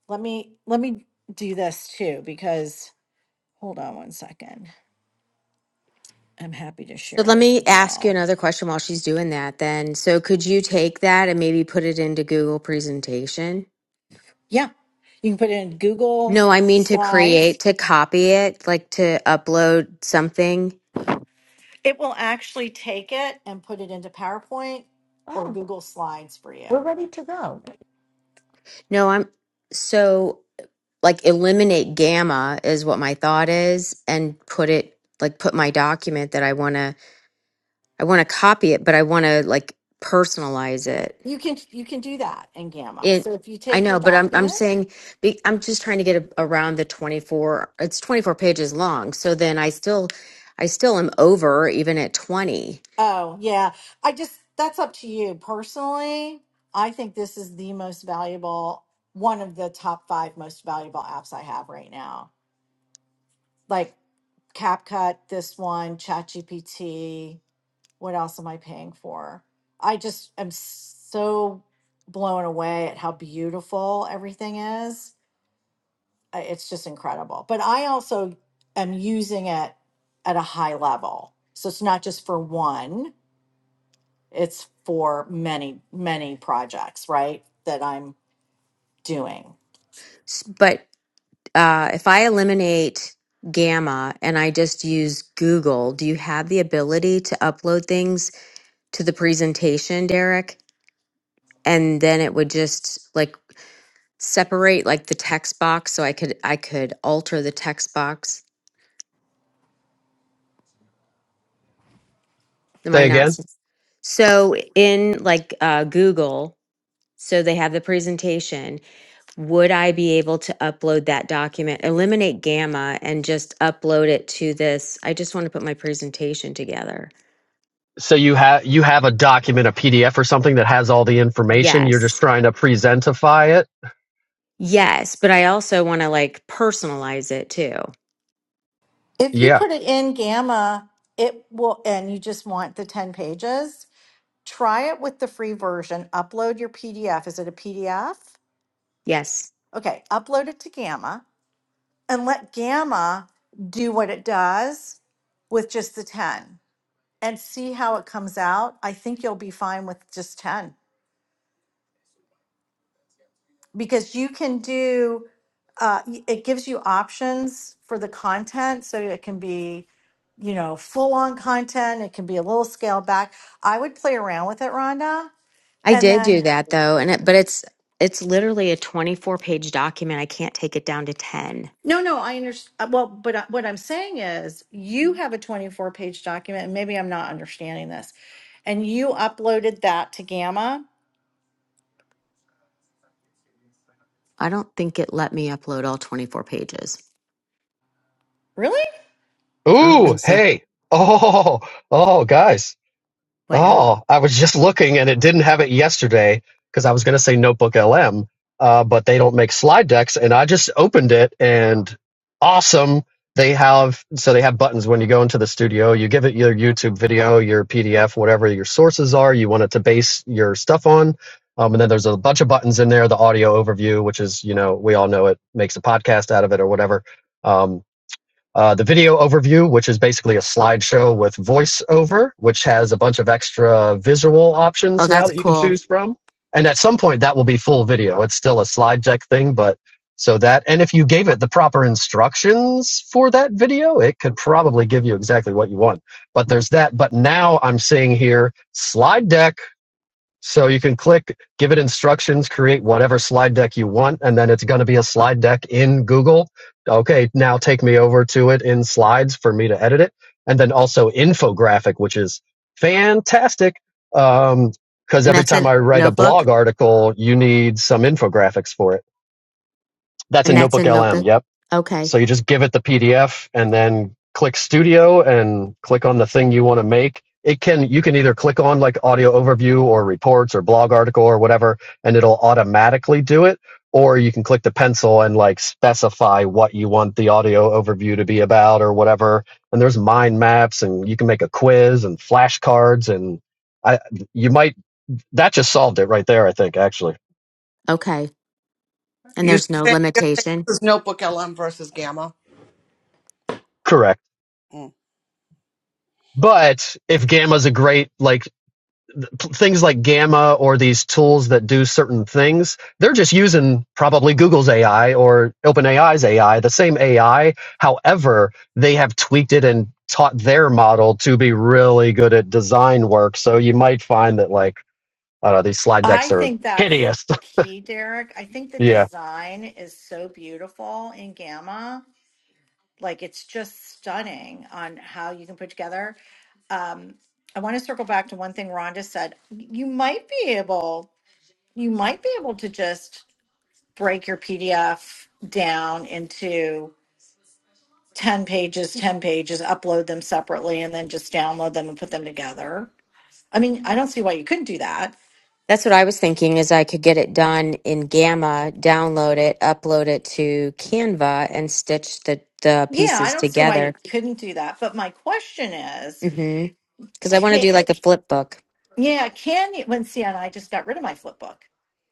Speaker 6: Let me let me do this too because hold on one second. I'm happy to
Speaker 2: So
Speaker 6: share
Speaker 2: let
Speaker 6: this
Speaker 2: me
Speaker 6: with
Speaker 2: ask you
Speaker 6: y'all.
Speaker 2: another question while she's doing that then. So could you take that and maybe put it into Google presentation?
Speaker 6: Yeah, you can put it in Google
Speaker 2: No, I mean to
Speaker 6: Slides.
Speaker 2: create, to copy it, like to upload something.
Speaker 6: It will actually take it and put it into PowerPoint or
Speaker 19: Oh,
Speaker 6: Google Slides for you.
Speaker 19: we're ready to go.
Speaker 2: No, I'm so like eliminate gamma is what my thought is and put it like put my document that I want to I want to copy it, but I want to like personalize it.
Speaker 6: You can you can do that in Gamma.
Speaker 2: It,
Speaker 6: So if you
Speaker 2: I
Speaker 6: take your
Speaker 2: know, but I'm I'm
Speaker 6: document,
Speaker 2: saying be- I'm just trying to get a, around the 24. It's 24 pages long, so then I still I still am over even at 20.
Speaker 6: oh yeah, I just that's up to you personally. I think this is the most valuable one of the top 5 most valuable apps I have right now. Like CapCut, this one, ChatGPT, what else am I paying for? I just am so blown away at how beautiful everything is I- it's just incredible. But I also am using it at a high level. So it's not just for one, it's for many, many projects, right? That I'm doing.
Speaker 2: S- But uh, if I eliminate Gamma and I just use Google, do you have the ability to upload things to the presentation, Derek? And then it would just like separate like the text box, so I could I could alter the text box. Am I
Speaker 15: Say
Speaker 2: not?
Speaker 15: again.
Speaker 2: s- So in like uh, Google. So they have the presentation. Would I be able to upload that document, eliminate Gamma and just upload it to this? I just want to put my presentation together.
Speaker 15: So you have you have a document, a PDF or something that has all the information. You're just
Speaker 2: Yes.
Speaker 15: trying to presentify it.
Speaker 2: Yes. But I also want to like personalize it too.
Speaker 6: If you
Speaker 15: Yeah.
Speaker 6: put it in Gamma, it will, and you just want the 10 pages, try it with the free version. Upload your PDF. Is it a PDF?
Speaker 2: Yes.
Speaker 6: Okay, upload it to Gamma and let Gamma do what it does with just the 10 and see how it comes out, I think you'll be fine with just 10 because you can do uh, y- it gives you options for the content. So it can be, you know, full on content, it can be a little scaled back. I would play around with it, Rhonda.
Speaker 2: I
Speaker 6: And
Speaker 2: did do
Speaker 6: then,
Speaker 2: that though. And it, but it's, it's literally a 24 page document. I can't take it down to 10.
Speaker 6: no, no, I understand. Well, but I- what I'm saying is you have a 24 page document, and maybe I'm not understanding this. And you uploaded that to Gamma.
Speaker 2: I don't think it let me upload all 24 pages.
Speaker 6: Really?
Speaker 2: I don't
Speaker 15: Ooh.
Speaker 2: think so.
Speaker 15: Hey. [laughs] Oh. Oh, guys.
Speaker 2: What?
Speaker 6: Yeah.
Speaker 15: Oh, I was just looking and it didn't have it yesterday because I was going to say Notebook LM, uh, but they don't make slide decks. And I just opened it and awesome. They have, so they have buttons when you go into the studio, you give it your YouTube video, your PDF, whatever your sources are you want it to base your stuff on. Um, and then there's a bunch of buttons in there, the audio overview, which is, you know, we all know it makes a podcast out of it or whatever. Um, uh, the video overview, which is basically a slideshow with voiceover, which has a bunch of extra visual
Speaker 2: Oh,
Speaker 15: options now
Speaker 2: that's
Speaker 15: that you can
Speaker 2: cool.
Speaker 15: choose from. And at some point, that will be full video. It's still a slide deck thing, but so that, and if you gave it the proper instructions for that video, it could probably give you exactly what you want. But there's that. But now I'm seeing here slide deck so you can click, give it instructions, create whatever slide deck you want, and then it's going to be a slide deck in Google. Okay, now take me over to it in slides for me to edit it. And then also infographic, which is fantastic. Um, because
Speaker 2: And
Speaker 15: every
Speaker 2: that's
Speaker 15: time
Speaker 2: a
Speaker 15: I write a
Speaker 2: notebook?
Speaker 15: blog article, you need some infographics for it. That's
Speaker 2: And
Speaker 15: in
Speaker 2: that's
Speaker 15: Notebook
Speaker 2: in
Speaker 15: LM.
Speaker 2: notebook.
Speaker 15: Yep.
Speaker 2: Okay.
Speaker 15: So you just give it the PDF and then click studio and click on the thing you want to make. It can, you can either click on like audio overview or reports or blog article or whatever, and it'll automatically do it. Or you can click the pencil and like specify what you want the audio overview to be about or whatever. And there's mind maps and you can make a quiz and flashcards and I, you might, that just solved it right there, I think, actually.
Speaker 2: Okay. And
Speaker 11: You
Speaker 2: there's no
Speaker 11: say, you say this
Speaker 2: limitation.
Speaker 11: is notebook LM versus gamma?
Speaker 15: Correct. But if Gamma's a great like things like Gamma or these tools that do certain things, they're just using probably Google's AI or OpenAI's AI, the same AI. However, they have tweaked it and taught their model to be really good at design work. So you might find that like I don't know, these slide
Speaker 6: I
Speaker 15: decks are
Speaker 6: think that's
Speaker 15: hideous.
Speaker 6: the key, Derek. I think
Speaker 15: [laughs]
Speaker 6: the
Speaker 15: yeah.
Speaker 6: design is so beautiful in Gamma. Like it's just stunning on how you can put together. Um, I want to circle back to one thing Rhonda said. You might be able, you might be able to just break your PDF down into 10 pages, 10 pages, upload them separately, and then just download them and put them together. I mean, I don't see why you couldn't do that
Speaker 2: That's what I was thinking is I could get it done in Gamma, download it, upload it to Canva and stitch the, the
Speaker 6: Yeah, I
Speaker 2: pieces
Speaker 6: don't see why you
Speaker 2: together.
Speaker 6: couldn't do that. But my question is,
Speaker 2: Mhm. Cuz I want to
Speaker 6: can,
Speaker 2: do like a flip book.
Speaker 6: yeah, can you? When see, and I just got rid of my flip book.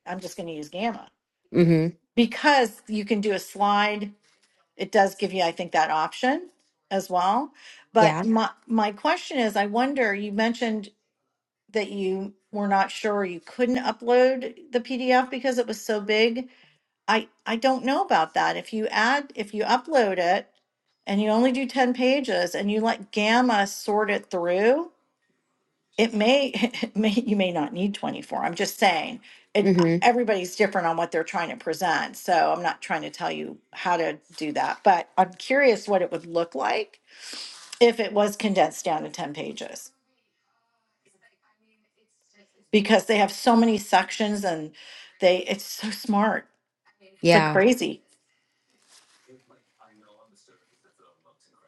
Speaker 6: I'm just going to use Gamma
Speaker 2: Mhm.
Speaker 6: because you can do a slide. It does give you, I think, that option as well. But
Speaker 2: Yeah.
Speaker 6: my my question is, I wonder. You mentioned that you were not sure you couldn't upload the PDF because it was so big. I I don't know about that. If you add, if you upload it and you only do 10 pages and you let Gamma sort it through, it may, [laughs] it may you may not need 24. I'm just saying it
Speaker 2: Mhm.
Speaker 6: everybody's different on what they're trying to present. So I'm not trying to tell you how to do that, but I'm curious what it would look like if it was condensed down to 10 pages because they have so many sections and they it's so smart. It's like
Speaker 2: Yeah.
Speaker 6: crazy.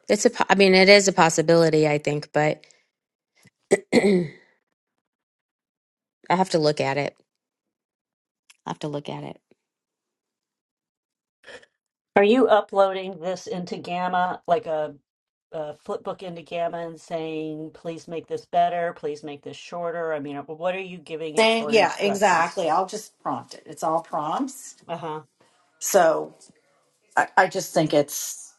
Speaker 2: It's a po- I mean it is a possibility I think, but [clears throat] I have to look at it. I have to look at it.
Speaker 9: Are you uploading this into Gamma like a uh, flip book into Gammon saying, please make this better, please make this shorter? I mean, what are you giving it
Speaker 6: Same,
Speaker 9: for
Speaker 6: yeah,
Speaker 9: instructions?
Speaker 6: exactly. I'll just prompt it. It's all prompts.
Speaker 9: Uh huh.
Speaker 6: So I, I just think it's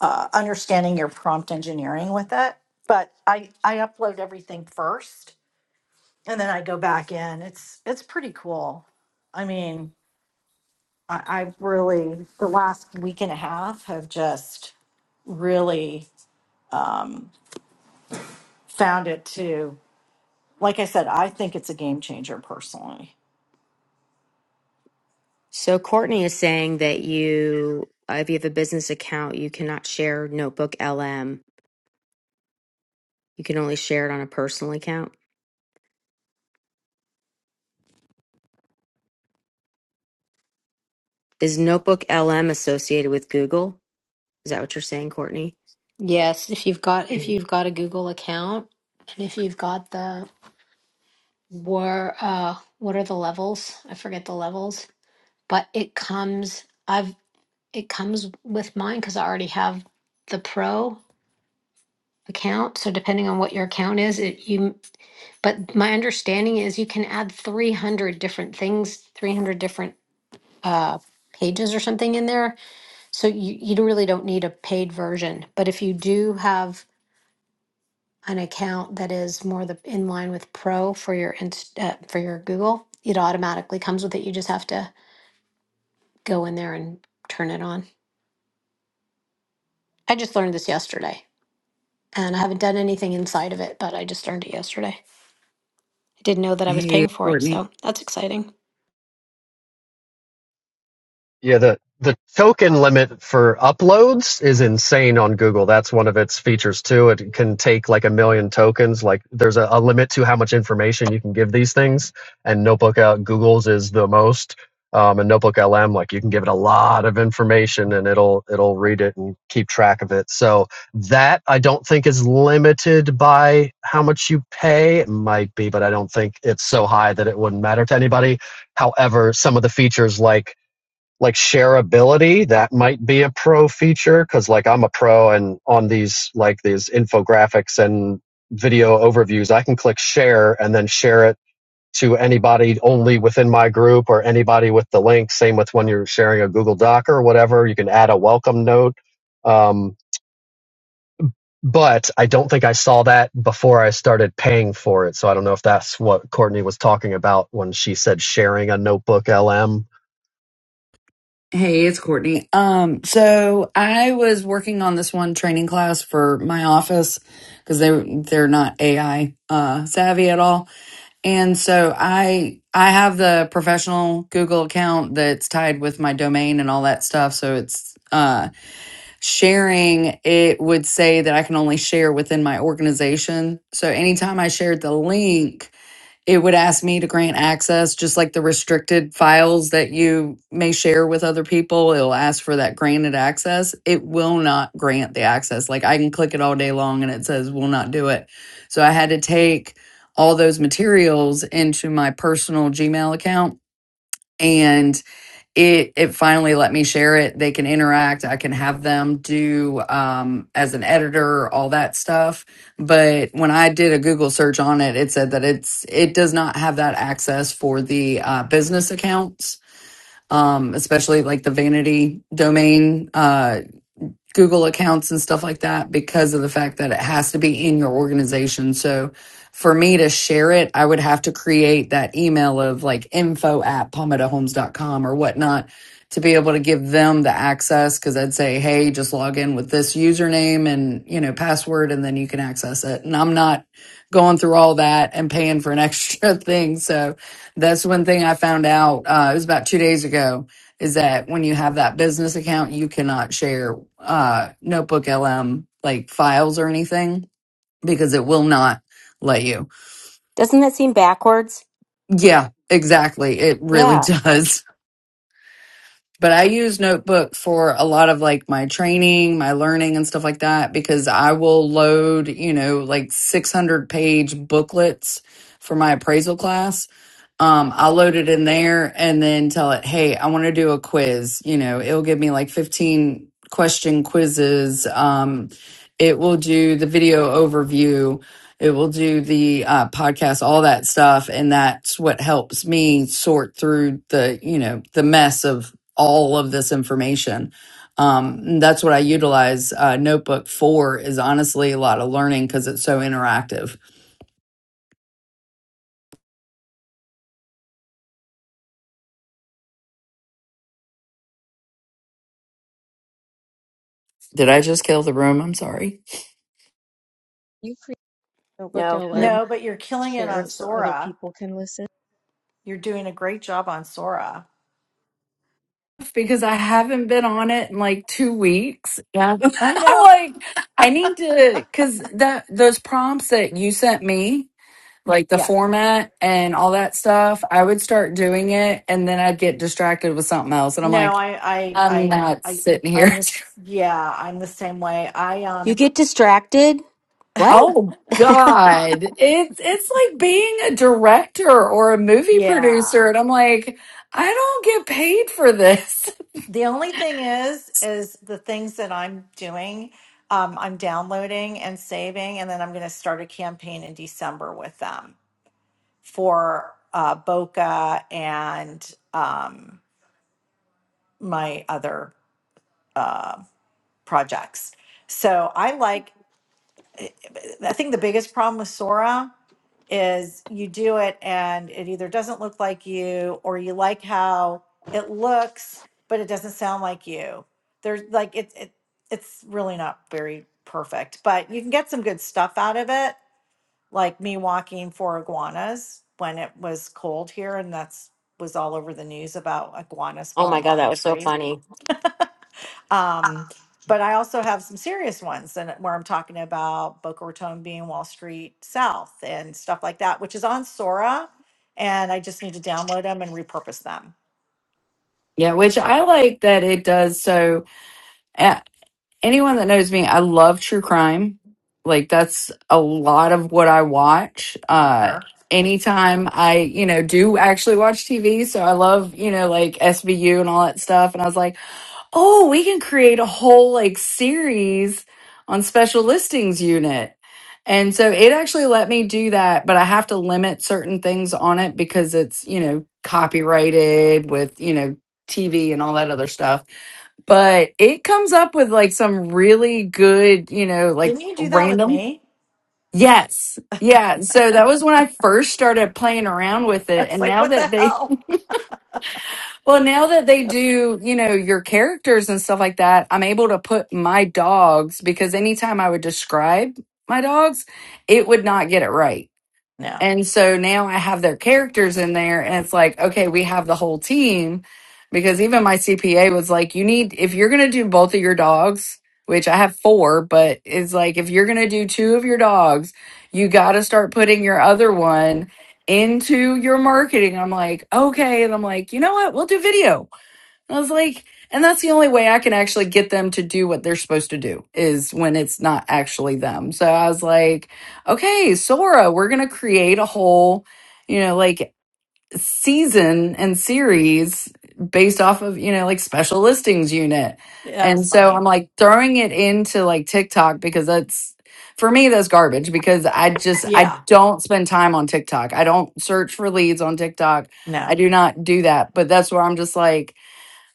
Speaker 6: uh, understanding your prompt engineering with it. But I, I upload everything first and then I go back in. It's it's pretty cool. I mean, I, I really the last week and a half have just really um, found it to like I said, I think it's a game changer personally.
Speaker 2: So Courtney is saying that you, uh, if you have a business account, you cannot share Notebook LM. You can only share it on a personal account. Is Notebook LM associated with Google? Is that what you're saying, Courtney?
Speaker 23: Yes, if you've got if you've got a Google account and if you've got the where uh what are the levels? I forget the levels, but it comes I've it comes with mine because I already have the pro account. So depending on what your account is, it you but my understanding is you can add 300 different things, 300 different uh pages or something in there. So you you really don't need a paid version. But if you do have an account that is more the in line with Pro for your Inst- uh, for your Google, it automatically comes with it. You just have to go in there and turn it on. I just learned this yesterday, and I haven't done anything inside of it, but I just learned it yesterday. I didn't know that I was
Speaker 24: Hey,
Speaker 23: paying for it,
Speaker 24: Courtney.
Speaker 23: so that's exciting.
Speaker 15: Yeah, the the token limit for uploads is insane on Google. That's one of its features too. It can take like a million tokens. Like there's a, a limit to how much information you can give these things. And Notebook out Google's is the most. Um, and Notebook LM, like you can give it a lot of information and it'll it'll read it and keep track of it. So that I don't think is limited by how much you pay. It might be, but I don't think it's so high that it wouldn't matter to anybody. However, some of the features like like shareability that might be a pro feature because like i'm a pro and on these like these infographics and video overviews i can click share and then share it to anybody only within my group or anybody with the link same with when you're sharing a google doc or whatever you can add a welcome note um, but i don't think i saw that before i started paying for it so i don't know if that's what courtney was talking about when she said sharing a notebook lm
Speaker 24: Hey, it's Courtney. Um, so I was working on this one training class for my office because they they're not AI uh, savvy at all, and so I I have the professional Google account that's tied with my domain and all that stuff. So it's uh, sharing. It would say that I can only share within my organization. So anytime I shared the link it would ask me to grant access, just like the restricted files that you may share with other people. It'll ask for that granted access. It will not grant the access. Like I can click it all day long and it says will not do it. So I had to take all those materials into my personal Gmail account and it it finally let me share it they can interact i can have them do um as an editor all that stuff but when i did a google search on it it said that it's it does not have that access for the uh, business accounts um especially like the vanity domain Uh, Google accounts and stuff like that because of the fact that it has to be in your organization. So for me to share it, I would have to create that email of like info at palmetto homes dot com or whatnot to be able to give them the access. Cause I'd say, Hey, just log in with this username and, you know, password, and then you can access it. And I'm not going through all that and paying for an [laughs] extra thing. So that's one thing I found out. Uh, it was about two days ago is that when you have that business account, you cannot share uh, Notebook LM like files or anything because it will not let you.
Speaker 2: Doesn't that seem backwards?
Speaker 24: Yeah, exactly. It really [laughs]
Speaker 2: Yeah.
Speaker 24: does. but I use Notebook for a lot of like my training, my learning, and stuff like that because I will load, you know, like 600 page booklets for my appraisal class. Um, I'll load it in there and then tell it, hey, I want to do a quiz. You know, it'll give me like 15 question quizzes. Um, it will do the video overview. It will do the uh, podcast, all that stuff. And that's what helps me sort through the, you know, the mess of all of this information. Um, and that's what I utilize uh, Notebook for is honestly a lot of learning because it's so interactive. Did I just kill the room? I'm sorry.
Speaker 7: You create a notebook
Speaker 2: No, you're
Speaker 7: LM,
Speaker 6: No, but you're killing it
Speaker 7: share
Speaker 6: on
Speaker 7: it so other
Speaker 6: Sora
Speaker 7: people can listen.
Speaker 6: You're doing a great job on Sora.
Speaker 24: Because I haven't been on it in like two weeks. [laughs]
Speaker 6: I
Speaker 24: I'm
Speaker 6: know.
Speaker 24: like, I need to, because that those prompts that you sent me, like the
Speaker 6: Yeah.
Speaker 24: format and all that stuff, I would start doing it and then I'd get distracted with something else. And I'm like,
Speaker 6: No, I, I,
Speaker 24: I'm
Speaker 6: I,
Speaker 24: not
Speaker 6: I,
Speaker 24: sitting
Speaker 6: I'm
Speaker 24: here [laughs]
Speaker 6: this. Yeah, I'm the same way. I
Speaker 2: you
Speaker 6: um.
Speaker 2: get distracted. What?
Speaker 24: Oh
Speaker 2: [laughs]
Speaker 24: God. It's it's like being a director or a movie producer.
Speaker 6: Yeah.
Speaker 24: And I'm like, I don't get paid for this. [laughs]
Speaker 6: The only thing is, is the things that I'm doing. Um, I'm downloading and saving, and then I'm going to start a campaign in December with them for uh, Boca and um, my other uh, projects. So I like I think the biggest problem with Sora is you do it and it either doesn't look like you or you like how it looks, but it doesn't sound like you. There's like it, it it's really not very perfect, but you can get some good stuff out of it, like me walking for iguanas when it was cold here and that's was all over the news about iguanas
Speaker 2: oh my
Speaker 6: falling
Speaker 2: god,
Speaker 6: out of
Speaker 2: that
Speaker 6: a
Speaker 2: was so
Speaker 6: tree.
Speaker 2: funny.
Speaker 6: Um, but I also have some serious ones and uh, where I'm talking about Boca Raton being Wall Street South and stuff like that, which is on Sora. And I just need to download them and repurpose them.
Speaker 24: Yeah, which I like that it does. So uh, anyone that knows me, I love true crime. Like that's a lot of what I watch. Uh
Speaker 6: Soccer.
Speaker 24: anytime I, you know, do actually watch TV. So I love, you know, like SVU and all that stuff. And I was like, Oh, we can create a whole like series on special listings unit. And so it actually let me do that, but I have to limit certain things on it because it's, you know, copyrighted with, you know, TV and all that other stuff. But it comes up with like some really good, you know, like
Speaker 6: Didn't you do that with
Speaker 24: random.
Speaker 6: me? [laughs]
Speaker 24: Yes. Yeah. So that was when I first started playing around with it.
Speaker 6: It's
Speaker 24: And
Speaker 6: like,
Speaker 24: now
Speaker 6: what the
Speaker 24: that they
Speaker 6: hell?
Speaker 24: well, now that they do, you know, your characters and stuff like that, I'm able to put my dogs because anytime I would describe my dogs, it would not get it right.
Speaker 6: No,
Speaker 24: And so now I have their characters in there, and it's like, okay, we have the whole team. Because even my CPA was like, you need, if you're going to do both of your dogs, which I have four, but it's like, if you're going to do two of your dogs, you got to start putting your other one into your marketing. I'm like, okay. And I'm like, you know what? We'll do video I was like, and that's the only way I can actually get them to do what they're supposed to do is when it's not actually them. So I was like, okay, Sora, we're going to create a whole, you know, like season and series based off of, you know, like special listings unit.
Speaker 6: that was
Speaker 24: And so I'm
Speaker 6: funny.
Speaker 24: like throwing it into like TikTok because that's for me that's garbage because I just I
Speaker 6: Yeah,
Speaker 24: don't spend time on TikTok. I don't search for leads on TikTok. I
Speaker 6: no.
Speaker 24: do not do that. But that's where I'm just like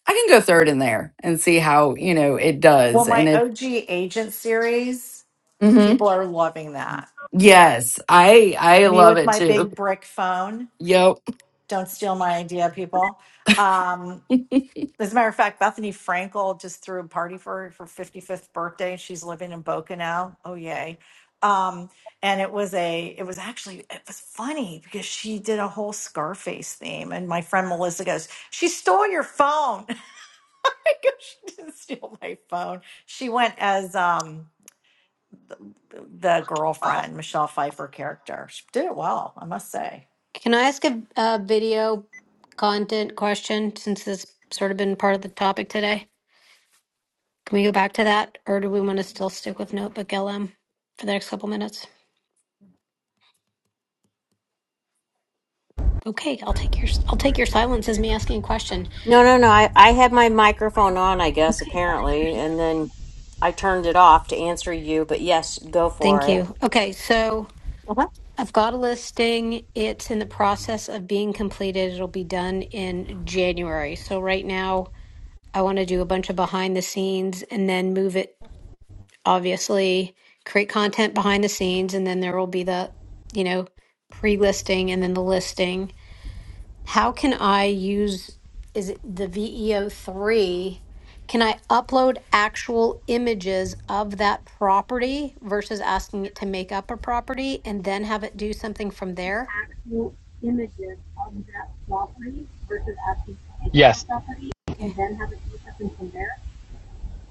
Speaker 24: I can go third in there and see how, you know, it
Speaker 6: Well,
Speaker 24: does. And
Speaker 6: my
Speaker 24: it,
Speaker 6: OG agent series,
Speaker 24: hmm
Speaker 6: people are loving that.
Speaker 24: yes, I, I
Speaker 6: Me
Speaker 24: love
Speaker 6: with
Speaker 24: it
Speaker 6: my
Speaker 24: too.
Speaker 6: big brick phone.
Speaker 24: Yep.
Speaker 6: Don't steal my idea, people. Um,
Speaker 24: [laughs]
Speaker 6: As a matter of fact, Bethany Frankel just threw a party for her her fifty-fifth birthday. She's living in Boca now. Oh yay. Um, and it was a it was actually it was funny because she did a whole Scarface theme and my friend Melissa goes, She stole your phone. [laughs] I go, She didn't steal my phone. She went as um the
Speaker 25: Wow.
Speaker 6: girlfriend, Michelle Pfeiffer character. She did it well, I must say.
Speaker 23: Can I ask a, a video content question since this sort of been part of the topic today? Can we go back to that, or do we want to still stick with Notebook LM for the next couple minutes? Okay, I'll take your I'll take your silence as me asking a question.
Speaker 2: No, no, no. I I had my microphone on, I guess, apparently, and then I turned it off to answer you, but yes, go for
Speaker 23: Thank
Speaker 2: it.
Speaker 23: you. Okay, so
Speaker 2: Uh-huh.
Speaker 23: I've got a listing. It's in the process of being completed. It'll be done in January. So right now, I want to do a bunch of behind the scenes and then move it, obviously, create content behind the scenes, and then there will be the, you know, pre-listing and then the listing how can I use, is it the VEO3? Can I upload actual images of that property versus asking it to make up a property and then have it do something from there?
Speaker 25: actual images of that property versus actually taking up the
Speaker 15: Yes.
Speaker 25: property
Speaker 23: Okay.
Speaker 25: and then have it looked up and from there.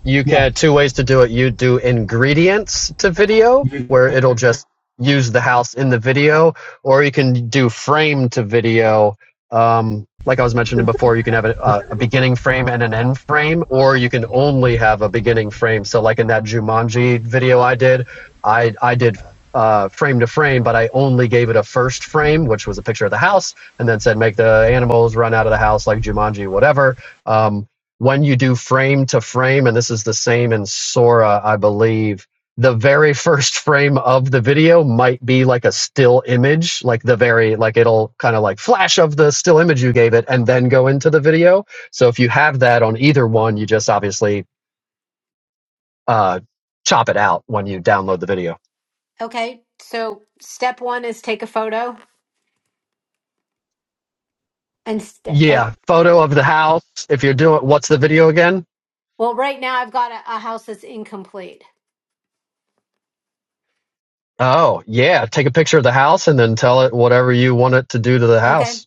Speaker 15: you can two ways to do it. You do ingredients to
Speaker 23: Okay.
Speaker 15: video where it'll just use the house in the video, or you can do frame to video. Um, like I was mentioning before, you can have a, a a beginning frame and an end frame, or you can only have a beginning frame. So, like in that Jumanji video I did, I I did uh, frame to frame, but I only gave it a first frame, which was a picture of the house, and then said make the animals run out of the house like Jumanji, whatever. Um, when you do frame to frame, and this is the same in Sora, I believe, the very [laughs] first frame of the video might be like a still image, like the very, like it'll kind of like flash of the still image you gave it and then go into the video. So if you have that on either one, you just obviously uh, chop it out when you download the video.
Speaker 23: Okay. So step one is take a photo and st- uh,
Speaker 15: Yeah, photo of the house. If you're doing, what's the video again?
Speaker 23: well, right now I've got a, a house that's incomplete.
Speaker 15: Oh, yeah, take a picture of the house and then tell it whatever you want it to do to the house.
Speaker 23: Okay.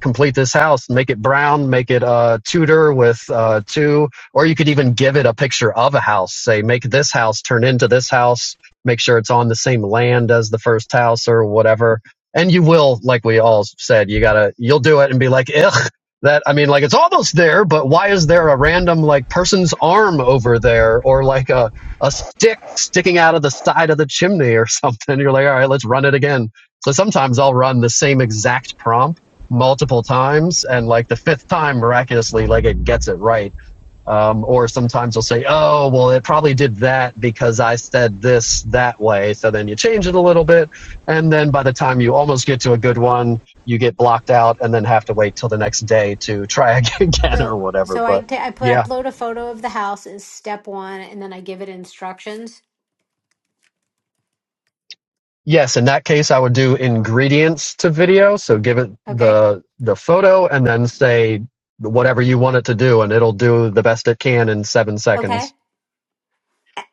Speaker 15: complete this house make it brown make it uh tudor with uh two or you could even give it a picture of a house say make this house turn into this house make sure it's on the same land as the first house or whatever and you will like we all said you gotta you'll do it and be like ugh that i mean like it's almost there but why is there a random like person's arm over there or like a a stick sticking out of the side of the chimney or [laughs] something you're like all right let's run it again so sometimes i'll run the same exact prompt multiple times and like the fifth time miraculously like it gets it right um, or sometimes they'll say oh well it probably did that because i said this that way so then you change it a little bit and then by the time you almost get to a good one you get blocked out and then have to wait till the next day to try [laughs] again or
Speaker 23: So,
Speaker 15: whatever
Speaker 23: so I
Speaker 15: but
Speaker 23: ta- I put
Speaker 15: yeah
Speaker 23: upload a photo of the house is step one and then I give it instructions.
Speaker 15: yes in that case i would do ingredients to video so give it
Speaker 23: Okay.
Speaker 15: the the photo and then say whatever you want it to do and it'll do the best it can in seven
Speaker 23: Okay.
Speaker 15: seconds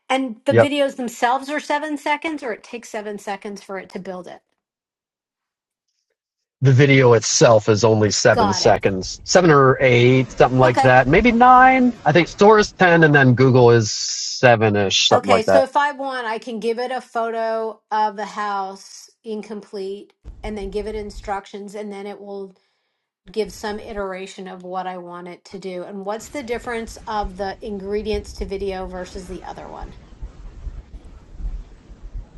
Speaker 23: And the
Speaker 15: Yep.
Speaker 23: videos themselves are seven seconds, or it takes seven seconds for it to build it.
Speaker 15: the video itself is only seven
Speaker 23: Got it.
Speaker 15: seconds, seven or eight, something like
Speaker 23: Okay.
Speaker 15: that. Maybe nine. I think Store is ten, and then Google is seven ish, something
Speaker 23: Okay.
Speaker 15: like that.
Speaker 23: So if I want, I can give it a photo of the house incomplete and then give it instructions, and then it will give some iteration of what I want it to do. And what's the difference of the ingredients to video versus the other one?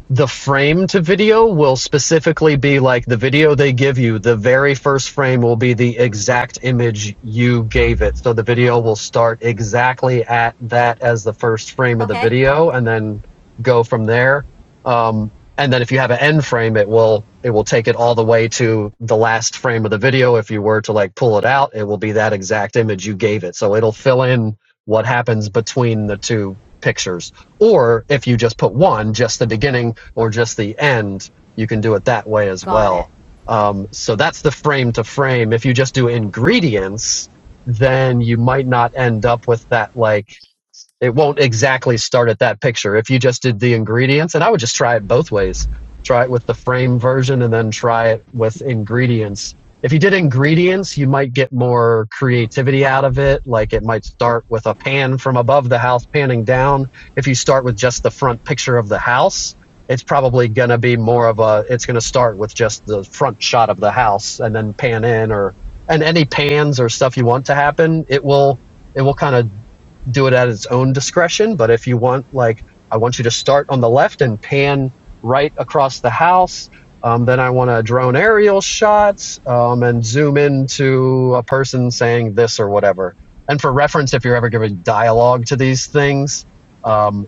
Speaker 15: the frame to video will specifically be like the video they give you. The very first frame will be the exact image you gave it. So the video will start exactly at that as the first frame of the
Speaker 23: Okay.
Speaker 15: video and then go from there. Um, and then if you have an end frame, it will, it will take it all the way to the last frame of the video. If you were to like pull it out, it will be that exact image you gave it. So it'll fill in what happens between the two pictures or if you just put one, just the beginning or just the end, you can do it that way as
Speaker 23: Got it.
Speaker 15: well. Um, so that's the frame to frame. If you just do ingredients, then you might not end up with that like it won't exactly start at that picture if you just did the ingredients and i would just try it both ways try it with the frame version and then try it with ingredients if you did ingredients you might get more creativity out of it like it might start with a pan from above the house panning down if you start with just the front picture of the house it's probably going to be more of a it's going to start with just the front shot of the house and then pan in or and any pans or stuff you want to happen it will it will kind of do it at its own discretion. But if you want, like, I want you to start on the left and pan right across the house. Um, then I want to drone aerial shots um, and zoom into a person saying this or whatever. And for reference, if you're ever giving dialogue to these things, um,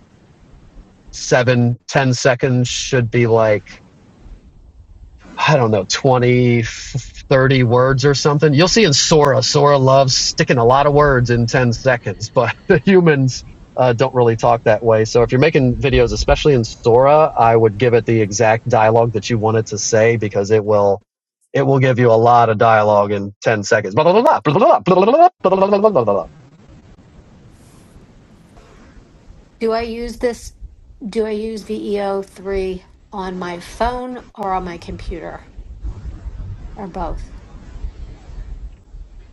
Speaker 15: seven, ten seconds should be like I don't know, 20, thirty words or something. You'll see in Sora, Sora loves sticking a lot of words in 10 seconds, but [laughs] the humans uh, don't really talk that way. So if you're making videos, especially in Sora, I would give it the exact dialogue that you want it to say because it will. It will give you a lot of dialogue in 10 seconds. Blah, blah, blah, blah, blah, blah, blah, blah, blah, blah, blah,
Speaker 23: Do I use this? Do I use VEO3 on my phone or on my computer or both?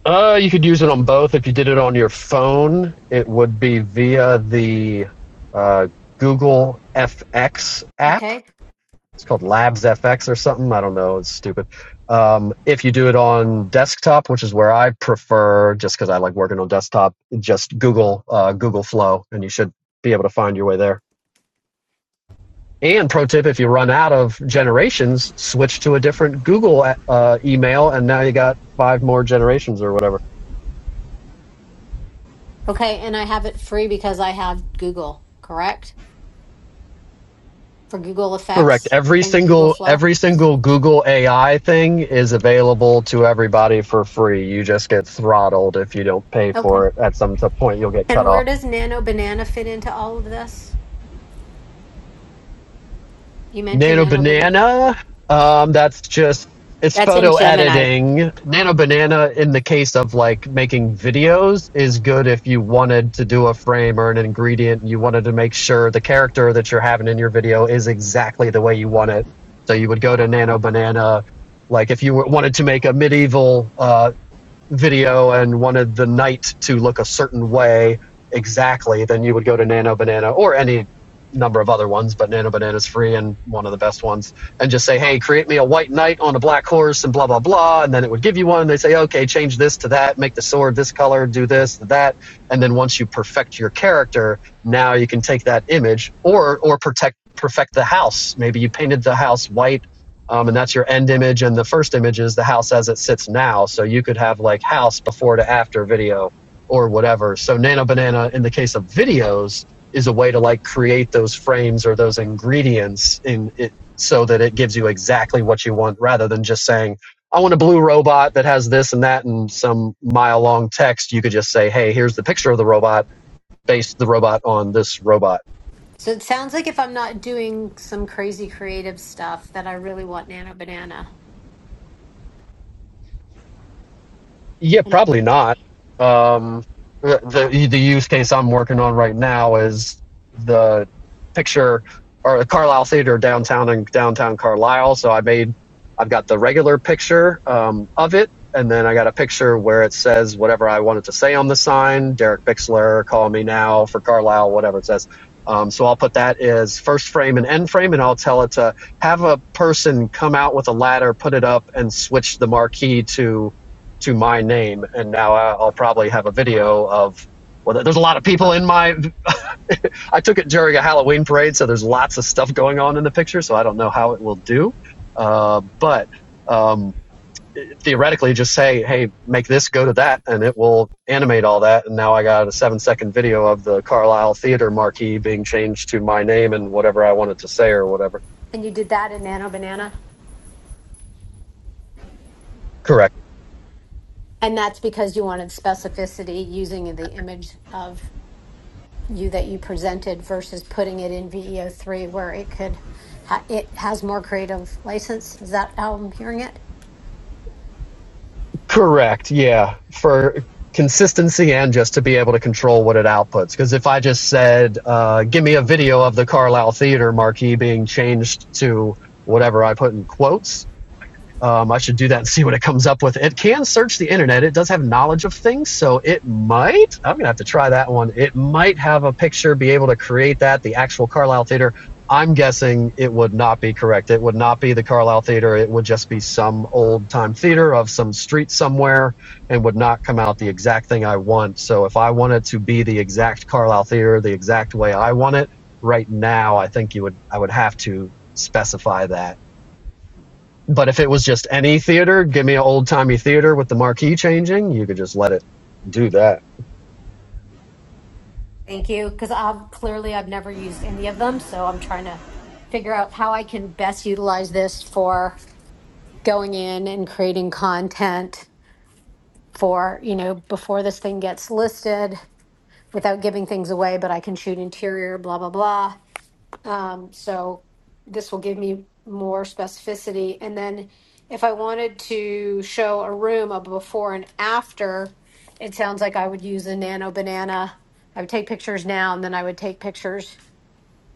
Speaker 15: Uh, you could use it on both. If you did it on your phone, it would be via the uh, Google FX app
Speaker 23: Okay.
Speaker 15: it's called Labs FX or something. I don't know. It's stupid. Um, if you do it on desktop, which is where I prefer, just because I like working on desktop, just Google uh, Google Flow, and you should be able to find your way there. And pro tip: if you run out of generations, switch to a different Google uh, email, and now you got five more generations or whatever.
Speaker 23: Okay, and I have it free because I have Google, correct? For Google
Speaker 15: Correct.
Speaker 23: Effects
Speaker 15: Every
Speaker 23: and Google
Speaker 15: single
Speaker 23: Flow.
Speaker 15: every single Google AI thing is available to everybody for free. You just get throttled if you don't pay
Speaker 23: Okay.
Speaker 15: for it. At some point, you'll get
Speaker 23: And
Speaker 15: cut off.
Speaker 23: where does Nano Banana fit into all of this? You mentioned
Speaker 15: Nano
Speaker 23: Nano Banana.
Speaker 15: Banana. Um, that's just it's
Speaker 2: That's in
Speaker 15: photo
Speaker 2: Gemini.
Speaker 15: editing. Nano Banana, in the case of like making videos, is good if you wanted to do a frame or an ingredient. And you wanted to make sure the character that you're having in your video is exactly the way you want it. So you would go to Nano Banana. Like if you were- wanted to make a medieval uh, video and wanted the night to look a certain way exactly, then you would go to Nano Banana or any number of other ones, but Nano Banana's free and one of the best ones, and just say, hey, create me a white knight on a black horse and blah, blah, blah. And then it would give you one. they say, okay, change this to that, make the sword this color, do this, that. And then once you perfect your character, now you can take that image or, or protect perfect the house maybe you painted the house white um, and that's your end image and the first image is the house as it sits now so you could have like house before to after video or whatever so nano banana in the case of videos is a way to like create those frames or those ingredients in it so that it gives you exactly what you want rather than just saying i want a blue robot that has this and that and some mile long text you could just say hey here's the picture of the robot base the robot on this robot
Speaker 23: So it sounds like if I'm not doing some crazy creative stuff that I really want Nano Banana.
Speaker 15: Yeah,
Speaker 23: And
Speaker 15: probably not. Um, the the the use case I'm working on right now is the picture or the Carlisle Theater downtown in downtown Carlisle. So I made I've got the regular picture um, of it, and then I got a picture where it says whatever I wanted to say on the sign. Derek Bixler, call me now for Carlisle, whatever it says. Um, so I'll put that as first frame and end frame, and I'll tell it to have a person come out with a ladder, put it up, and switch the marquee to to my name, and now I- will probably have a video of. Well, there's a lot of people in my. I took it during a Halloween parade, so there's lots of stuff going on in the picture. So I don't know how it will do, uh, but um, theoretically, just say, "Hey, make this go to that," and it will animate all that. And now I got a seven-second video of the Carlisle Theater marquee being changed to my name and whatever I wanted to say or whatever.
Speaker 23: and you did that in Nano Banana?
Speaker 15: Correct.
Speaker 23: And that's because you wanted specificity using the image of you that you presented versus putting it in VEO3 where it could ha- it has more creative license. Is that how I'm hearing it?
Speaker 15: Correct. Yeah. For consistency and just to be able to control what it outputs. Because if I just said, uh, give me a video of the Carlisle Theater marquee being changed to whatever I put in quotes, um, I should do that and see what it comes up with. It can search the internet. It does have knowledge of things, so it might. I'm gonna have to try that one. It might have a picture, be able to create that. The actual Carlisle Theater. I'm guessing it would not be correct. It would not be the Carlisle Theater. It would just be some old time theater of some street somewhere, and would not come out the exact thing I want. So if I wanted to be the exact Carlisle Theater, the exact way I want it, right now, I think you would. I would have to specify that but if it was just any theater, give me an old timey theater with the marquee changing, you could just let it do that.
Speaker 23: Thank you, because I've clearly I've never used any of them, so I'm trying to figure out how I can best utilize this for going in and creating content for, you know, before this thing gets listed without giving things away, but I can shoot interior, blah, blah, blah. Um, so this will give me more specificity. And then if I wanted to show a room a before and after, it sounds like I would use a nano banana. I would take pictures now and then I would take pictures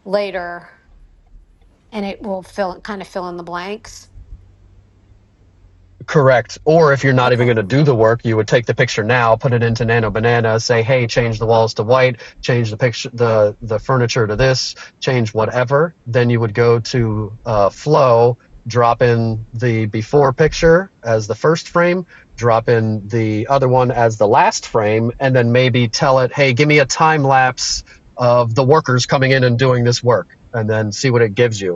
Speaker 23: later and it will fill kind of fill in the blanks.
Speaker 15: Correct. Or if you're not even
Speaker 23: Okay.
Speaker 15: going to do the work, you would take the picture now, put it into Nano Banana, say, "Hey, change the walls to white, change the picture, the the furniture to this, change whatever." Then you would go to uh, Flow, drop in the before picture as the first frame, drop in the other one as the last frame, and then maybe tell it, "Hey, give me a time lapse of the workers coming in and doing this work," and then see what it gives you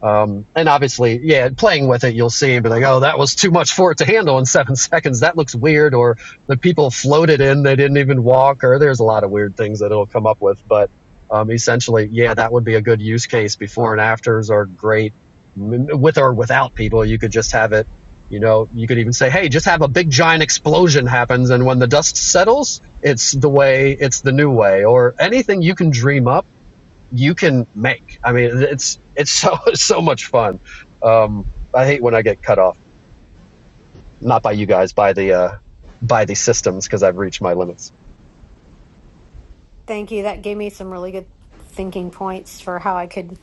Speaker 15: um, and obviously, yeah, playing with it, you'll see But like, oh, that was too much for it to handle in seven [laughs] seconds. That looks weird. Or the people floated in, they didn't even walk, or there's a lot of weird things that it'll come up with. But um, essentially, yeah, that would be a good use case. Before and afters are great M- with or without people. You could just have it, you know, you could even say, hey, just have a big giant explosion happens. And when the dust settles, it's the way, it's the new way, or anything you can dream up you can make. I mean, it's it's so [laughs] so much fun. Um, I hate when I get cut off, not by you guys, by the uh, by the systems, because I've reached my limits.
Speaker 23: Thank you. That gave me some really good thinking points for how I could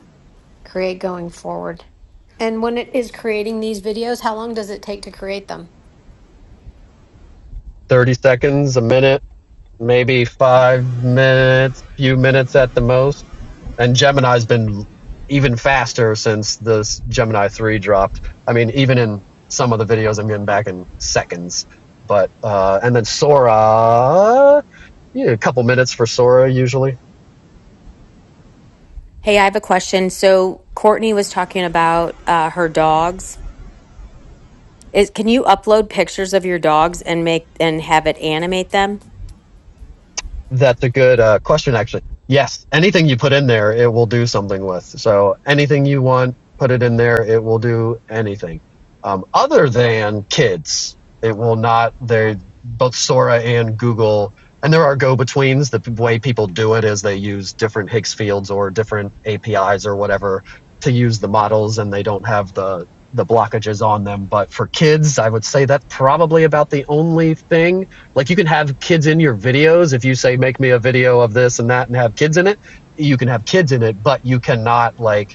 Speaker 23: create going forward. And when it is creating these videos, how long does it take to create them?
Speaker 15: Thirty seconds, a minute, maybe five minutes, few minutes at the most. And Gemini's been even faster since this Gemini three dropped. I mean, even in some of the videos, I'm getting back in seconds. But uh, and then Sora, yeah, a couple minutes for Sora usually
Speaker 2: Hey, I have a question. So Courtney was talking about uh, her dogs Is can you upload pictures of your dogs and make and have it animate them?
Speaker 15: That's a good uh, question, actually. Yes, anything you put in there, it will do something with. So anything you want, put it in there, it will do anything. Um, other than kids, it will not. They both Sora and Google, and there are go-betweens. The p- way people do it is they use different Higgs fields or different APIs or whatever to use the models, and they don't have the the blockages on them. But for kids, I would say that's probably about the only thing like you can have kids in your videos. If you say, make me a video of this and that and have kids in it, you can have kids in it, but you cannot like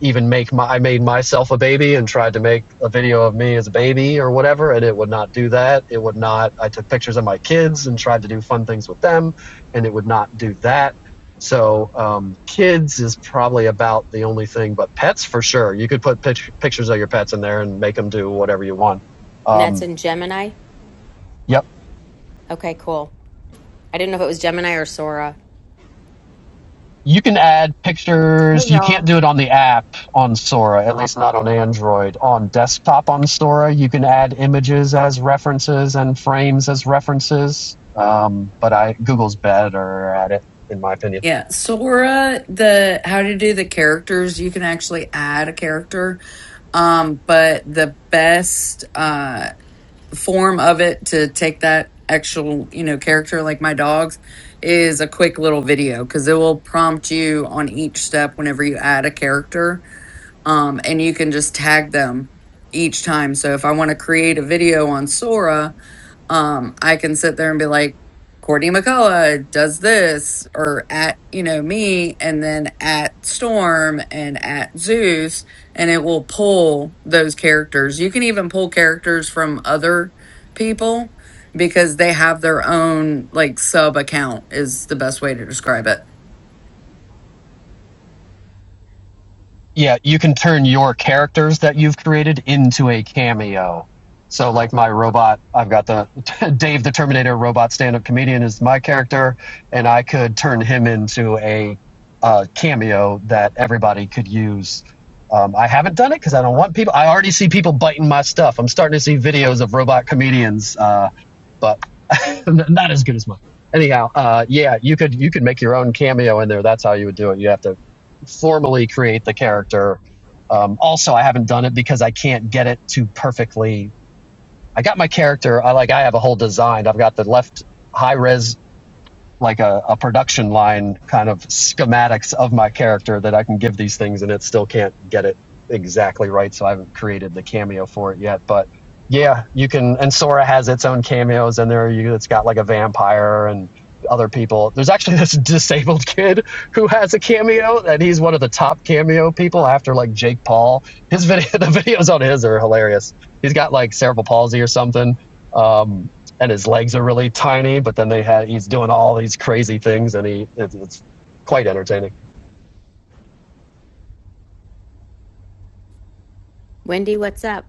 Speaker 15: even make my, I made myself a baby and tried to make a video of me as a baby or whatever. And it would not do that. It would not, I took pictures of my kids and tried to do fun things with them and it would not do that. So, um, kids is probably about the only thing, but pets for sure. You could put pic- pictures of your pets in there and make them do whatever you want.
Speaker 2: And that's
Speaker 15: Um,
Speaker 2: in Gemini?
Speaker 15: Yep.
Speaker 2: Okay, cool. I didn't know if it was Gemini or Sora.
Speaker 15: you can add
Speaker 17: Hey
Speaker 15: pictures. You can't
Speaker 17: y'all.
Speaker 15: do it on the app on Sora, at least not on Android. On desktop on Sora, you can add images as references and frames as references. Um, but I Google's better at it, in my opinion.
Speaker 24: Yeah, Sora, the how to do the characters, you can actually add a character. Um, but the best uh form of it to take that actual you know character like my dogs is a quick little video because it will prompt you on each step whenever you add a character um, and you can just tag them each time so if i want to create a video on sora um i can sit there and be like courtney mccullough does this or at you know me and then at storm and at zeus and it will pull those characters you can even pull characters from other people because they have their own like sub account is the best way to describe it
Speaker 15: yeah, you can turn your characters that you've created into a cameo. So, like my robot, I've got the [laughs] Dave the Terminator robot stand up comedian is my character, and I could turn him into a uh, cameo that everybody could use. Um, I haven't done it because I don't want people. I already see people biting my stuff. I'm starting to see videos of robot comedians, uh, but [laughs] not as good as mine. Anyhow, uh, yeah, you could you could make your own cameo in there. That's how you would do it. You have to formally create the character. Um, also, I haven't done it because I can't get it to perfectly. I got my character. I like. I have a whole design. I've got the left high res like a, a production line kind of schematics of my character that I can give these things and it still can't get it exactly right. So I haven't created the cameo for it yet. But yeah, you can and Sora has its own cameos and there you it has got like a vampire and other people. There's actually [laughs] this disabled kid who has a cameo and he's one of the top cameo people after like Jake Paul. His [laughs] video the videos on his are hilarious. He's got like cerebral palsy or something. Um and his legs are really tiny. But then they had he's doing all these crazy things, and he it's, it's quite entertaining.
Speaker 2: Wendy, what's up?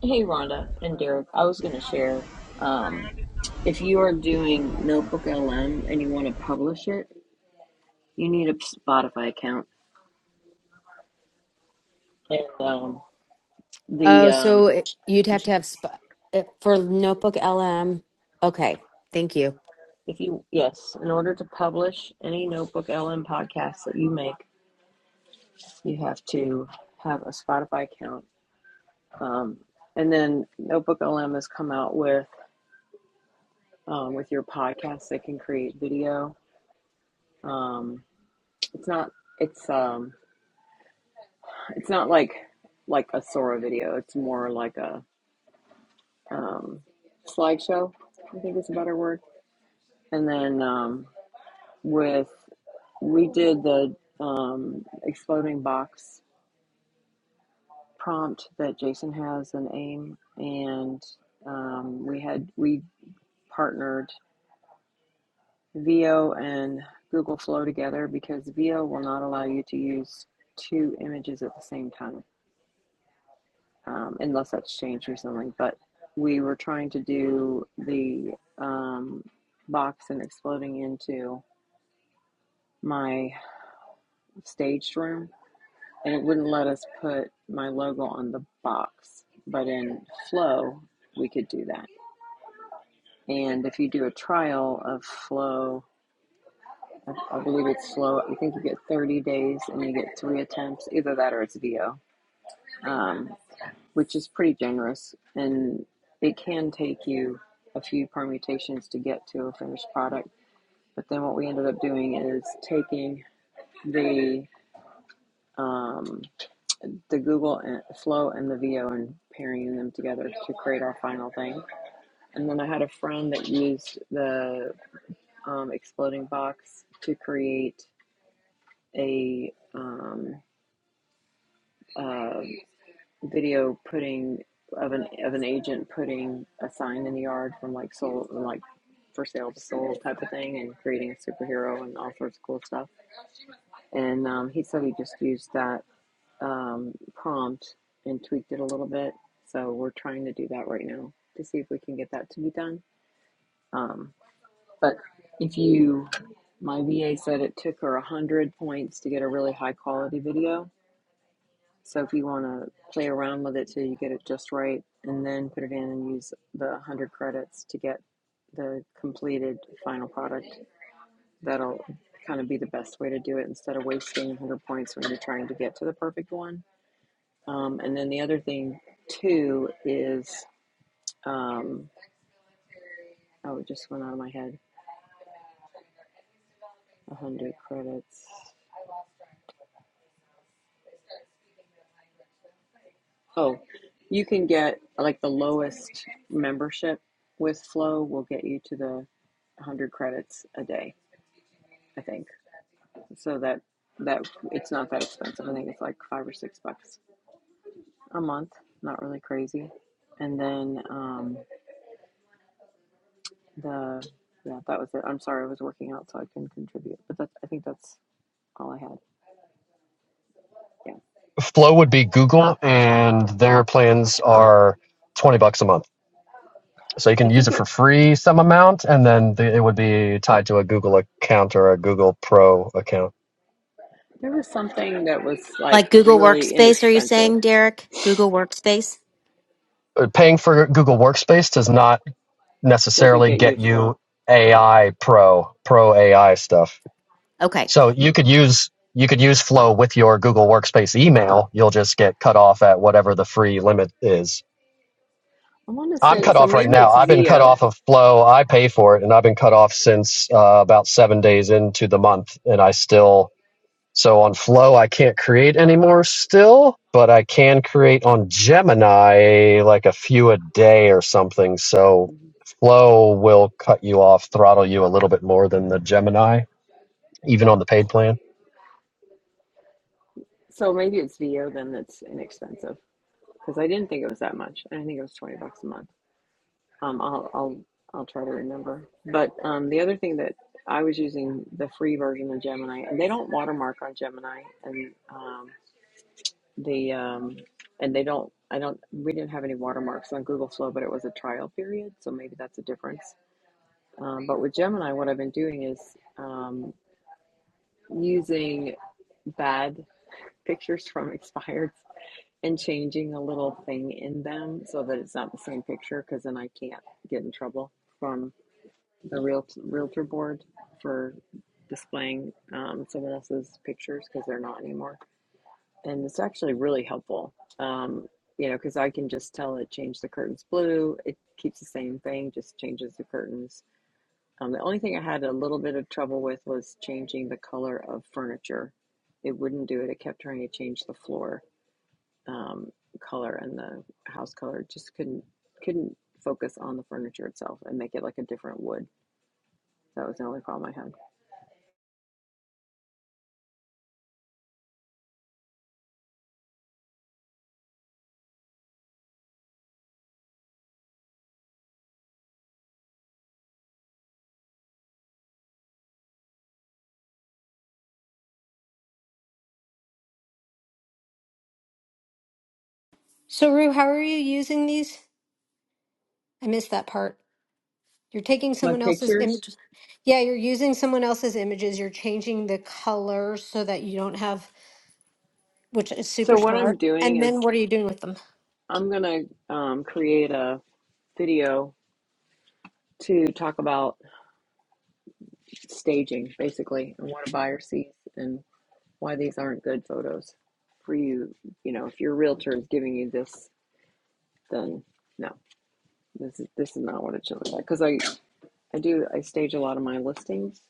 Speaker 17: Hey Rhonda and Derek. I was gonna share. Um, if you are doing Notebook LM and you want to publish it, you need a Spotify account. And um, the
Speaker 2: Oh,
Speaker 17: um,
Speaker 2: so it, you'd have to have sp- it, for Notebook LM. Okay, thank you.
Speaker 17: if you yes, in order to publish any Notebook LM podcast that you make, you have to have a Spotify account. Um, and then Notebook LM has come out with um, with your podcast that can create video. Um, it's not. It's um, It's not like like a Sora video. It's more like a um, slideshow. I think is a better word. And then um, with we did the um, exploding box prompt that Jason has in AIM, and um, we had we partnered VO and Google Flow together because VO will not allow you to use two images at the same time. um, unless that's changed recently. But we were trying to do the um, box and exploding into my staged room, and it wouldn't let us put my logo on the box. But in Flow, we could do that. And if you do a trial of Flow, I, I believe it's Flow. I think you get 30 days and you get three attempts. Either that or it's VO. Um, which is pretty generous, and it can take you a few permutations to get to a finished product. But then what we ended up doing is taking the um, the Google and- Flow and the VO and pairing them together to create our final thing. And then I had a friend that used the um, exploding box to create a um, uh. video putting of an of an agent putting a sign in the yard from like soul like for sale to soul type of thing and creating a superhero and all sorts of cool stuff. And um, he said he just used that um, prompt and tweaked it a little bit. So we're trying to do that right now to see if we can get that to be done. Um, but if you, my VA said it took her a hundred points to get a really high quality video So if you want to play around with it till you get it just right, and then put it in and use the 100 credits to get the completed final product, that'll kind of be the best way to do it instead of wasting 100 points when you're trying to get to the perfect one. Um, and then the other thing too is, um, oh, it just went out of my head. 100 credits. Oh, you can get like the lowest membership with Flow will get you to the 100 credits a day I think. So that that it's not that expensive. I think it's like five or six bucks a month. Not really crazy. And then um, the yeah, that was it. I'm sorry, I was working out, so I couldn't contribute. But that's I think that's all I had. Yeah,
Speaker 15: Flow would be Google, and their plans are twenty bucks a month, so you
Speaker 17: I
Speaker 15: can use
Speaker 17: think
Speaker 15: it
Speaker 17: it
Speaker 15: for free some amount, and then the, it would be tied to a Google account or a Google Pro account.
Speaker 17: there was something that was like
Speaker 2: Like Google
Speaker 17: really
Speaker 2: Workspace, are you
Speaker 17: inexpensive.
Speaker 2: saying, Derek? Google Workspace?
Speaker 15: Uh, Paying for Google Workspace does not
Speaker 17: Doesn't
Speaker 15: necessarily
Speaker 17: get you
Speaker 15: get you
Speaker 17: flow.
Speaker 15: AI Pro Pro AI stuff.
Speaker 2: Okay.
Speaker 15: So you could use you could use Flow with your Google Workspace email. You'll just get cut off at whatever the free limit is.
Speaker 17: I want to
Speaker 15: I'm
Speaker 17: say
Speaker 15: cut
Speaker 17: so.
Speaker 15: off right
Speaker 17: Maybe
Speaker 15: now.
Speaker 17: it's
Speaker 15: I've been cut
Speaker 17: Vio,
Speaker 15: off of Flow. I pay for it, and I've been cut off since uh, about seven days into the month, and I still so on Flow I can't create anymore still, but I can create on Gemini like a few a day or something. So Flow will cut you off, throttle you a little bit more than the Gemini, even on the paid plan.
Speaker 17: So maybe it's Vio then that's inexpensive because I didn't think it was that much. I think it was twenty bucks a month. Um, I'll, I'll, I'll try to remember. But um, the other thing that I was using the free version of Gemini, and they don't watermark on Gemini, and um, the um, and they don't. I don't. We didn't have any watermarks on Google Flow, but it was a trial period, so maybe that's a difference. Um, but with Gemini, what I've been doing is um, using bad pictures [laughs] from expired and changing a little thing in them so that it's not the same picture, because then I can't get in trouble from. the real realtor board for displaying um, someone else's pictures because they're not anymore. And it's actually really helpful, um, you know, because I can just tell it change the curtains blue. It keeps the same thing, just changes the curtains. Um, the only thing I had a little bit of trouble with was changing the color of furniture. It wouldn't do it. It kept trying to change the floor um, color and the house color. It just couldn't couldn't focus on the furniture itself and make it like a different wood. That was the only problem I had
Speaker 23: So Rue, how are you using these? I missed that part. You're taking
Speaker 17: my
Speaker 23: someone else's
Speaker 17: pictures.
Speaker 23: images. Yeah, you're using someone else's images. You're changing the color so that you don't have, which is super
Speaker 17: So what I'm
Speaker 23: smart.
Speaker 17: doing
Speaker 23: And
Speaker 17: is
Speaker 23: then what are you doing with them?
Speaker 17: I'm gonna um, create a video to talk about staging, basically, and what a buyer sees and why these aren't good photos for you. You know, if your realtor is giving you this, then no, this is this is not what it should look like. Because I I do I stage a lot of my listings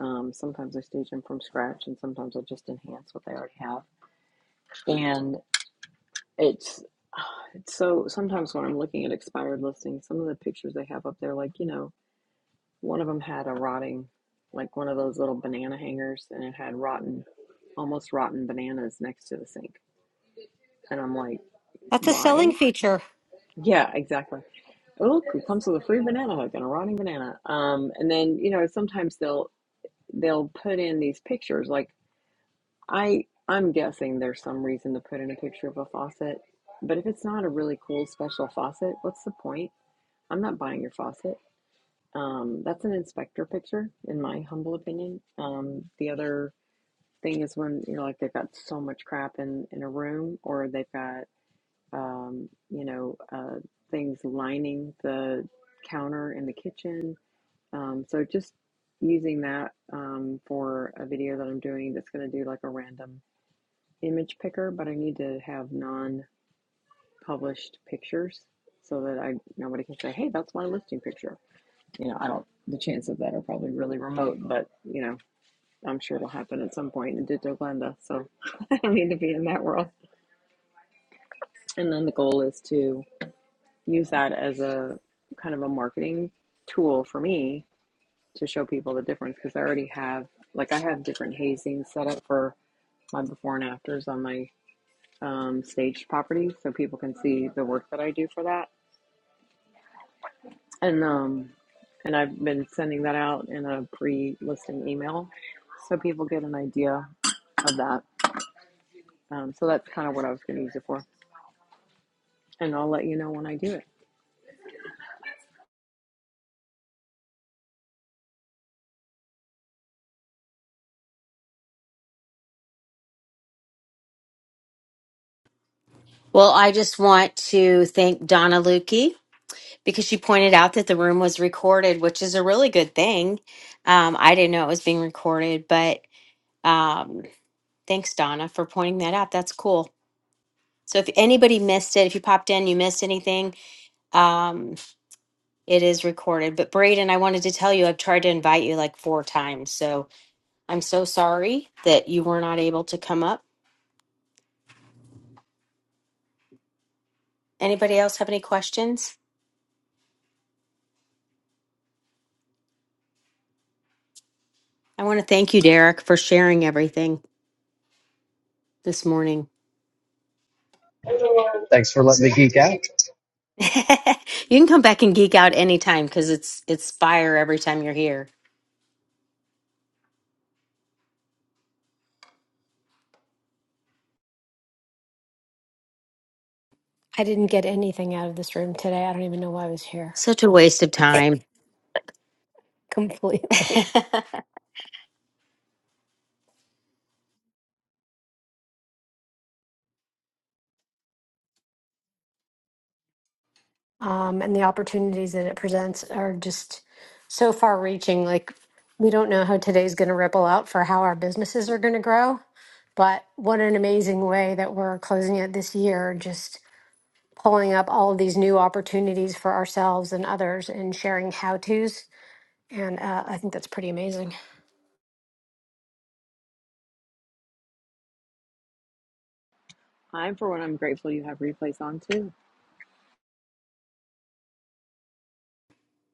Speaker 17: Um, sometimes I stage them from scratch, and sometimes I just enhance what they already have. And it's, it's so sometimes when I'm looking at expired listings, some of the pictures they have up there, like you know, one of them had a rotting, like one of those little banana hangers, and it had rotten, almost rotten bananas next to the sink. And I'm like,
Speaker 23: That's a
Speaker 17: why?
Speaker 23: selling feature.
Speaker 17: Yeah, exactly. Oh, look, it comes with a free banana hook and a rotting banana. Um, and then you know, sometimes they'll they'll put in these pictures like I I'm guessing there's some reason to put in a picture of a faucet, but if it's not a really cool special faucet, what's the point? I'm not buying your faucet. Um, that's an inspector picture, in my humble opinion. Um, the other thing is when you know, like they've got so much crap in in a room, or they've got um, you know uh, things lining the counter in the kitchen. Um, so just using that um, for a video that I'm doing that's going to do like a random image picker, but I need to have non-published pictures so that I nobody can say, "Hey, that's my listing picture." You know, I don't. The chance of that are probably really remote, but you know, I'm sure it'll happen at some point. in Ditto Glenda, so [laughs] I don't need to be in that world. And then the goal is to use that as a kind of a marketing tool for me to show people the difference because I already have like I have different hazing set up for my before and afters on my um, staged property so people can see the work that I do for that and um and I've been sending that out in a pre-listing email so people get an idea of that. Um, so that's kind of what I was going to use it for, and I'll let you know when I do it.
Speaker 2: Well, I just want to thank Donna Lukey because she pointed out that the room was recorded, which is a really good thing. Um, I didn't know it was being recorded, but um, Thanks, Donna, for pointing that out. That's cool. So if anybody missed it, if you popped in, you missed anything, um, it is recorded. But Braden, I wanted to tell you, I've tried to invite you like four times. So I'm so sorry that you were not able to come up. Anybody else have any questions? I want to thank you, Derek, for sharing everything this morning.
Speaker 15: Thanks for letting me geek out.
Speaker 2: [laughs] you can come back and geek out anytime because it's it's fire every time you're here.
Speaker 23: I didn't get anything out of this room today. I don't even know why I was here
Speaker 2: Such a waste of
Speaker 23: [laughs]
Speaker 2: time. [laughs]
Speaker 23: completely. Um, and the opportunities that it presents are just so far reaching. Like, we don't know how today's going to ripple out for how our businesses are going to grow. But what an amazing way that we're closing it this year, just pulling up all of these new opportunities for ourselves and others and sharing how to's. And uh, I think that's pretty amazing.
Speaker 17: I, am for one, I'm grateful you have replays on too,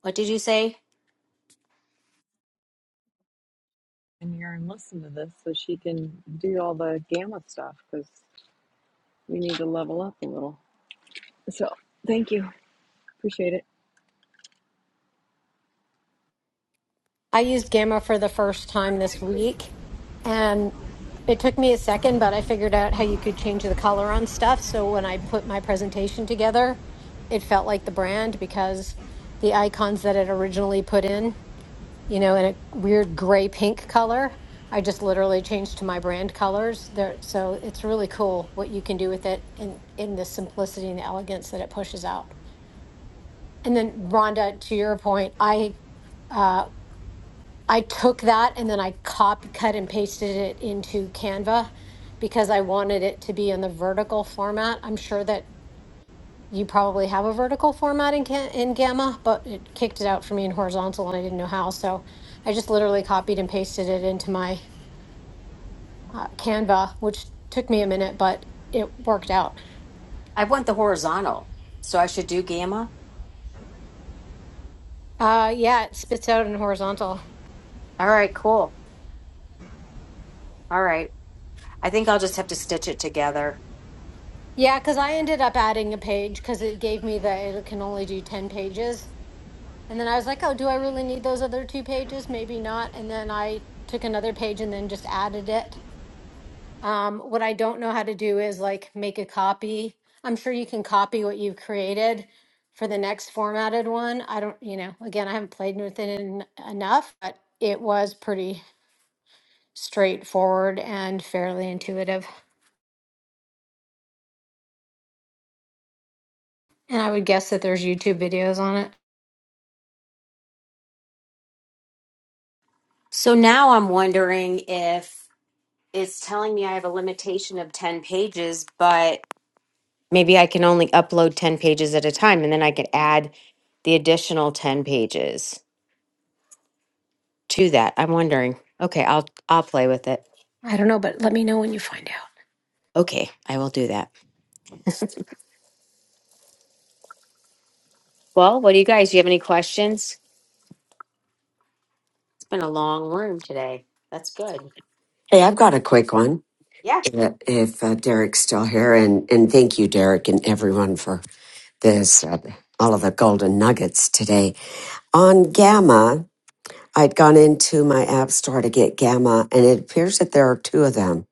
Speaker 2: what did you say?
Speaker 17: and you and listen to this so she can do all the gamma stuff because we need to level up a little. So thank you, appreciate it.
Speaker 23: I used Gamma for the first time this week, and it took me a second, but I figured out how you could change the color on stuff. So when I put my presentation together, it felt like the brand because the icons that it originally put in, you know, in a weird gray pink color, I just literally changed to my brand colors there. So it's really cool what you can do with it in, in the simplicity and the elegance that it pushes out. And then Rhonda, to your point, I I took that and then I copy cut and pasted it into Canva because I wanted it to be in the vertical format. I'm sure that you probably have a vertical format in Can- in Gamma, but it kicked it out for me in horizontal and I didn't know how. So I just literally copied and pasted it into my uh, Canva, which took me a minute, but it worked out.
Speaker 2: I want the horizontal. So I should do gamma.
Speaker 23: Uh, yeah, it spits out in horizontal.
Speaker 2: All right, cool. All right. I think I'll just have to stitch it together.
Speaker 23: Yeah, because I ended up adding a page because it gave me that it can only do 10 pages. And then I was like, oh, do I really need those other two pages? Maybe not. And then I took another page and then just added it. Um, what I don't know how to do is like make a copy. I'm sure you can copy what you've created for the next formatted one. I don't, you know, again, I haven't played with it en- enough, but it was pretty straightforward and fairly intuitive. And I would guess that there's YouTube videos on it.
Speaker 2: So now I'm wondering if it's telling me I have a limitation of 10 pages, but maybe I can only upload 10 pages at a time and then I could add the additional 10 pages to that. I'm wondering. Okay, I'll I'll play with it.
Speaker 23: I don't know, but let me know when you find out.
Speaker 2: Okay, I will do that. Well, what do you guys? Do you have any questions? It's been a long room today. That's good.
Speaker 26: Hey, I've got a quick one.
Speaker 2: Yeah.
Speaker 26: uh, If uh, Derek's still here, and and thank you, Derek, and everyone for this, uh, all of the golden nuggets today on Gamma. I'd gone into my app store to get Gamma, and it appears that there are two of them,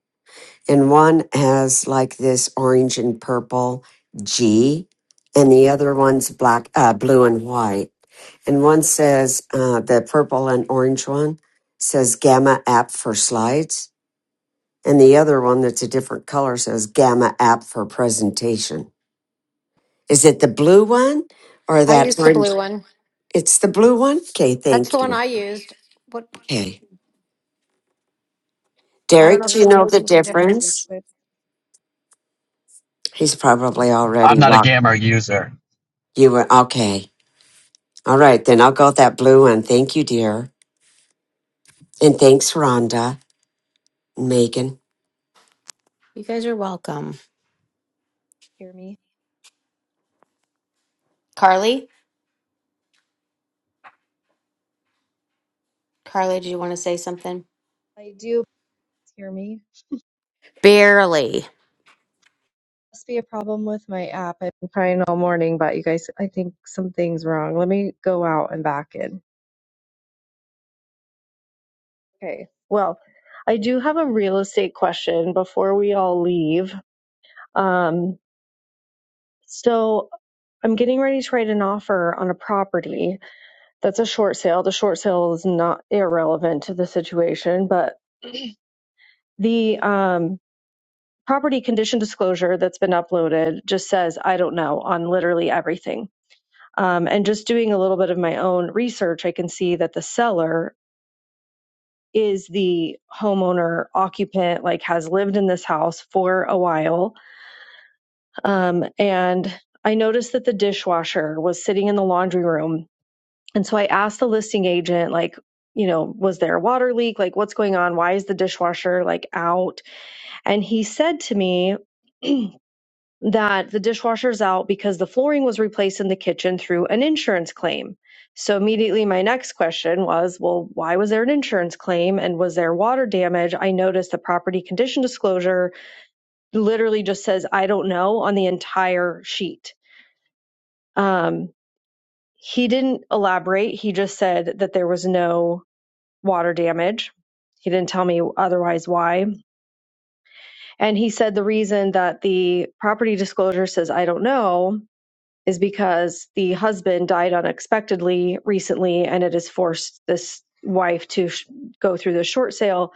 Speaker 26: and one has like this orange and purple G, and the other one's black, uh, blue and white, and one says uh, the purple and orange one says Gamma app for slides and the other one that's a different color says Gamma app for presentation. Is it the blue one or
Speaker 23: I
Speaker 26: that
Speaker 23: used the blue
Speaker 26: orange?
Speaker 23: one.
Speaker 26: It's the blue one? Okay,
Speaker 23: That's the
Speaker 26: thank
Speaker 23: one
Speaker 26: you.
Speaker 23: I used. What
Speaker 26: Okay.
Speaker 7: I
Speaker 23: I
Speaker 7: have
Speaker 23: don't
Speaker 7: a
Speaker 23: know
Speaker 26: Derek,
Speaker 23: if
Speaker 26: do
Speaker 7: real
Speaker 26: you
Speaker 23: somebody
Speaker 26: know
Speaker 23: else
Speaker 26: the
Speaker 23: used a
Speaker 7: you
Speaker 23: different.
Speaker 7: guys real
Speaker 26: difference?
Speaker 7: quick.
Speaker 26: He's probably
Speaker 15: I'm
Speaker 26: already
Speaker 15: not a
Speaker 26: rocked.
Speaker 15: Gamma user.
Speaker 26: You were okay. All right, then I'll go with that blue one. Thank you, dear. And thanks, Rhonda, Megan.
Speaker 2: You guys are welcome.
Speaker 7: Hear me?
Speaker 2: Carly? Carly, do you want to say something?
Speaker 7: I do. Hear me?
Speaker 2: Barely.
Speaker 7: Must be a problem with my app. I've been trying all morning, but you guys, I think something's wrong. Let me go out and back in. Okay. Well, I do have a real estate question before we all leave. Um, so I'm getting ready to write an offer on a property that's a short sale. The short sale is not irrelevant to the situation, but the um property condition disclosure that's been uploaded just says i don't know on literally everything um, and just doing a little bit of my own research i can see that the seller is the homeowner occupant like has lived in this house for a while um, and i noticed that the dishwasher was sitting in the laundry room and so i asked the listing agent like you know was there a water leak like what's going on why is the dishwasher like out and he said to me [clears throat] that the dishwasher's out because the flooring was replaced in the kitchen through an insurance claim. So immediately my next question was, well, why was there an insurance claim and was there water damage? I noticed the property condition disclosure literally just says, I don't know on the entire sheet. Um, he didn't elaborate. He just said that there was no water damage. He didn't tell me otherwise why. And he said the reason that the property disclosure says, I don't know, is because the husband died unexpectedly recently and it has forced this wife to sh- go through the short sale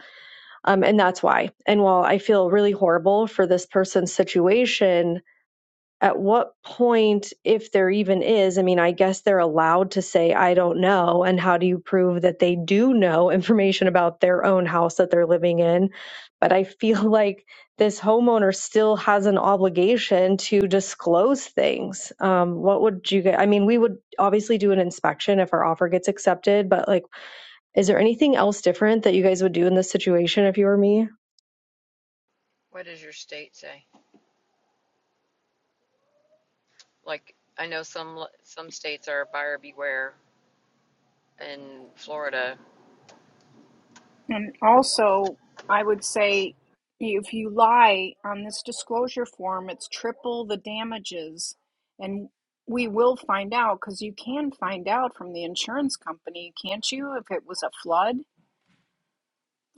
Speaker 7: um, and that's why and while i feel really horrible for this person's situation at what point, if there even is, I mean, I guess they're allowed to say, I don't know. And how do you prove that they do know [laughs] information about their own house that they're living in? But I feel [laughs] like this homeowner still has an obligation to disclose things. Um, what would you get? I mean, we would obviously do an inspection if our offer gets accepted, but like, is there anything else different that you guys would do in this situation if you were me?
Speaker 17: What does your state say? Like, I know some some states are buyer beware in Florida.
Speaker 27: And also, I would say if you lie on this disclosure form, it's triple the damages. And we will find out because you can find out from the insurance company, can't you, if it was a flood?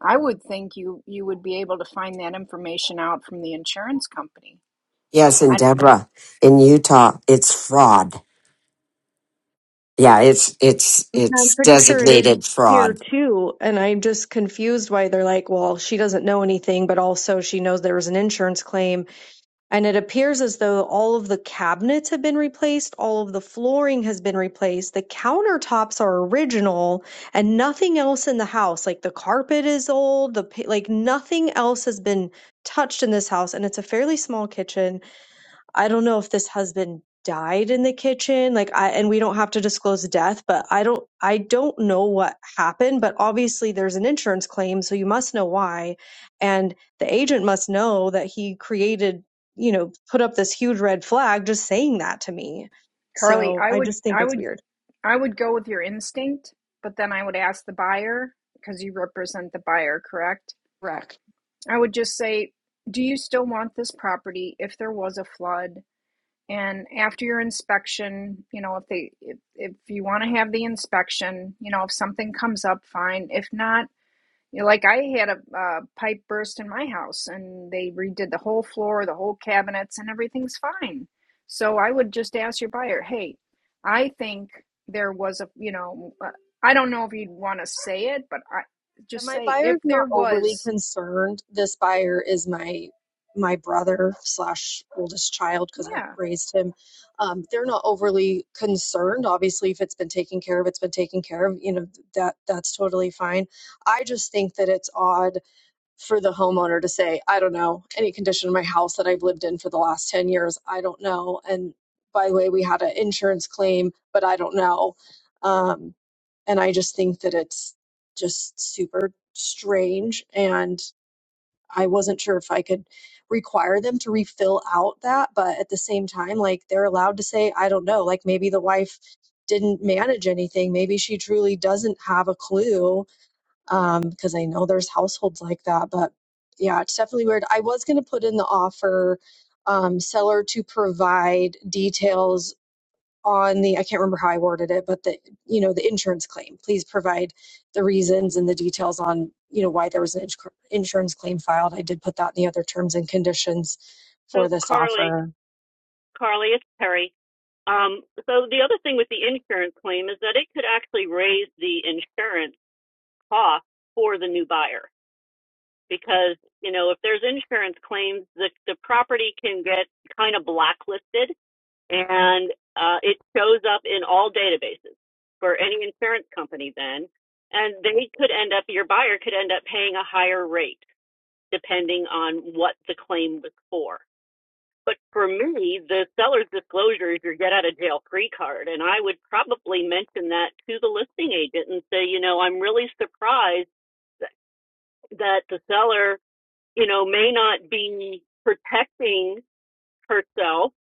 Speaker 27: I would think you you would be able to find that information out from the insurance company.
Speaker 26: Yes, and
Speaker 27: I,
Speaker 26: Deborah in Utah. It's fraud. Yeah, it's it's
Speaker 7: I'm
Speaker 26: it's
Speaker 7: pretty sure it is
Speaker 26: designated
Speaker 7: here
Speaker 26: fraud.
Speaker 7: too. And I'm just confused why they're like, well, she doesn't know anything, but also she knows there was an insurance claim. And it appears as though all of the cabinets have been replaced, all of the flooring has been replaced, the countertops are original, and nothing else in the house. Like the carpet is old, the pa- like nothing else has been touched in this house. And it's a fairly small kitchen. I don't know if this husband died in the kitchen like I and we don't have to disclose the death but I don't I don't know what happened but obviously there's an insurance claim so you must know why and the agent must know that he created you know put up this huge red flag just saying that to me
Speaker 27: Carly,
Speaker 7: so
Speaker 27: I
Speaker 7: I
Speaker 27: would
Speaker 7: just think
Speaker 27: I
Speaker 7: it's
Speaker 27: would
Speaker 7: weird
Speaker 27: I would go with your instinct, but then I would ask the buyer because you represent the buyer, correct? I would just say, do you still want this property if there was a flood? And after your inspection, you know, if they, if, if you want to have the inspection, you know, if something comes up, fine. If not, you know, like I had a, uh pipe burst in my house and they redid the whole floor, the whole cabinets, and everything's fine. So I would just ask your buyer, hey, I think there was a, you know, uh, I don't know if you'd want to say it, but I
Speaker 7: And
Speaker 27: just
Speaker 7: my
Speaker 27: say if
Speaker 7: buyer's
Speaker 27: there
Speaker 7: not overly
Speaker 27: was,
Speaker 7: concerned. This buyer is my my brother slash oldest child because I
Speaker 27: yeah
Speaker 7: raised him. Um, they're not overly concerned. Obviously, if it's been taken care of, it's been taken care of. You know that that's totally fine. I just think that it's odd for the homeowner to say, I don't know, any condition in my house that I've lived in for the last 10 years, I don't know. And by the way, we had an insurance claim, but I don't know. Um, and I just think that it's just super strange. And I wasn't sure if I could require them to refill out that. But at the same time, like they're allowed to say, I don't know. Like maybe the wife didn't manage anything. Maybe she truly doesn't have a clue um, because I know there's households like that. But yeah, it's definitely weird. I was going to put in the offer um, seller to provide details on the I can't remember how I worded it, but the you know the insurance claim. Please provide the reasons and the details on you know why there was an ins- insurance claim filed. I did put that in the other terms and conditions
Speaker 9: So
Speaker 7: for this
Speaker 9: Carly,
Speaker 7: offer
Speaker 9: Carly, it's Perry. Um, so the other thing with the insurance claim is that it could actually raise the insurance cost for the new buyer because you know if there's insurance claims, the the property can get kind of blacklisted and uh, it shows up in all databases for any insurance company then and they could end up your buyer could end up paying a higher rate depending on what the claim was for but for me the seller's disclosure is your get out of jail free card and i would probably mention that to the listing agent and say you know i'm really surprised that the seller, you know, may not be protecting herself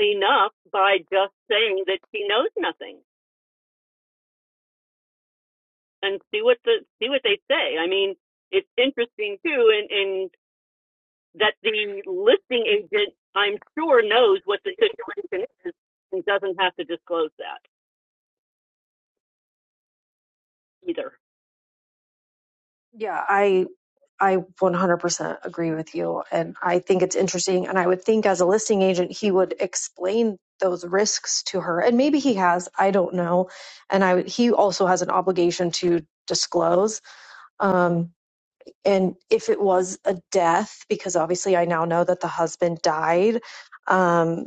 Speaker 9: enough by just saying that she knows nothing. and see what the see what they say. I mean, it's interesting too, and and that the listing agent, I'm sure, knows what the situation is and doesn't have to disclose that either.
Speaker 7: Yeah, I I 100% agree with you and I think it's interesting and I would think as a listing agent he would explain those risks to her and maybe he has, I don't know. And I would- he also has an obligation to disclose um and if it was a death because obviously I now know that the husband died um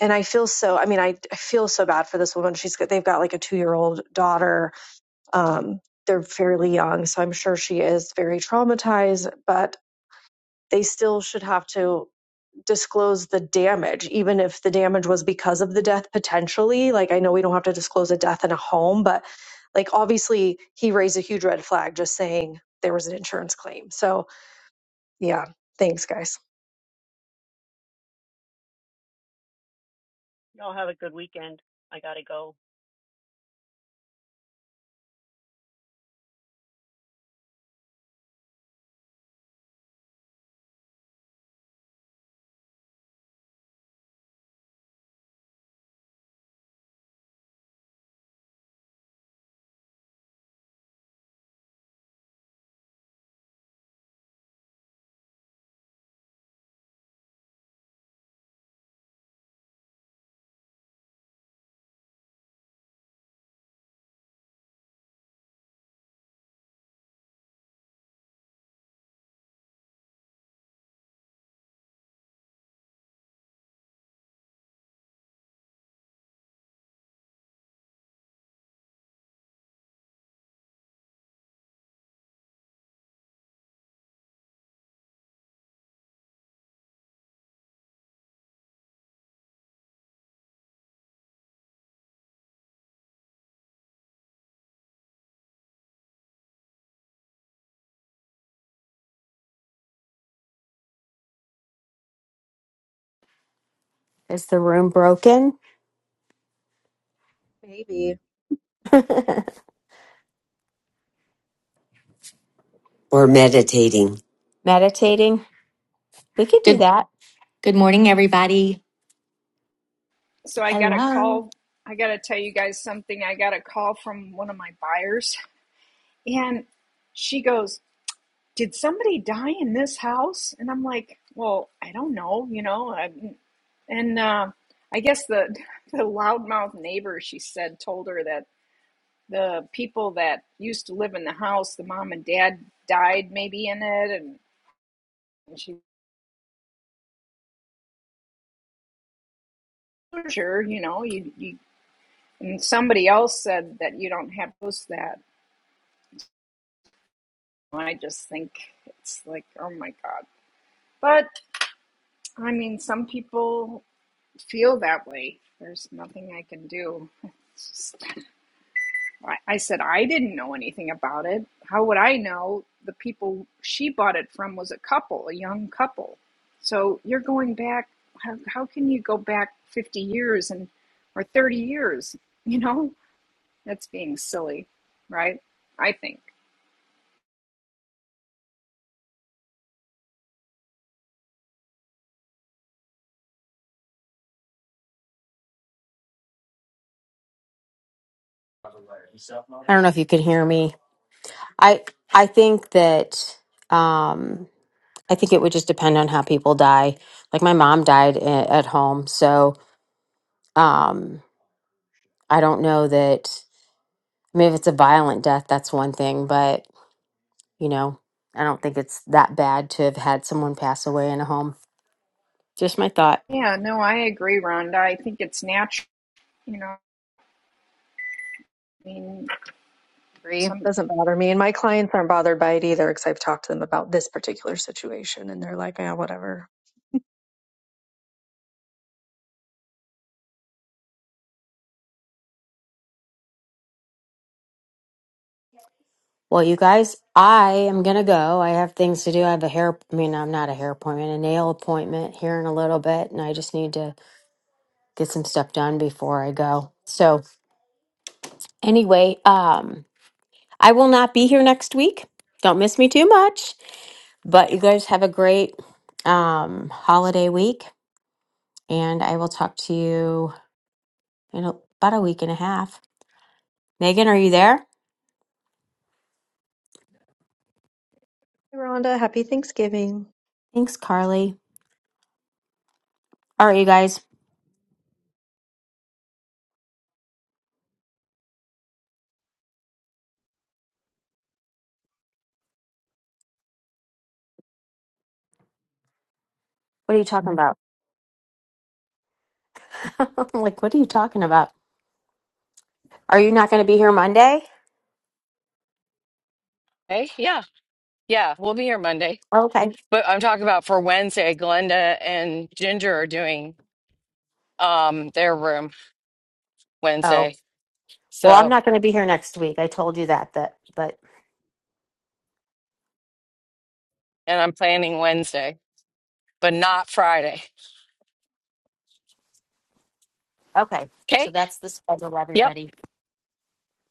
Speaker 7: and I feel so I mean I, I feel so bad for this woman. She's got they've got like a 2-year-old daughter um, they're fairly young, so I'm sure she is very traumatized, but they still should have to disclose the damage, even if the damage was because of the death potentially. Like, I know we don't have to disclose a death in a home, but like, obviously, he raised a huge red flag just saying there was an insurance claim. So, yeah, thanks, guys.
Speaker 9: Y'all have a good weekend. I gotta go.
Speaker 2: Is the room broken?
Speaker 7: Maybe.
Speaker 2: [laughs]
Speaker 26: We're meditating.
Speaker 2: Meditating. We could do
Speaker 28: Good
Speaker 2: that.
Speaker 28: good morning, everybody.
Speaker 27: so I got a
Speaker 28: Hello.
Speaker 27: call. I got to tell you guys something. I got a call from one of my buyers, and she goes, Did somebody die in this house? And I'm like, Well, I don't know, you know. I, and uh, I guess the, [laughs] the loudmouth neighbor, she said, told her that the people that used to live in the house, the mom and dad died maybe in it. And, and she, was Sure, you know, you, you, and somebody else said that you don't have to post that. I just think it's like, oh my God. But I mean, some people feel that way. There's nothing I can do. just- I, I said I didn't know anything about it. How would I know? The people she bought it from was a couple, a young couple. So you're going back. How, how can you go back 50 years and or 30 years? You know, that's being silly, right? I think.
Speaker 2: I don't know if you could hear me. I I think that um I think it would just depend on how people die. Like my mom died a- at home, so um I don't know that I mean if it's a violent death that's one thing, but you know, I don't think it's that bad to have had someone pass away in a home. Just my thought.
Speaker 27: Yeah, no, I agree, Rhonda. I think it's natural. You know, I mean,
Speaker 7: agree.
Speaker 27: So thank
Speaker 7: Doesn't bother me. And my clients aren't bothered by it either because I've talked to them about this particular situation and they're like, yeah, whatever.
Speaker 2: Well, you guys, I am gonna go. I have things to do. I have a hair, I mean, I'm not a hair appointment, a nail appointment here in a little bit, and I just need to get some stuff done before I go. So, anyway, um, I will not be here next week. Don't miss me too much. But you guys have a great um holiday week, and I will talk to you in a- about a week and a half. Megan, are you there?
Speaker 7: Hey, Rhonda, happy Thanksgiving.
Speaker 2: Thanks, Carly. All right, you guys, what are you talking about? [laughs] I'm like, what are you talking about? Are you not going to be here Monday?
Speaker 1: Hey, yeah, yeah, we'll be here Monday.
Speaker 2: Okay.
Speaker 1: But I'm talking about for Wednesday, Glenda and Ginger are doing um their room
Speaker 2: Oh,
Speaker 1: Wednesday.
Speaker 2: well, I'm
Speaker 1: So,
Speaker 2: not going to be here next week. I told you that, that, but
Speaker 1: and I'm planning Wednesday, but not Friday.
Speaker 2: okay. So
Speaker 1: Okay?
Speaker 2: that's the schedule,
Speaker 1: Yep.
Speaker 2: everybody.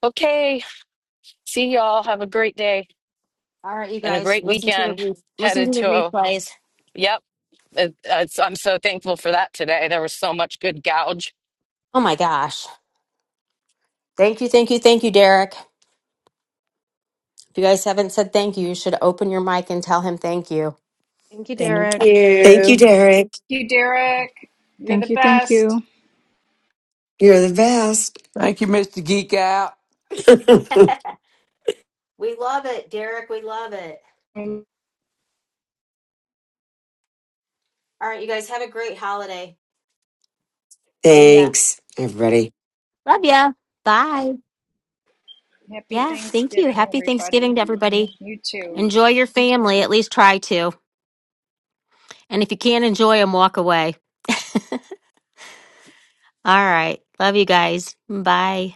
Speaker 1: Okay. See y'all. Have a great day.
Speaker 2: All right, you
Speaker 1: and a
Speaker 2: guys,
Speaker 1: great
Speaker 2: listen to the
Speaker 1: weekend
Speaker 2: re- listen
Speaker 1: headed
Speaker 2: to the
Speaker 1: to a,
Speaker 2: replays.
Speaker 1: yep it, it's, i'm so thankful for that today there was so much good gouge
Speaker 2: Oh my gosh! Thank you, thank you, thank you, Derek. If you guys haven't said thank you, you should open your mic and tell him thank you.
Speaker 7: Thank you, Derek.
Speaker 24: Thank
Speaker 26: Thank
Speaker 24: you.
Speaker 26: you, Derek.
Speaker 27: you, Derek. You're
Speaker 12: Thank
Speaker 27: the
Speaker 12: you. Thank you.
Speaker 27: best.
Speaker 26: You're the best.
Speaker 29: Thank you, Mr. Geek Out.
Speaker 26: [laughs]
Speaker 2: [laughs] We love it, Derek. We love it. All right, you guys have a great holiday. See ya.
Speaker 26: Thanks, everybody.
Speaker 2: Love ya. Bye.
Speaker 27: Happy
Speaker 2: Yeah, thank you.
Speaker 27: Thanksgiving,
Speaker 2: Happy Thanksgiving
Speaker 27: everybody.
Speaker 2: to everybody.
Speaker 27: You too.
Speaker 2: Enjoy your family. At least try to. And if you can't enjoy them, walk away. [laughs] All right. Love you guys. Bye.